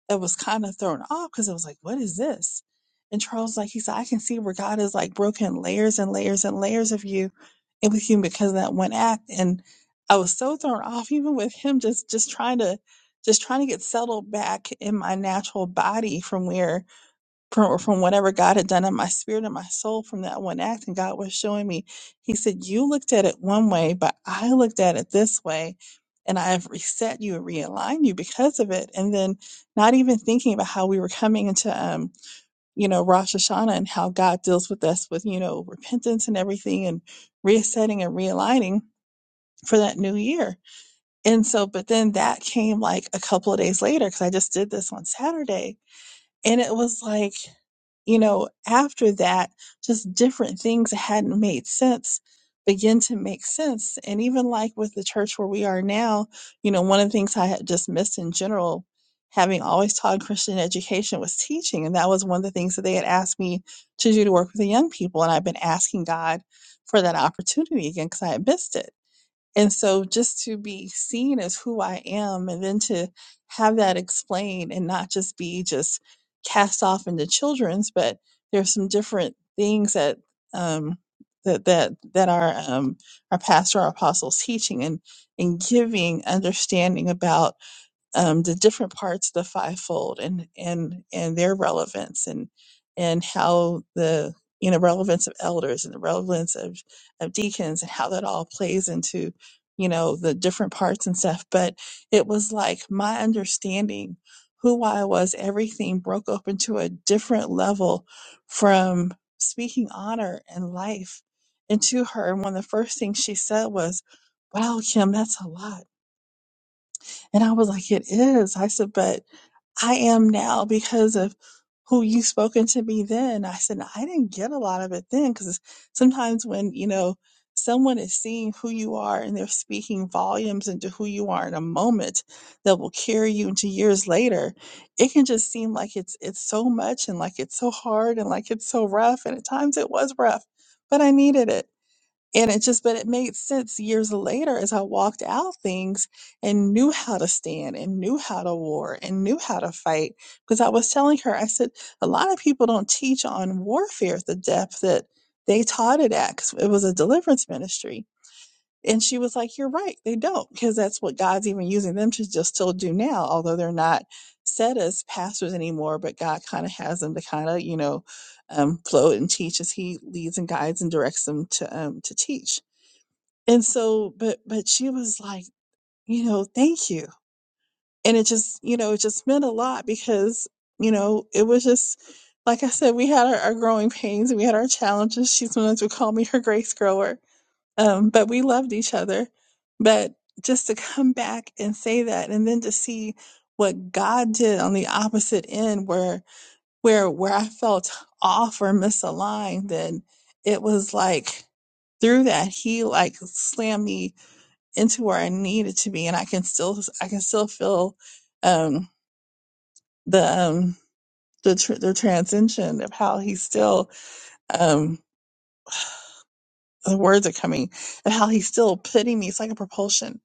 S8: it was kind of thrown off because it was like, what is this? And Charles, like he said, I can see where God has like broken layers and layers and layers of you and with you because of that one act. And I was so thrown off, even with him just just trying to just trying to get settled back in my natural body from where from from whatever God had done in my spirit and my soul from that one act, and God was showing me. He said, "You looked at it one way, but I looked at it this way, and I have reset you and realigned you because of it." And then, not even thinking about how we were coming into, um, you know, Rosh Hashanah and how God deals with us with you know repentance and everything, and resetting and realigning for that new year. And so, but then that came like a couple of days later because I just did this on Saturday and it was like, you know, after that, just different things that hadn't made sense begin to make sense. And even like with the church where we are now, you know, one of the things I had just missed in general, having always taught Christian education, was teaching. And that was one of the things that they had asked me to do to work with the young people. And I've been asking God for that opportunity again because I had missed it. And so just to be seen as who I am and then to have that explained and not just be just cast off into children's, but there's some different things that um that that that our um our pastor, our apostles teaching and and giving understanding about um, the different parts of the fivefold and and and their relevance and and how the you know relevance of elders and the relevance of of deacons and how that all plays into you know the different parts and stuff but it was like my understanding who i was everything broke open to a different level from speaking honor and life into her and one of the first things she said was wow kim that's a lot and I was like, it is. I said, but I am now because of who you spoken to me then. I said, I didn't get a lot of it then because sometimes when, you know, someone is seeing who you are and they're speaking volumes into who you are in a moment that will carry you into years later, it can just seem like it's it's so much and like it's so hard and like it's so rough. And at times it was rough, but I needed it. And it just, but it made sense years later as I walked out things and knew how to stand and knew how to war and knew how to fight. Because I was telling her, I said, a lot of people don't teach on warfare at the depth that they taught it at because it was a deliverance ministry. And she was like, You're right, they don't, because that's what God's even using them to just still do now, although they're not set as pastors anymore, but God kind of has them to kind of, you know, um, float and teach as He leads and guides and directs them to um, to teach and so but but she was like you know thank you and it just you know it just meant a lot because you know it was just like i said we had our, our growing pains and we had our challenges she sometimes would call me her grace grower um but we loved each other but just to come back and say that and then to see what god did on the opposite end where where where i felt off or misaligned then it was like through that he like slammed me into where I needed to be, and I can still I can still feel um, the um, the tr- the transition of how he's still um, the words are coming and how he's still putting me. It's like a propulsion.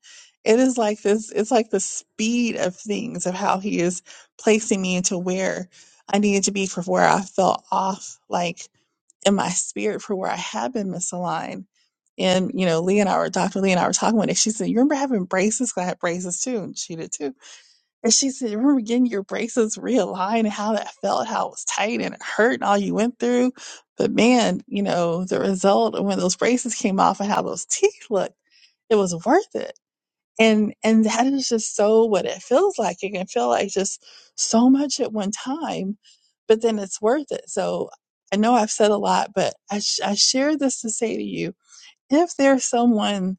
S8: It is like this. It's like the speed of things of how he is placing me into where I needed to be for where I felt off, like in my spirit for where I had been misaligned. And you know, Lee and I were Dr. Lee and I were talking one day. She said, "You remember having braces? 'Cause I had braces too, and she did too." And she said, Remember getting your braces realigned and how that felt, how it was tight and it hurt and all you went through. But man, you know, the result of when those braces came off and how those teeth looked, it was worth it. And and that is just so what it feels like. It can feel like just so much at one time, but then it's worth it. So I know I've said a lot, but I, sh- I share this to say to you if there's someone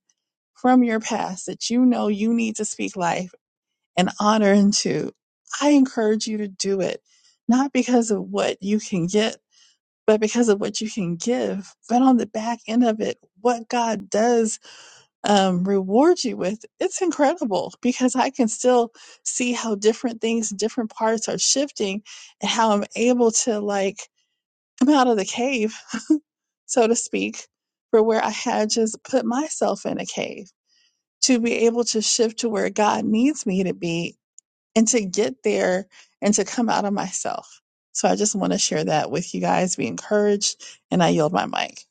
S8: from your past that you know you need to speak life and honor into, I encourage you to do it, not because of what you can get, but because of what you can give. But on the back end of it, what God does um, reward you with, it's incredible because I can still see how different things, different parts are shifting and how I'm able to like come out of the cave, so to speak, for where I had just put myself in a cave to be able to shift to where God needs me to be and to get there and to come out of myself. So I just want to share that with you guys. Be encouraged, and I yield my mic.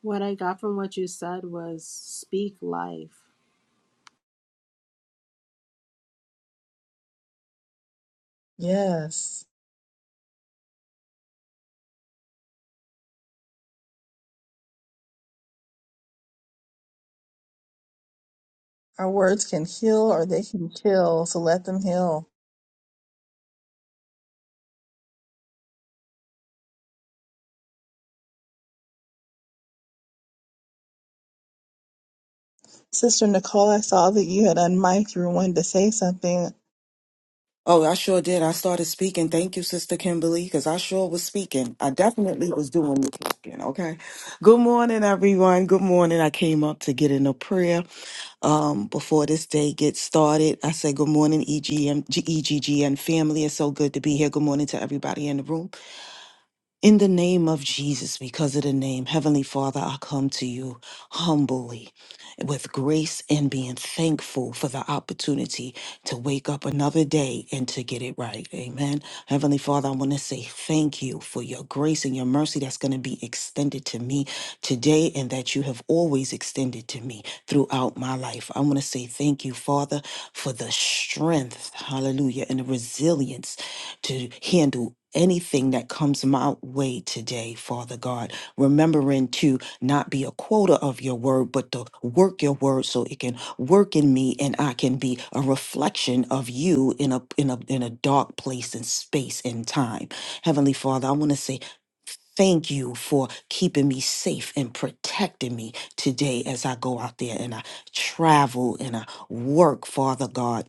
S7: What I got from what you said was speak life.
S8: Yes. Our words can heal or they can kill, so let them heal. Sister Nicole, I saw that you had unmiked. You were wanting to say something.
S10: Oh, I sure did. I started speaking. Thank you, Sister Kimberly, because I sure was speaking. I definitely was doing the talking. Okay. Good morning, everyone. Good morning. I came up to get in a prayer um, before this day gets started. I say Good morning, E.G.M.G.E.G.G.N. family. It's so good to be here. Good morning to everybody in the room. In the name of Jesus, because of the name, Heavenly Father, I come to you humbly with grace and being thankful for the opportunity to wake up another day and to get it right. Amen. Heavenly Father, I want to say thank you for your grace and your mercy that's going to be extended to me today and that you have always extended to me throughout my life. I want to say thank you, Father, for the strength, hallelujah, and the resilience to handle. Anything that comes my way today, Father God, remembering too not be a quota of your word, but to work your word so it can work in me and I can be a reflection of you in a in a in a dark place and space and time. Heavenly Father, I want to say Thank you for keeping me safe and protecting me today as I go out there and I travel and I work, Father God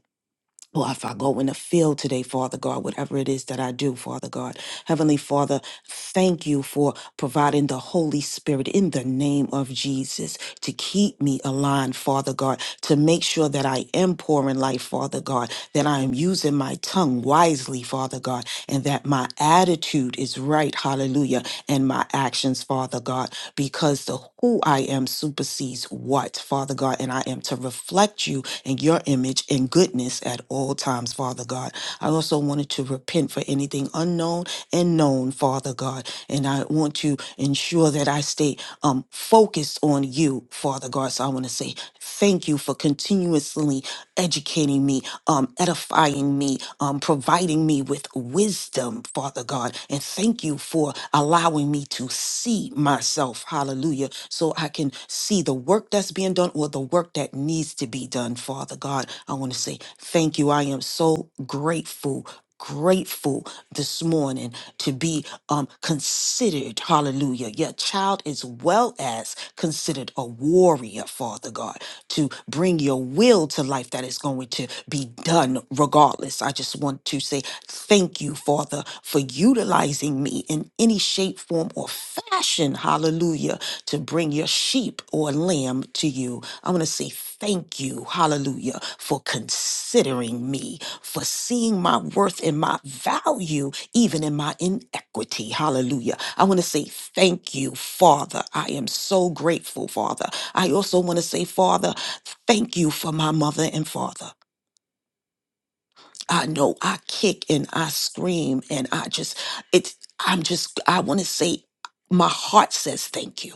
S10: or if I go in the field today, Father God, whatever it is that I do, Father God. Heavenly Father, thank you for providing the Holy Spirit in the name of Jesus to keep me aligned, Father God, to make sure that I am pouring life, Father God, that I am using my tongue wisely, Father God, and that my attitude is right, hallelujah, and my actions, Father God, because the who I am supersedes what, Father God, and I am to reflect you and your image image and goodness at all times, Father God. I also wanted to repent for anything unknown and known, Father God. And I want to ensure that I stay um, focused on you, Father God. So I want to say thank you for continuously educating me, um, edifying me, um, providing me with wisdom, Father God. And thank you for allowing me to see myself, hallelujah, so I can see the work that's being done or the work that needs to be done, Father God. I want to say thank you. I am so grateful. Grateful this morning to be um considered, hallelujah. Your child as well as considered a warrior, Father God, to bring your will to life that is going to be done regardless. I just want to say thank you, Father, for utilizing me in any shape, form, or fashion, hallelujah, to bring your sheep or lamb to you. I want to say thank you, hallelujah, for considering me, for seeing my worth and my value, even in my inequity, hallelujah. I want to say thank you, Father. I am so grateful, Father. I also want to say, Father, thank you for my mother and father. I know I kick and I scream and I just, it's, I'm just, I want to say, my heart says thank you.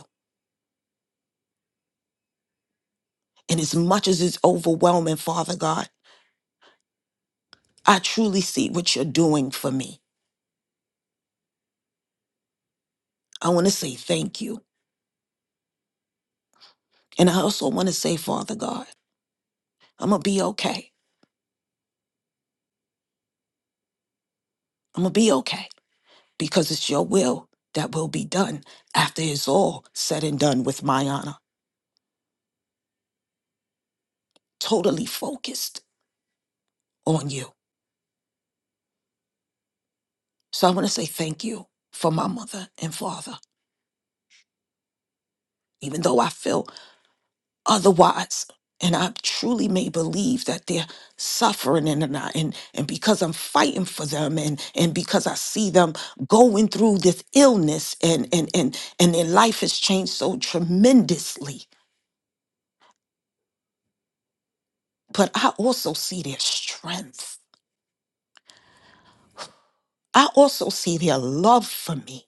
S10: And as much as it's overwhelming, Father God, I truly see what you're doing for me. I want to say thank you. And I also want to say, Father God, I'm going to be okay. I'm going to be okay because it's your will that will be done after it's all said and done with my honor, totally focused on you. So I want to say thank you for my mother and father, even though I feel otherwise. And I truly may believe that they're suffering and, and, I- and, and because I'm fighting for them and, and because I see them going through this illness and, and, and, and their life has changed so tremendously. But I also see their strength. I also see their love for me,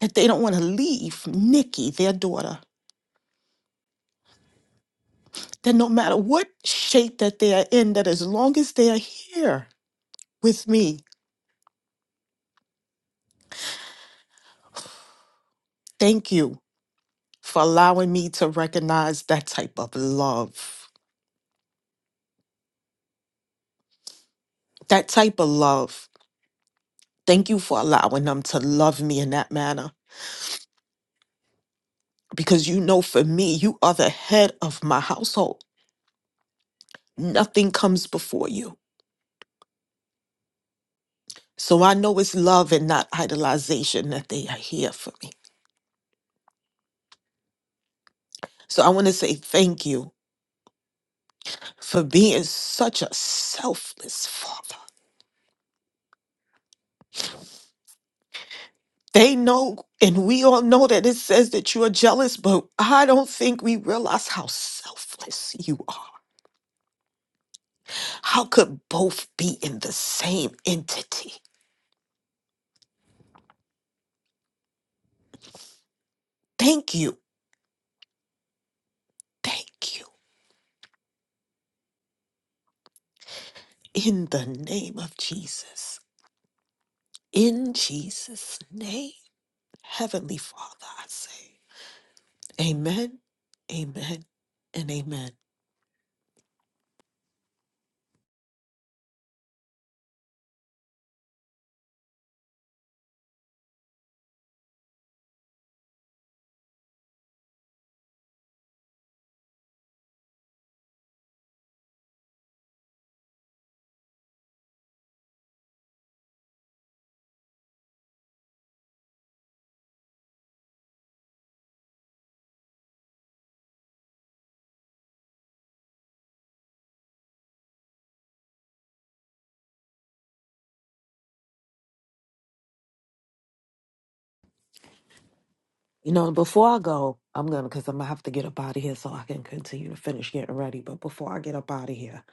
S10: that they don't want to leave Nikki, their daughter, that no matter what shape that they are in, that as long as they are here with me, thank you. for allowing me to recognize that type of love. That type of love. Thank you for allowing them to love me in that manner. Because you know, for me, you are the head of my household. Nothing comes before you. So I know it's love and not idolization that they are here for me. So I want to say thank you for being such a selfless father. They know, and we all know that it says that you are jealous, but I don't think we realize how selfless you are How could both be in the same entity? Thank you. Thank you. In the name of Jesus. In Jesus' name. Heavenly Father, I say, Amen, Amen, and Amen. You know, before I go, I'm gonna because I'm gonna have to get up out of here so I can continue to finish getting ready. But before I get up out of here,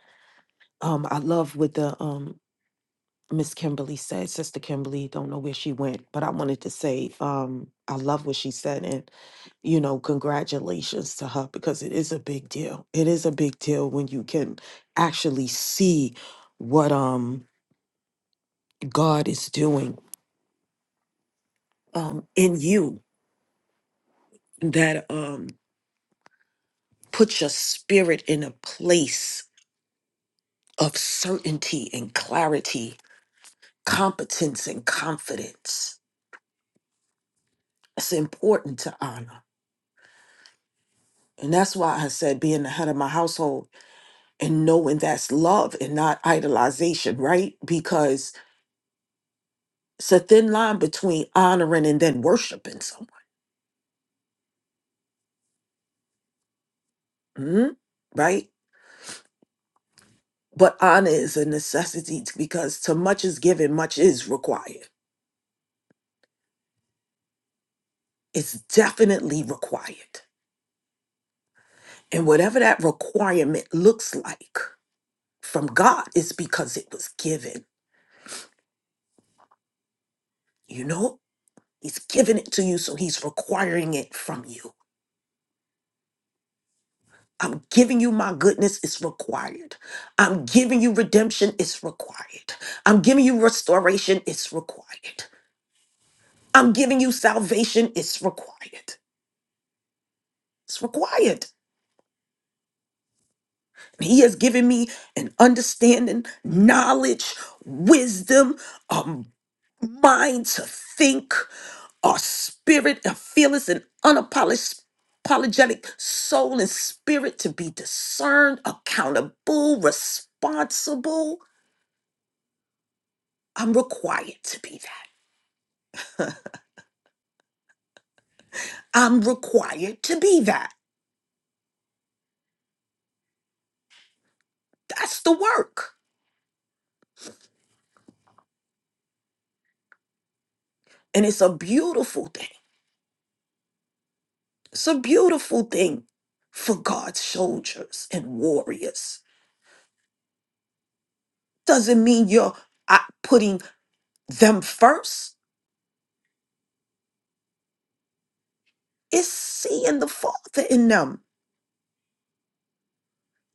S10: um, I love with the um Miss Kimberly said, Sister Kimberly, don't know where she went, but I wanted to say, um, I love what she said, and you know, congratulations to her because it is a big deal. It is a big deal when you can actually see what um God is doing um in you that um puts your spirit in a place of certainty and clarity, competence and confidence. It's important to honor. And that's why I said being the head of my household and knowing that's love and not idolization, right? Because it's a thin line between honoring and then worshiping someone, mhm, right? But honor is a necessity t- because to much is given, much is required. It's definitely required. And whatever that requirement looks like from God, it's because it was given, you know? He's giving it to you, so he's requiring it from you. I'm giving you my goodness, it's required. I'm giving you redemption, it's required. I'm giving you restoration, it's required. I'm giving you salvation, it's required. It's required. And He has given me an understanding, knowledge, wisdom, a mind to think, a spirit, a fearless and unapologetic apologetic soul and spirit to be discerned, accountable, responsible. I'm required to be that. I'm required to be that. That's the work. And it's a beautiful thing. It's a beautiful thing for God's soldiers and warriors. Doesn't mean you're uh, putting them first, it's seeing the Father in them,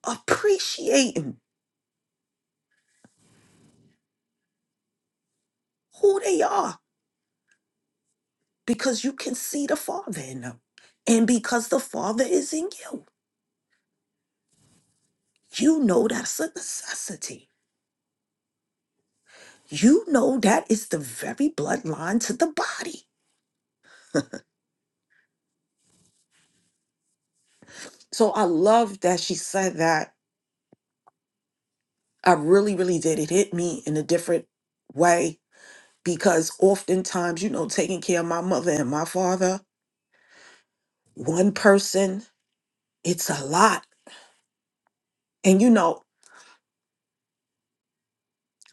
S10: appreciating who they are because you can see the Father in them. And because the Father is in you, you know that's a necessity you know that is the very bloodline to the body. So I love that she said that. I really, really did. It hit me in a different way because oftentimes, you know, taking care of my mother and my father, one person, it's a lot. And, you know,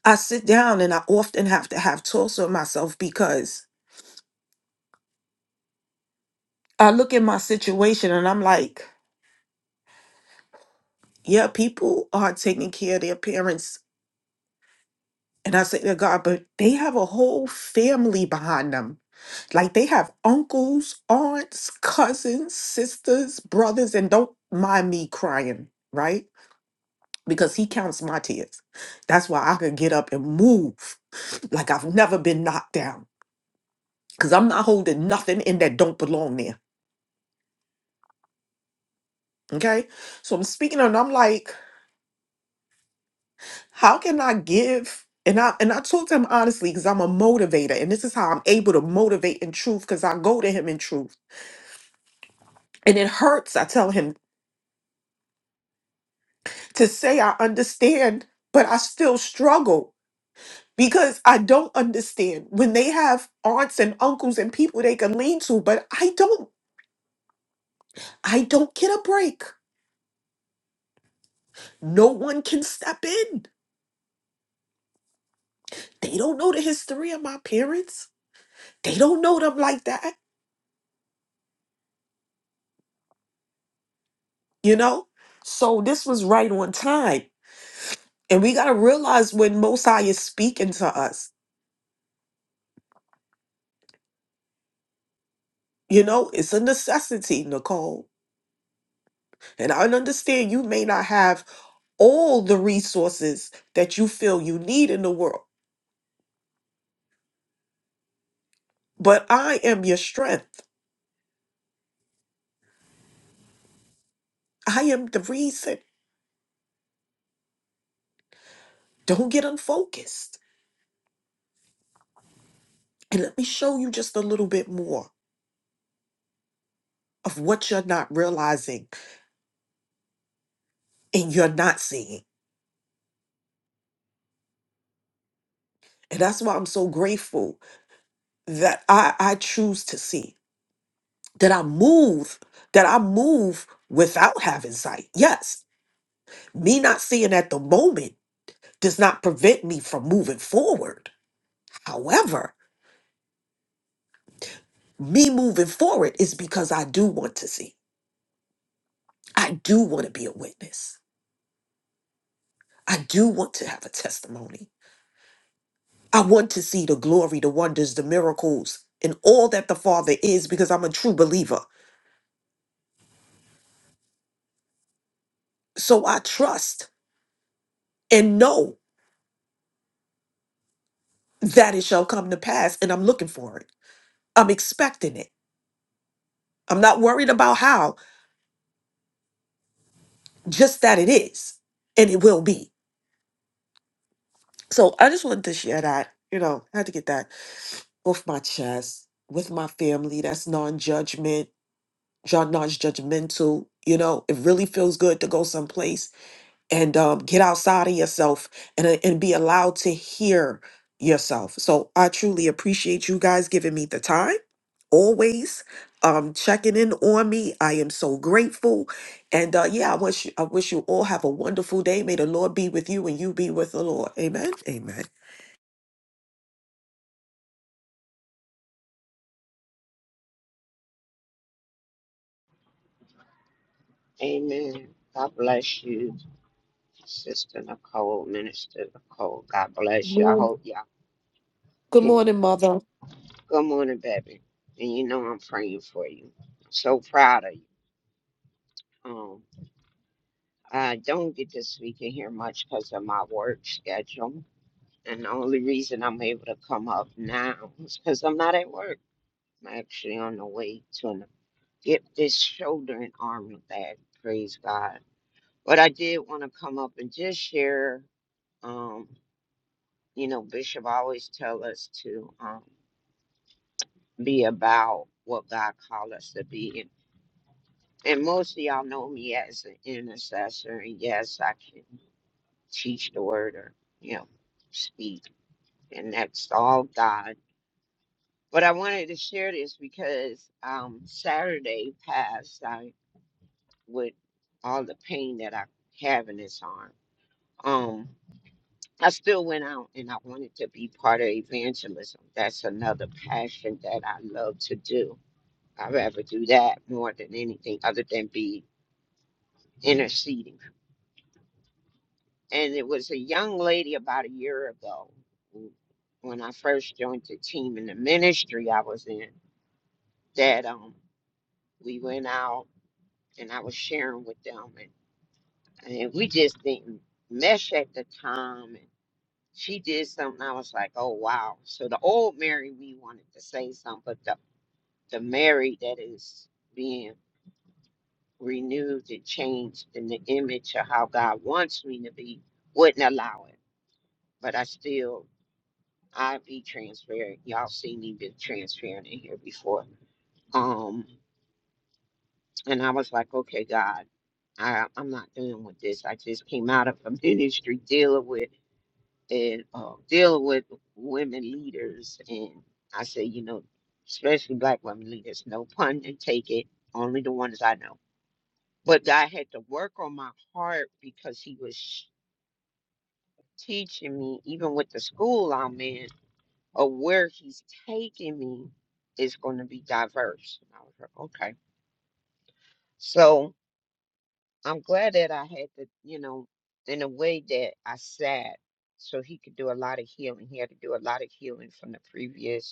S10: I sit down and I often have to have talks with myself because I look at my situation and I'm like, yeah, people are taking care of their parents And I said to God, but they have a whole family behind them. Like they have uncles, aunts, cousins, sisters, brothers, and don't mind me crying, right? Because he counts my tears. That's why I could get up and move like I've never been knocked down. Because I'm not holding nothing in that don't belong there. Okay. So I'm speaking and I'm like, how can I give? And I and I told him honestly because I'm a motivator. And this is how I'm able to motivate in truth because I go to him in truth. And it hurts, I tell him, to say I understand, but I still struggle because I don't understand when they have aunts and uncles and people they can lean to, but I don't. I don't get a break. No one can step in. They don't know the history of my parents. They don't know them like that, you know? So this was right on time. And we got to realize when Most High is speaking to us, you know, it's a necessity, Nicole. And I understand you may not have all the resources that you feel you need in the world. But I am your strength. I am the reason. Don't get unfocused. And let me show you just a little bit more of what you're not realizing and you're not seeing. And that's why I'm so grateful that I, I choose to see, that I move, that I move without having sight. Yes, me not seeing at the moment does not prevent me from moving forward. However, me moving forward is because I do want to see. I do want to be a witness. I do want to have a testimony. I want to see the glory, the wonders, the miracles, and all that the Father is because I'm a true believer. So I trust and know that it shall come to pass, and I'm looking for it. I'm expecting it. I'm not worried about how, just that it is, and it will be. So I just wanted to share that. You know, I had to get that off my chest with my family. That's non judgment Y'all not judgmental. You know, it really feels good to go someplace and um, get outside of yourself and, uh, and be allowed to hear yourself. So I truly appreciate you guys giving me the time, always um, checking in on me. I am so grateful. And uh, yeah, I wish, I wish you all have a wonderful day. May the Lord be with you and you be with the Lord. Amen. Amen.
S11: Amen. God bless you, Sister Nicole, Minister Nicole. God
S10: Good
S11: bless you. I
S10: morning,
S11: hope y'all
S10: Good
S11: can.
S10: morning, Mother.
S11: Good morning, baby. And you know I'm praying for you. I'm so proud of you. Um, I don't get to speak in here much because of my work schedule. And the only reason I'm able to come up now is because I'm not at work. I'm actually on the way to an, get this shoulder and arm back. Praise God. But I did want to come up and just share. Um. you know, Bishop always tell us to um, be about what God called us to be. And, and most of y'all know me as an intercessor. And yes, I can teach the word or, you know, speak. And that's all God. But I wanted to share this because um, Saturday passed I, with all the pain that I have in this arm. Um, I still went out and I wanted to be part of evangelism. That's another passion that I love to do I'd rather do that more than anything other than be interceding. And it was a young lady about a year ago who- when I first joined the team in the ministry I was in that um we went out and I was sharing with them and, and we just didn't mesh at the time and she did something I was like, Oh wow. So the old Mary we wanted to say something, but the the Mary that is being renewed and changed in the image of how God wants me to be, wouldn't allow it. But I still, I be transparent. Y'all seen me be transparent in here before. Um, and I was like, okay, God, I, I'm not dealing with this. I just came out of a ministry dealing with and uh, dealing with women leaders, and I say, you know, especially black women leaders, no pun and take it. Only the ones I know But I had to work on my heart because he was sh- teaching me, even with the school I'm in, of where he's taking me is going to be diverse. And I was like, okay. So I'm glad that I had to, you know, in a way that I sat so he could do a lot of healing. He had to do a lot of healing from the previous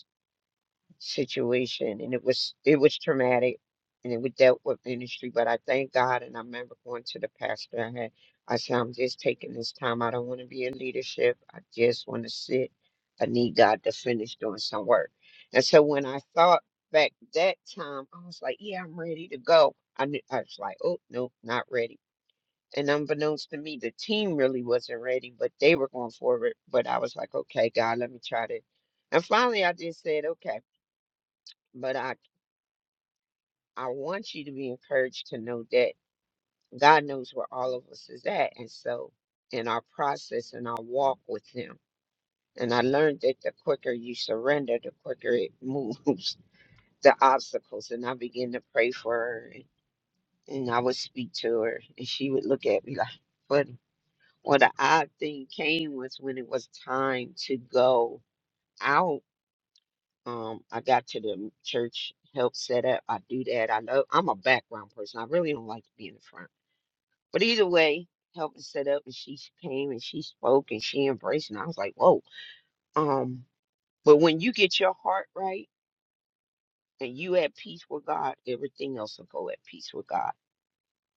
S11: situation and it was it was traumatic and it was dealt with ministry but i thank god and i remember going to the pastor i had i said i'm just taking this time i don't want to be in leadership i just want to sit i need god to finish doing some work and so when i thought back that time i was like yeah i'm ready to go i, knew, I was like oh no not ready and unbeknownst to me the team really wasn't ready but they were going forward but i was like okay god let me try this and finally i just said okay but I I want you to be encouraged to know that God knows where all of us is at. And so in our process and our walk with Him. And I learned that the quicker you surrender, the quicker it moves the obstacles. And I began to pray for her and, and I would speak to her and she would look at me like, but what the odd thing came was when it was time to go out, um, I got to the church help set up. I do that. I know I'm a background person. I really don't like to be in the front. But either way, helping set up and she came and she spoke and she embraced and I was like, whoa. Um, but when you get your heart right and you at peace with God, everything else will go at peace with God.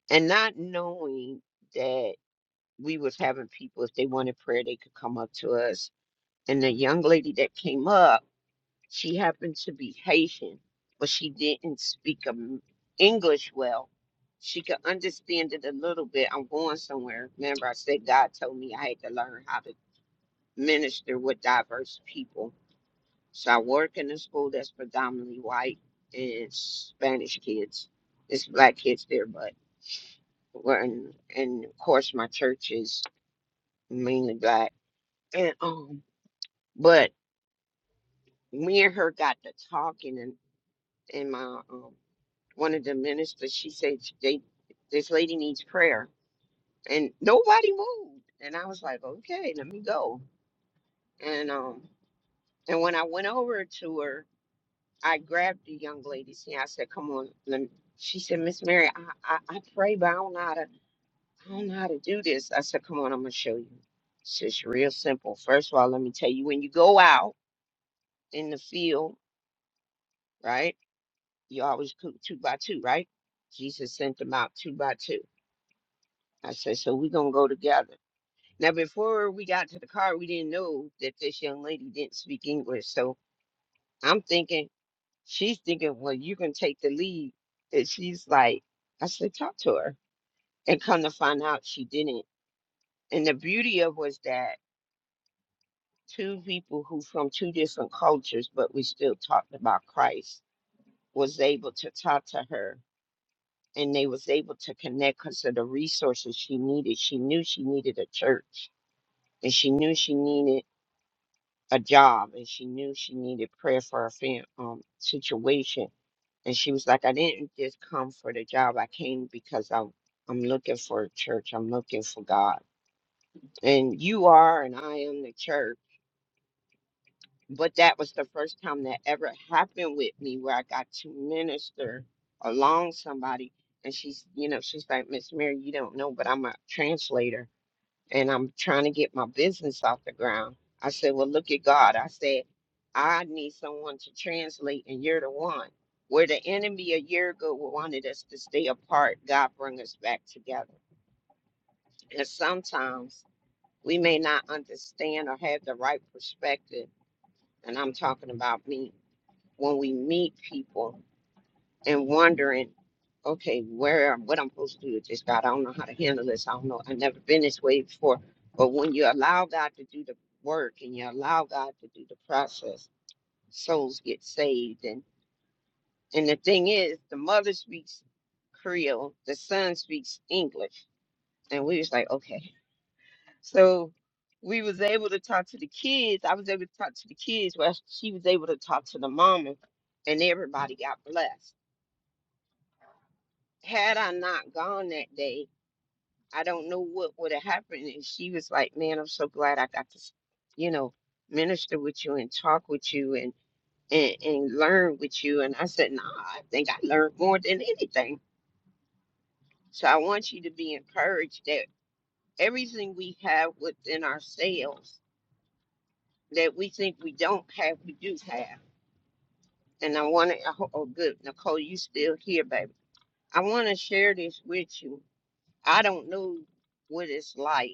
S11: And not knowing that we was having people, if they wanted prayer, they could come up to us. And the young lady that came up She happened to be Haitian, but she didn't speak um, English well. She could understand it a little bit. I'm going somewhere. Remember, I said God told me I had to learn how to minister with diverse people. So I work in a school that's predominantly white and Spanish kids. It's black kids there, but we're in, and of course my church is mainly black. And um, but me and her got to talking and in my um one of the ministers, she said they this lady needs prayer, and nobody moved. And I was like, okay, let me go. And um, and when I went over to her, I grabbed the young lady's hand. I said, come on. Let me. She said, Miss Mary, I, I I pray, but I don't know how to I don't know how to do this. I said, come on, I'm gonna show you. It's just real simple. First of all, let me tell you, when you go out in the field, right? You always cook two by two, right? Jesus sent them out two by two. I said, so we're gonna go together. Now, before we got to the car, we didn't know that this young lady didn't speak English. So I'm thinking, she's thinking, well, you can take the lead. And she's like, I said, talk to her. And come to find out, she didn't. And the beauty of was that two people who from two different cultures, but we still talked about Christ, was able to talk to her. And they was able to connect because of the resources she needed. She knew she needed a church, and she knew she needed a job and she knew she needed prayer for her fam- um, situation. And she was like, I didn't just come for the job. I came because I'm, I'm looking for a church. I'm looking for God. And you are, and I am the church. But that was the first time that ever happened with me where I got to minister along somebody. And she's, you know, she's like, Miss Mary, you don't know, but I'm a translator and I'm trying to get my business off the ground. I said, Well, look at God. I said, I need someone to translate, and you're the one. Where the enemy a year ago wanted us to stay apart, God bring us back together. And sometimes we may not understand or have the right perspective. And I'm talking about me. When we meet people and wondering, okay, where what I'm supposed to do with this God. I don't know how to handle this. I don't know. I've never been this way before. But when you allow God to do the work and you allow God to do the process, souls get saved. And and the thing is, the mother speaks Creole, the son speaks English. And we was like, okay. So we was able to talk to the kids. I was able to talk to the kids while she was able to talk to the mama and everybody got blessed. Had I not gone that day, I don't know what would have happened. And she was like, Man, I'm so glad I got to, s- you know, minister with you and talk with you and, and, and learn with you. And I said, Nah, I think I learned more than anything. So I want you to be encouraged that everything we have within ourselves that we think we don't have, we do have. And I want to, oh, good. Nicole, you still here, baby. I want to share this with you. I don't know what it's like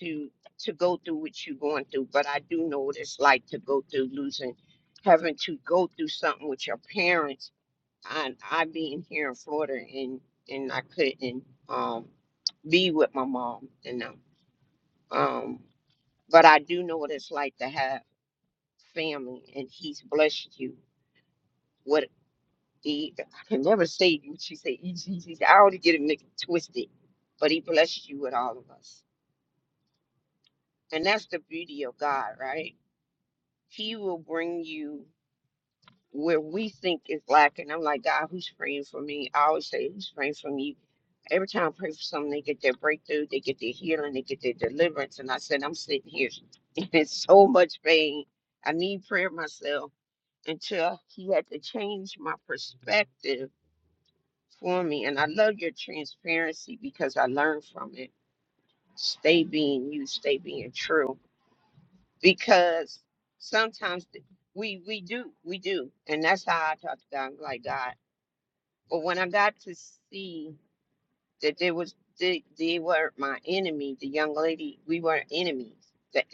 S11: to to go through what you're going through, but I do know what it's like to go through losing, having to go through something with your parents. I I being here in Florida and and I couldn't um be with my mom you know. Um, but I do know what it's like to have family, and he's blessed you. What he I can never say what she said. He, he, he, I already get it mixed- twisted, but he blessed you with all of us, and that's the beauty of God, right? He will bring you where we think is lacking. I'm like, God, who's praying for me? I always say, who's praying for me? Every time I pray for someone, they get their breakthrough, they get their healing, they get their deliverance. And I said, I'm sitting here in so much pain. I need prayer myself until he had to change my perspective for me. And I love your transparency because I learned from it. Stay being you, stay being true because sometimes th- we we do we do and that's how i talk to god I'm like god but when i got to see that there was they, they were my enemy the young lady we were enemies that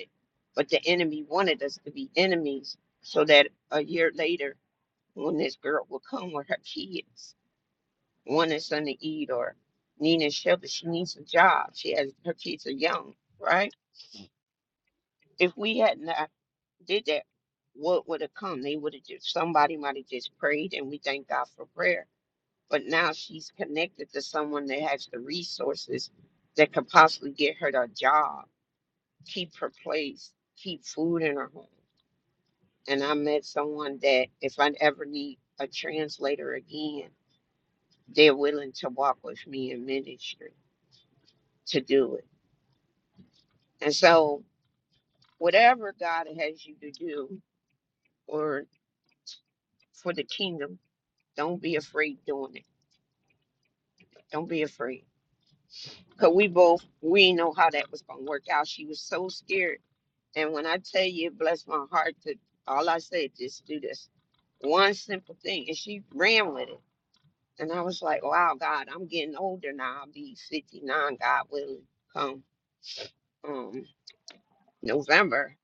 S11: but the enemy wanted us to be enemies so that a year later when this girl would come with her kids one is son to eat or nina shelter she needs a job she has her kids are young right if we hadn't did that, what would have come? They would have just somebody might have just prayed, and we thank God for prayer. But now she's connected to someone that has the resources that could possibly get her a job, keep her place, keep food in her home. And I met someone that if I ever need a translator again, they're willing to walk with me in ministry to do it. And so, whatever God has you to do, or for the kingdom, don't be afraid doing it. Don't be afraid Cause we both we didn't know how that was gonna work out. She was so scared. And when I tell you it blessed my heart to all I said, just do this. One simple thing. And she ran with it. And I was like, Wow, God, I'm getting older now. I'll be fifty nine, God willing, come um November.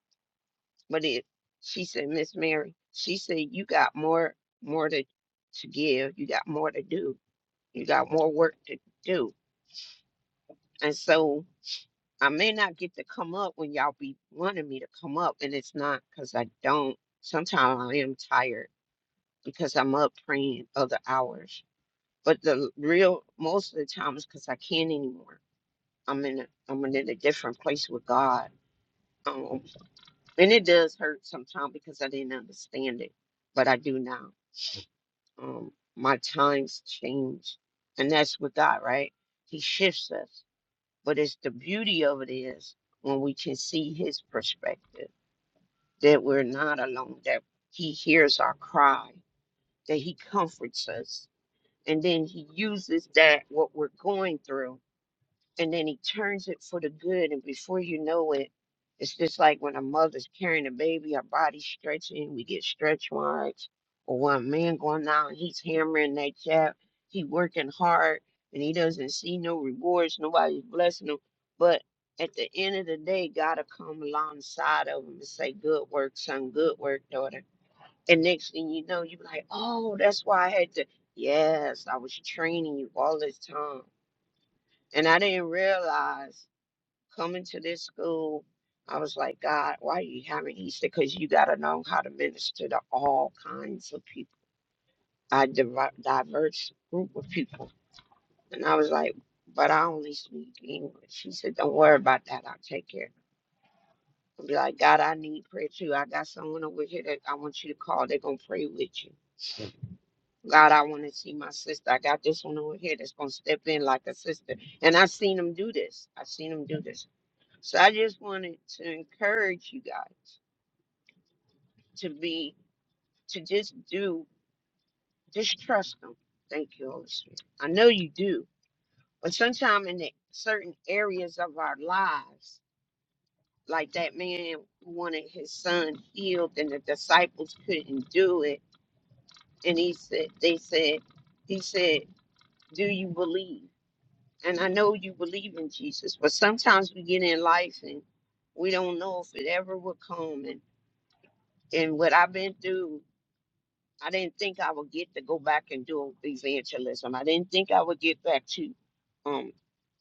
S11: But it she said, Miss Mary, she said, You got more more to to give, you got more to do, you got more work to do. And so I may not get to come up when y'all be wanting me to come up, and it's not because I don't. Sometimes I am tired because I'm up praying other hours. But the real most of the time is because I can't anymore. I'm in a I'm in a different place with God. Um, and it does hurt sometimes because I didn't understand it, but I do now. Um, my times change, and that's with God, right? He shifts us, but it's the beauty of it is when we can see His perspective that we're not alone, that He hears our cry, that He comforts us. And then He uses that, what we're going through and then he turns it for the good and before you know it it's just like when a mother's carrying a baby our body's stretching we get stretch marks or one man going out and he's hammering that jab he working hard and he doesn't see no rewards nobody's blessing him but at the end of the day gotta come alongside of him and say good work son good work daughter and next thing you know you're like oh that's why i had to yes i was training you all this time and i didn't realize coming to this school, I was like, God, why are you having Easter? Because you got to know how to minister to all kinds of people, a diver- diverse group of people. And I was like, but I only speak English. She said, don't worry about that. I'll take care. of it. I'll be like, God, I need prayer too. I got someone over here that I want you to call. They're going to pray with you. God, I want to see my sister. I got this one over here that's going to step in like a sister. And I've seen them do this. I've seen them do this. So I just wanted to encourage you guys. to be to just do just trust him. Thank you, Holy Spirit. I know you do, but sometimes in the certain areas of our lives, like that man who wanted his son healed, and the disciples couldn't do it, and he said, they said, he said, do you believe? And I know you believe in Jesus, but sometimes we get in life and we don't know if it ever will come. And and what I've been through I didn't think I would get to go back and do evangelism. I didn't think I would get back to um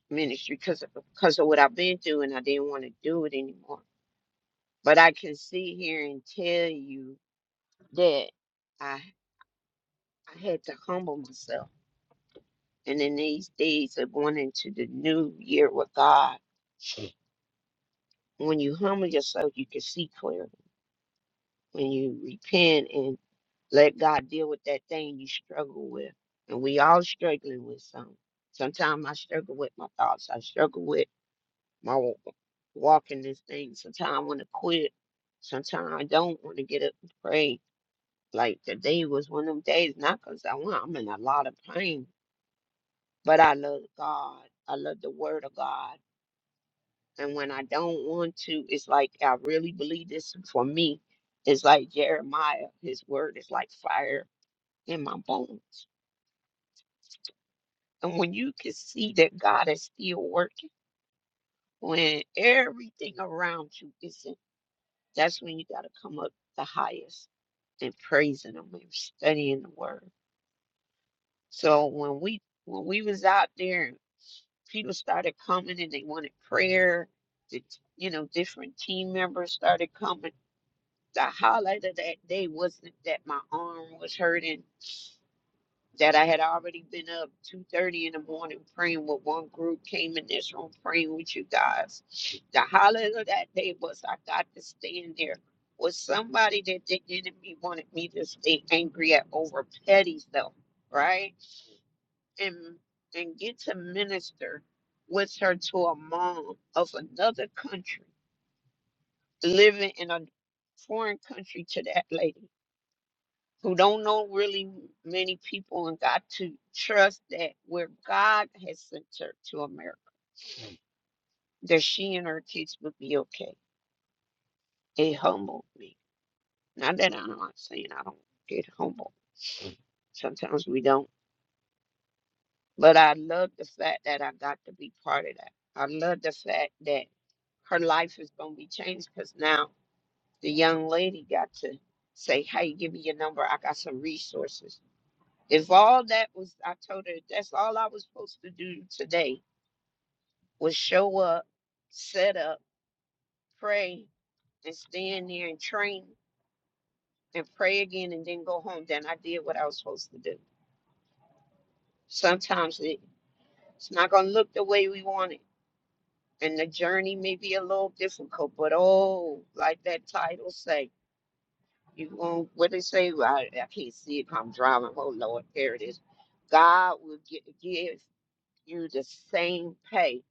S11: ministry because of, because of what I've been through, and I didn't want to do it anymore. But I can sit here and tell you that I I had to humble myself. And in these days of going into the new year with God, when you humble yourself, you can see clearly. When you repent and Let God deal with that thing you struggle with. And we all struggling with something. Sometimes I struggle with my thoughts. I struggle with my wa- walk this thing. Sometimes I want to quit. Sometimes I don't want to get up and pray. Like today was one of them days, not because I want, I'm in a lot of pain, but I love God. I love the word of God. And when I don't want to, it's like I really believe this for me. It's like Jeremiah, his word is like fire in my bones. And when you can see that God is still working, when everything around you isn't, that's when you got to come up the highest and praising Him and studying the Word. So when we when we was out there, and people started coming and they wanted prayer. The, you know, different team members started coming. The highlight of that day wasn't that my arm was hurting that I had already been up two thirty in the morning praying with one group, came in this room praying with you guys. The highlight of that day was I got to stand there with somebody that the enemy wanted me to stay angry at over petty stuff, right? And and get to minister with her to a mom of another country living in a foreign country to that lady who don't know really many people and got to trust that where God has sent her to America, that she and her kids would be okay. It humbled me. Not that I'm not saying I don't get humbled. Sometimes we don't. But I love the fact that I got to be part of that. I love the fact that her life is going to be changed because now the young lady got to say, hey, give me your number. I got some resources. If all that was, I told her, that's all I was supposed to do today would show up, set up, pray, and stand there and train and pray again and then go home. Then I did what I was supposed to do. Sometimes it, it's not going to look the way we want it. And the journey may be a little difficult, but oh, like that title say, you going what they say, I, I can't see it 'cause I'm driving. Oh Lord, there it is. God will gi- give you the same pay.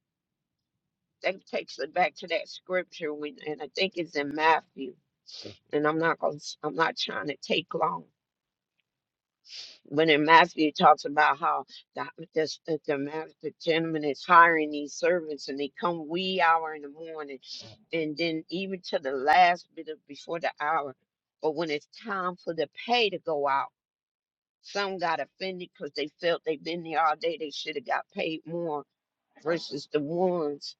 S11: That takes it back to that scripture when, and I think it's in Matthew and I'm not going. to I'm not trying to take long. When in Matthew, it talks about how the this, the, the ma- the gentleman is hiring these servants, and they come wee hour in the morning, and then even to the last bit of before the hour. But when it's time for the pay to go out, some got offended because they felt they've been there all day. They should have got paid more versus the ones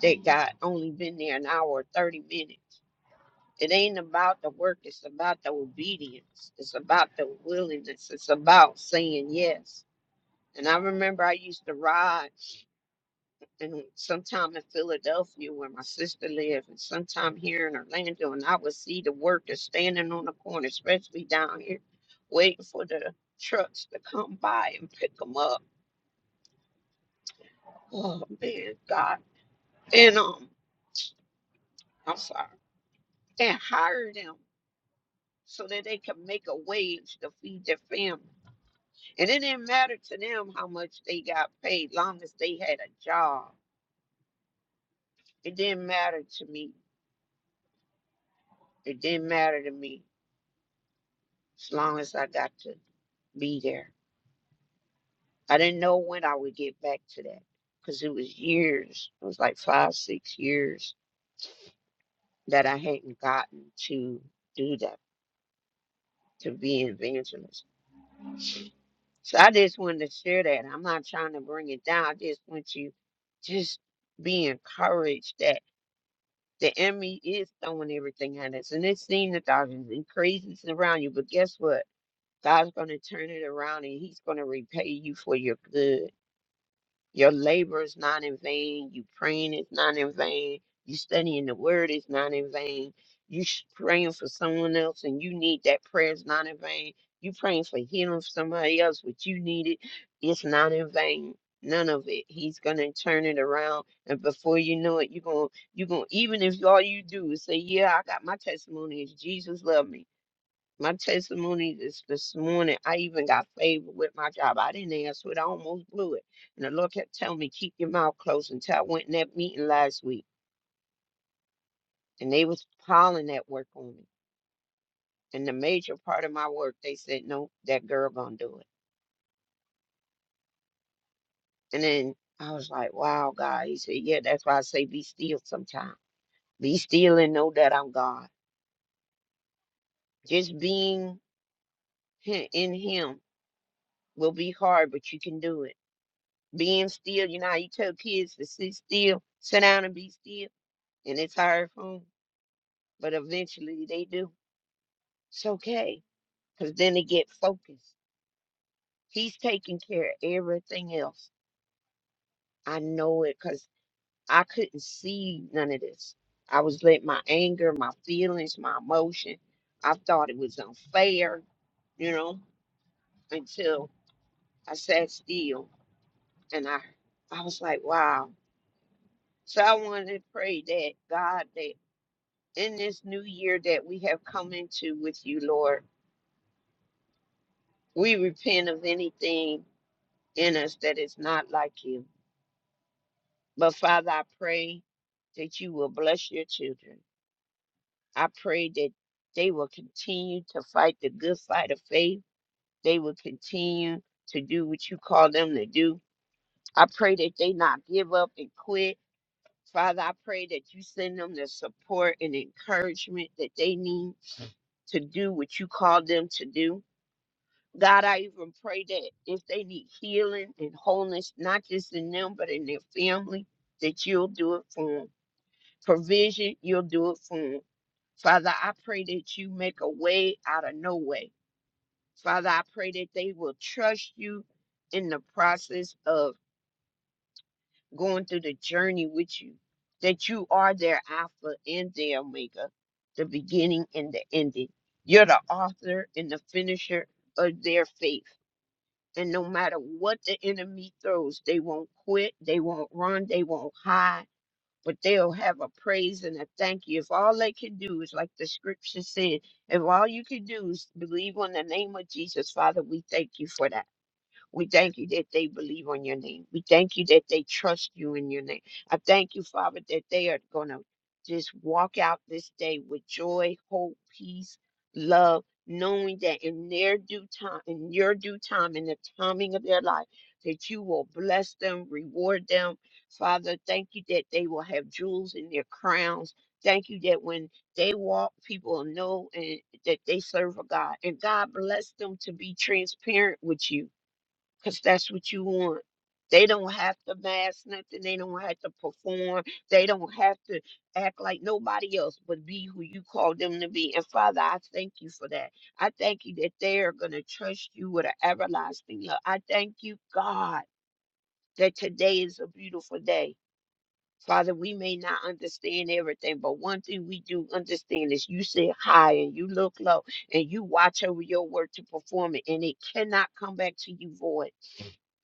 S11: that got only been there an hour or thirty minutes. It ain't about the work, it's about the obedience. It's about the willingness. It's about saying yes. And I remember I used to ride and sometime in Philadelphia where my sister lived, and sometime here in Orlando, and I would see the workers standing on the corner, especially down here, waiting for the trucks to come by and pick them up. Oh man, God. And um, I'm sorry. And hire them so that they can make a wage to feed their family. And it didn't matter to them how much they got paid, long as they had a job. It didn't matter to me. It didn't matter to me as long as I got to be there. I didn't know when I would get back to that because it was years. It was like five, six years that I hadn't gotten to do that, to be an evangelist. So I just wanted to share that. I'm not trying to bring it down. I just want you just be encouraged that. The enemy is throwing everything at us, and it seems that there's and craziness around you. But guess what? God's going to turn it around, and He's going to repay you for your good. Your labor is not in vain. You praying is not in vain. You studying the word is not in vain. You sh- praying for someone else and you need that prayer is not in vain. You praying for healing for somebody else, which you needed, it's not in vain. None of it. He's gonna turn it around, and before you know it, you're gonna you're gonna even if all you do is say, "Yeah, I got my testimony is Jesus loved me." My testimony is this morning. I even got favored with my job. I didn't ask for it. I almost blew it. And the Lord kept telling me, keep your mouth closed until I went in that meeting last week. And they was piling that work on me. And the major part of my work, they said, no, that girl gonna do it. And then I was like, wow, God. He said, yeah, that's why I say be still sometimes. Be still and know that I'm God. Just being hi- in Him will be hard, but you can do it. being still. You know how you tell kids to sit still, sit down and be still, and it's hard for them, but eventually they do. It's okay, because then they get focused. He's taking care of everything else. I know it because I couldn't see none of this. I was letting my anger, my feelings, my emotion, I thought it was unfair, you know, until I sat still and I I was like, wow. So I wanted to pray that God that in this new year that we have come into with you, Lord. We repent of anything in us that is not like you. But Father, I pray that you will bless your children. I pray that they will continue to fight the good fight of faith. They will continue to do what you call them to do. I pray that they not give up and quit. Father, I pray that you send them the support and encouragement that they need to do what you call them to do. God, I even pray that if they need healing and wholeness, not just in them, but in their family, that you'll do it for them. Provision, you'll do it for them. Father, I pray that you make a way out of no way. Father, I pray that they will trust you in the process of going through the journey with you, that you are their Alpha and their Omega, the beginning and the ending. You're the author and the finisher of their faith. And no matter what the enemy throws, they won't quit, they won't run, they won't hide, but they'll have a praise and a thank you. If all they can do is, like the scripture said, if all you can do is believe on the name of Jesus, Father, we thank you for that. We thank you that they believe on your name. We thank you that they trust you in your name. I thank you, Father, that they are going to just walk out this day with joy, hope, peace, love, knowing that in their due time, in your due time, in the timing of their life, that you will bless them, reward them. Father, thank you that they will have jewels in their crowns. Thank you that when they walk, people will know and that they serve a God. And God bless them to be transparent with you because that's what you want. They don't have to mask nothing. They don't have to perform. They don't have to act like nobody else, but be who you call them to be. And Father, I thank you for that. I thank you that they are going to trust you with an everlasting love. I thank you, God, that today is a beautiful day. Father, we may not understand everything, but one thing we do understand is you sit high and you look low and you watch over your work to perform it, and it cannot come back to you void.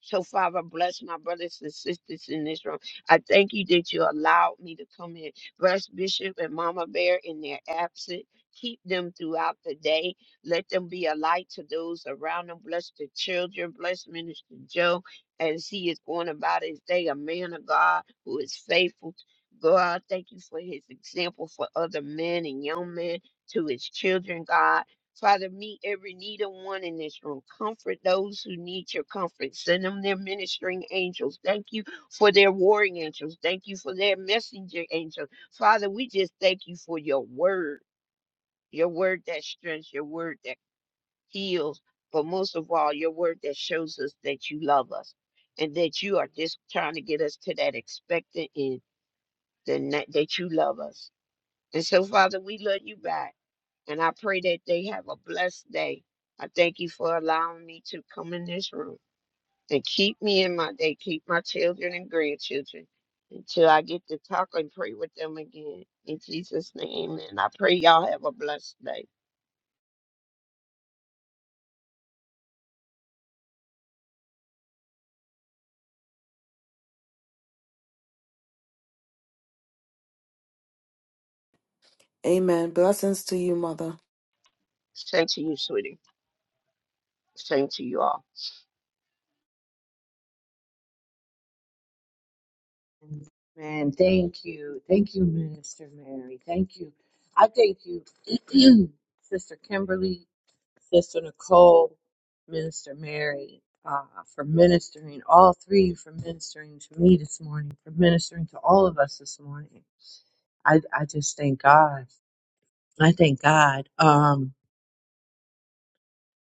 S11: So, Father, bless my brothers and sisters in this room. I thank you that you allowed me to come in. Bless Bishop and Mama Bear in their absence. Keep them throughout the day. Let them be a light to those around them. Bless the children. Bless Minister Joe as he is going about his day, a man of God who is faithful. God, thank you for his example for other men and young men to his children, God. Father, meet every need of one in this room. Comfort those who need your comfort. Send them their ministering angels. Thank you for their warring angels. Thank you for their messenger angels. Father, we just thank you for your word, your word that strengthens, your word that heals, but most of all, your word that shows us that you love us and that you are just trying to get us to that expectant end, the na- that you love us. And so, Father, we love you back. And I pray that they have a blessed day. I thank you for allowing me to come in this room and keep me in my day, keep my children and grandchildren until I get to talk and pray with them again. In Jesus' name, and I pray y'all have a blessed day.
S10: Amen. Blessings to you, Mother.
S11: Same to you, sweetie. Same to you all.
S6: Man, thank you. Thank you, Minister Mary. Thank you. I thank you, Sister Kimberly, Sister Nicole, Minister Mary, uh, for ministering, all three for ministering to me this morning, for ministering to all of us this morning. I, I just thank God. I thank God. Um,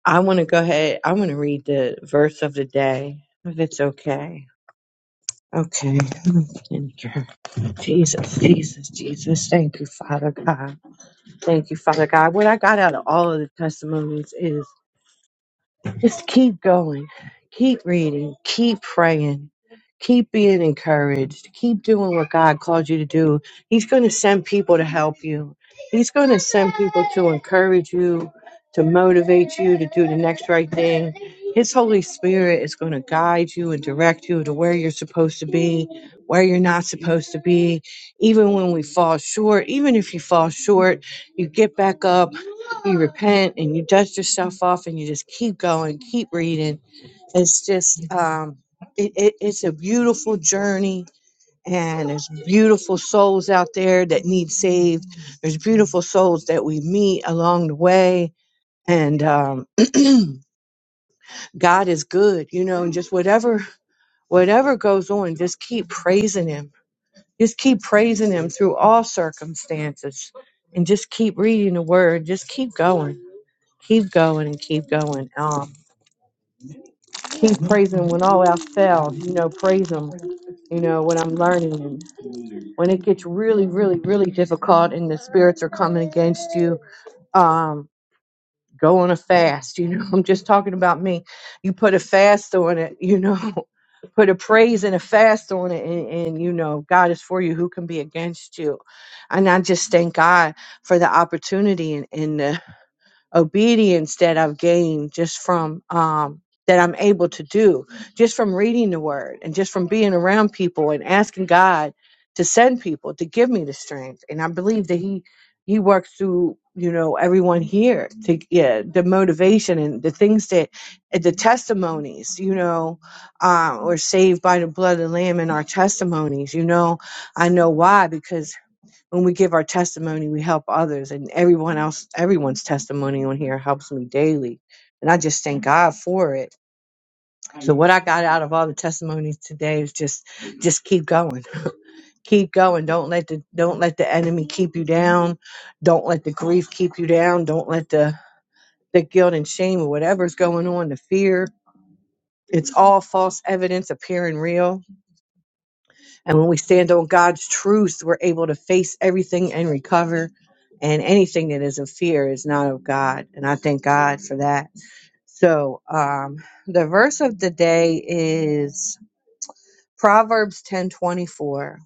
S6: I want to go ahead. I want to read the verse of the day, if it's okay. Okay. Thank you. Jesus, Jesus, Jesus. Thank you, Father God. Thank you, Father God. What I got out of all of the testimonies is. Just keep going. Keep reading. Keep praying. Keep being encouraged. Keep doing what God called you to do. He's going to send people to help you. He's going to send people to encourage you, to motivate you to do the next right thing. His Holy Spirit is going to guide you and direct you to where you're supposed to be, where you're not supposed to be. Even when we fall short, even if you fall short, you get back up you repent and you dust yourself off and you just keep going, keep reading. It's just, um, it, it, it's a beautiful journey and there's beautiful souls out there that need saved. There's beautiful souls that we meet along the way and, um, God is good, you know, and just whatever, whatever goes on, just keep praising him. Just keep praising him through all circumstances and just keep reading the word. Just keep going, keep going and keep going. Um, keep praising when all else fails. You know, praise Him. You know, when I'm learning, and when it gets really, really, really difficult, and the spirits are coming against you, um, go on a fast. You know, I'm just talking about me. You put a fast on it. You know, put a praise and a fast on it, and, and you know, God is for you. Who can be against you? And I just thank God for the opportunity and, and the obedience that I've gained just from um, that I'm able to do just from reading the word and just from being around people and asking God to send people to give me the strength. And I believe that He He works through you know everyone here to yeah the motivation and the things that the testimonies you know um, we're saved by the blood of the lamb and our testimonies you know i know why because when we give our testimony, we help others, and everyone else, everyone's testimony on here helps me daily. And I just thank God for it. So what I got out of all the testimonies today is just, just keep going, keep going. Don't let the, don't let the enemy keep you down. Don't let the grief keep you down. Don't let the, the guilt and shame or whatever's going on, the fear. It's all false evidence appearing real And when we stand on God's truth, we're able to face everything and recover. And anything that is of fear is not of God. And I thank God for that. So um, the verse of the day is Proverbs ten twenty four.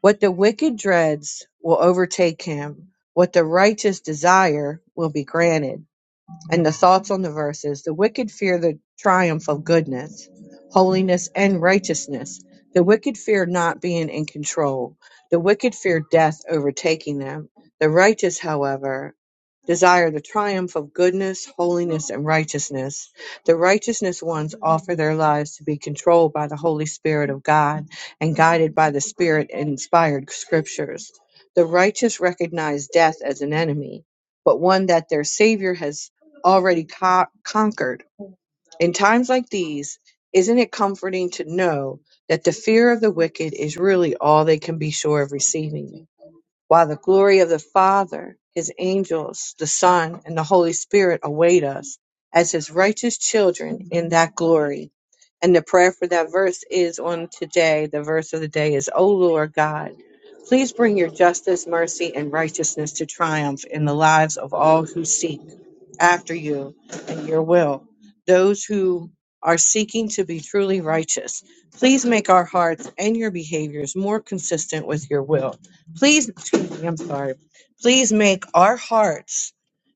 S6: What the wicked dreads will overtake him. What the righteous desire will be granted and the thoughts on the verses. The wicked fear the triumph of goodness, holiness, and righteousness. The wicked fear not being in control. The wicked fear death overtaking them. The righteous, however, desire the triumph of goodness, holiness, and righteousness. The righteousness ones offer their lives to be controlled by the Holy Spirit of God and guided by the Spirit inspired scriptures. The righteous recognize death as an enemy, but one that their Savior has already co- conquered. In times like these, isn't it comforting to know that the fear of the wicked is really all they can be sure of receiving? while the glory of the Father, his angels, the Son, and the Holy Spirit await us as his righteous children in that glory. And the prayer for that verse is on today. The verse of the day is, O Lord God, please bring your justice, mercy, and righteousness to triumph in the lives of all who seek after you and your will, those who are seeking to be truly righteous. Please make our hearts and your behaviors more consistent with your will Please, excuse me, I'm sorry. Please make our hearts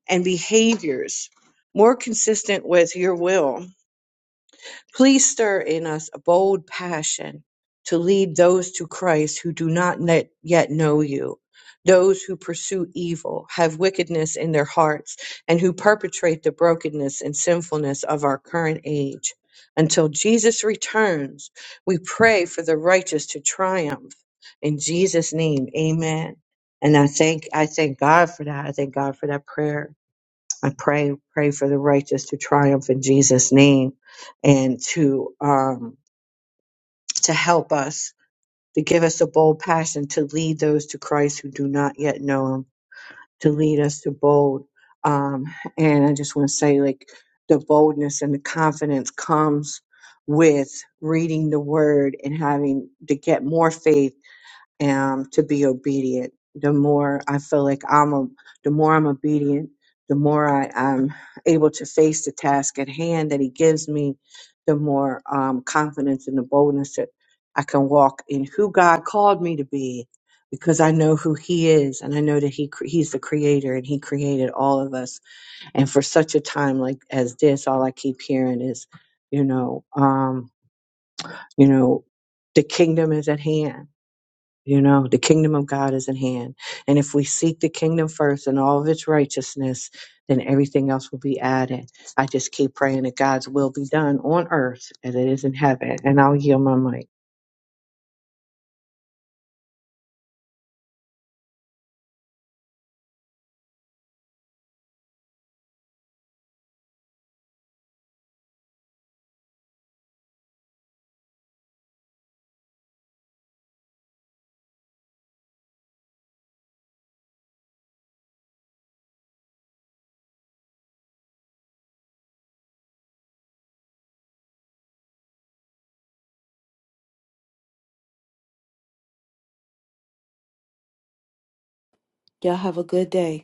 S6: and behaviors more consistent with your will. Please stir in us a bold passion to lead those to Christ who do not net- yet know you, those who pursue evil, have wickedness in their hearts, and who perpetrate the brokenness and sinfulness of our current age. Until Jesus returns, we pray for the righteous to triumph. In Jesus' name, amen. And I thank I thank God for that. I thank God for that prayer. I pray pray for the righteous to triumph in Jesus' name, and to um, to help us to give us a bold passion to lead those to Christ who do not yet know Him, to lead us to bold. Um, and I just want to say, like the boldness and the confidence comes with reading the Word and having to get more faith um, to be obedient. The more I feel like I'm, a, the more I'm obedient, the more I, I'm able to face the task at hand that He gives me, the more um, confidence and the boldness that I can walk in who God called me to be, because I know who He is, and I know that He cre- He's the Creator, and He created all of us. And for such a time like as this, all I keep hearing is, you know, um, you know, the kingdom is at hand you know, the kingdom of God is at hand. And if we seek the kingdom first and all of its righteousness, then everything else will be added. I just keep praying that God's will be done on earth as it is in heaven. And I'll yield my mic.
S10: Hey.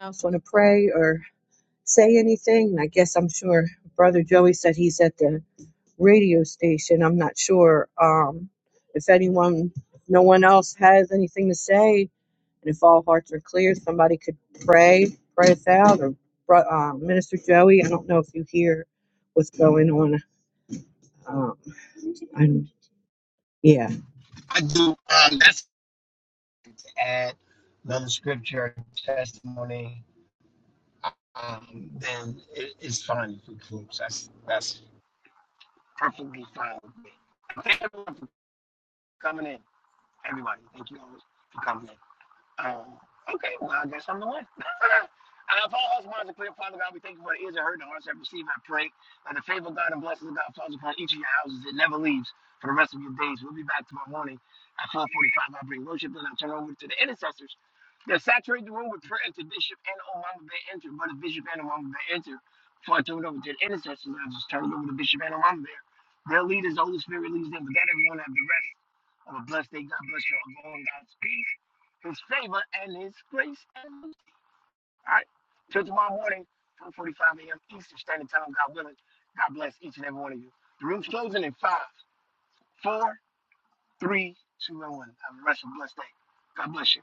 S6: else want to pray or say anything? I guess I'm sure Brother Joey said he's at the radio station. I'm not sure um, if anyone, no one else has anything to say. And if all hearts are clear, somebody could pray, pray us out, or uh, Minister Joey. I don't know if you hear what's going on. Um, i yeah.
S9: I do. Um, that's add another scripture testimony. Um, then it, it's fine if we close. That's that's perfectly fine with me. Thank everyone for coming in. Everybody, thank you all for coming in. Um, okay, well, I guess I'm the one. Our Father, who art in clear, Father God, we thank you for the ears and heard, the hearts that receive. I pray that the favor of God and blessings of God falls upon each of your houses. It never leaves for the rest of your days. We'll be back tomorrow morning at 445. I bring worship, then I turn over to the intercessors. They'll saturate the room with prayer until Bishop and Omama bear enter. Brother Bishop and Omama bear enter. Before I turn it over to the intercessors, I'll just turn it over to Bishop and Omama Bay. Their leaders, the Holy Spirit leads them. But that everyone have the rest of a blessed day. God bless you all. Go in God's peace his favor and his grace. all right. Till tomorrow morning, 4:45 a.m. Eastern Standard Time. God willing. God bless each and every one of you. The room's closing in five, four, three, two, and one. Have a rest blessed day. God bless you.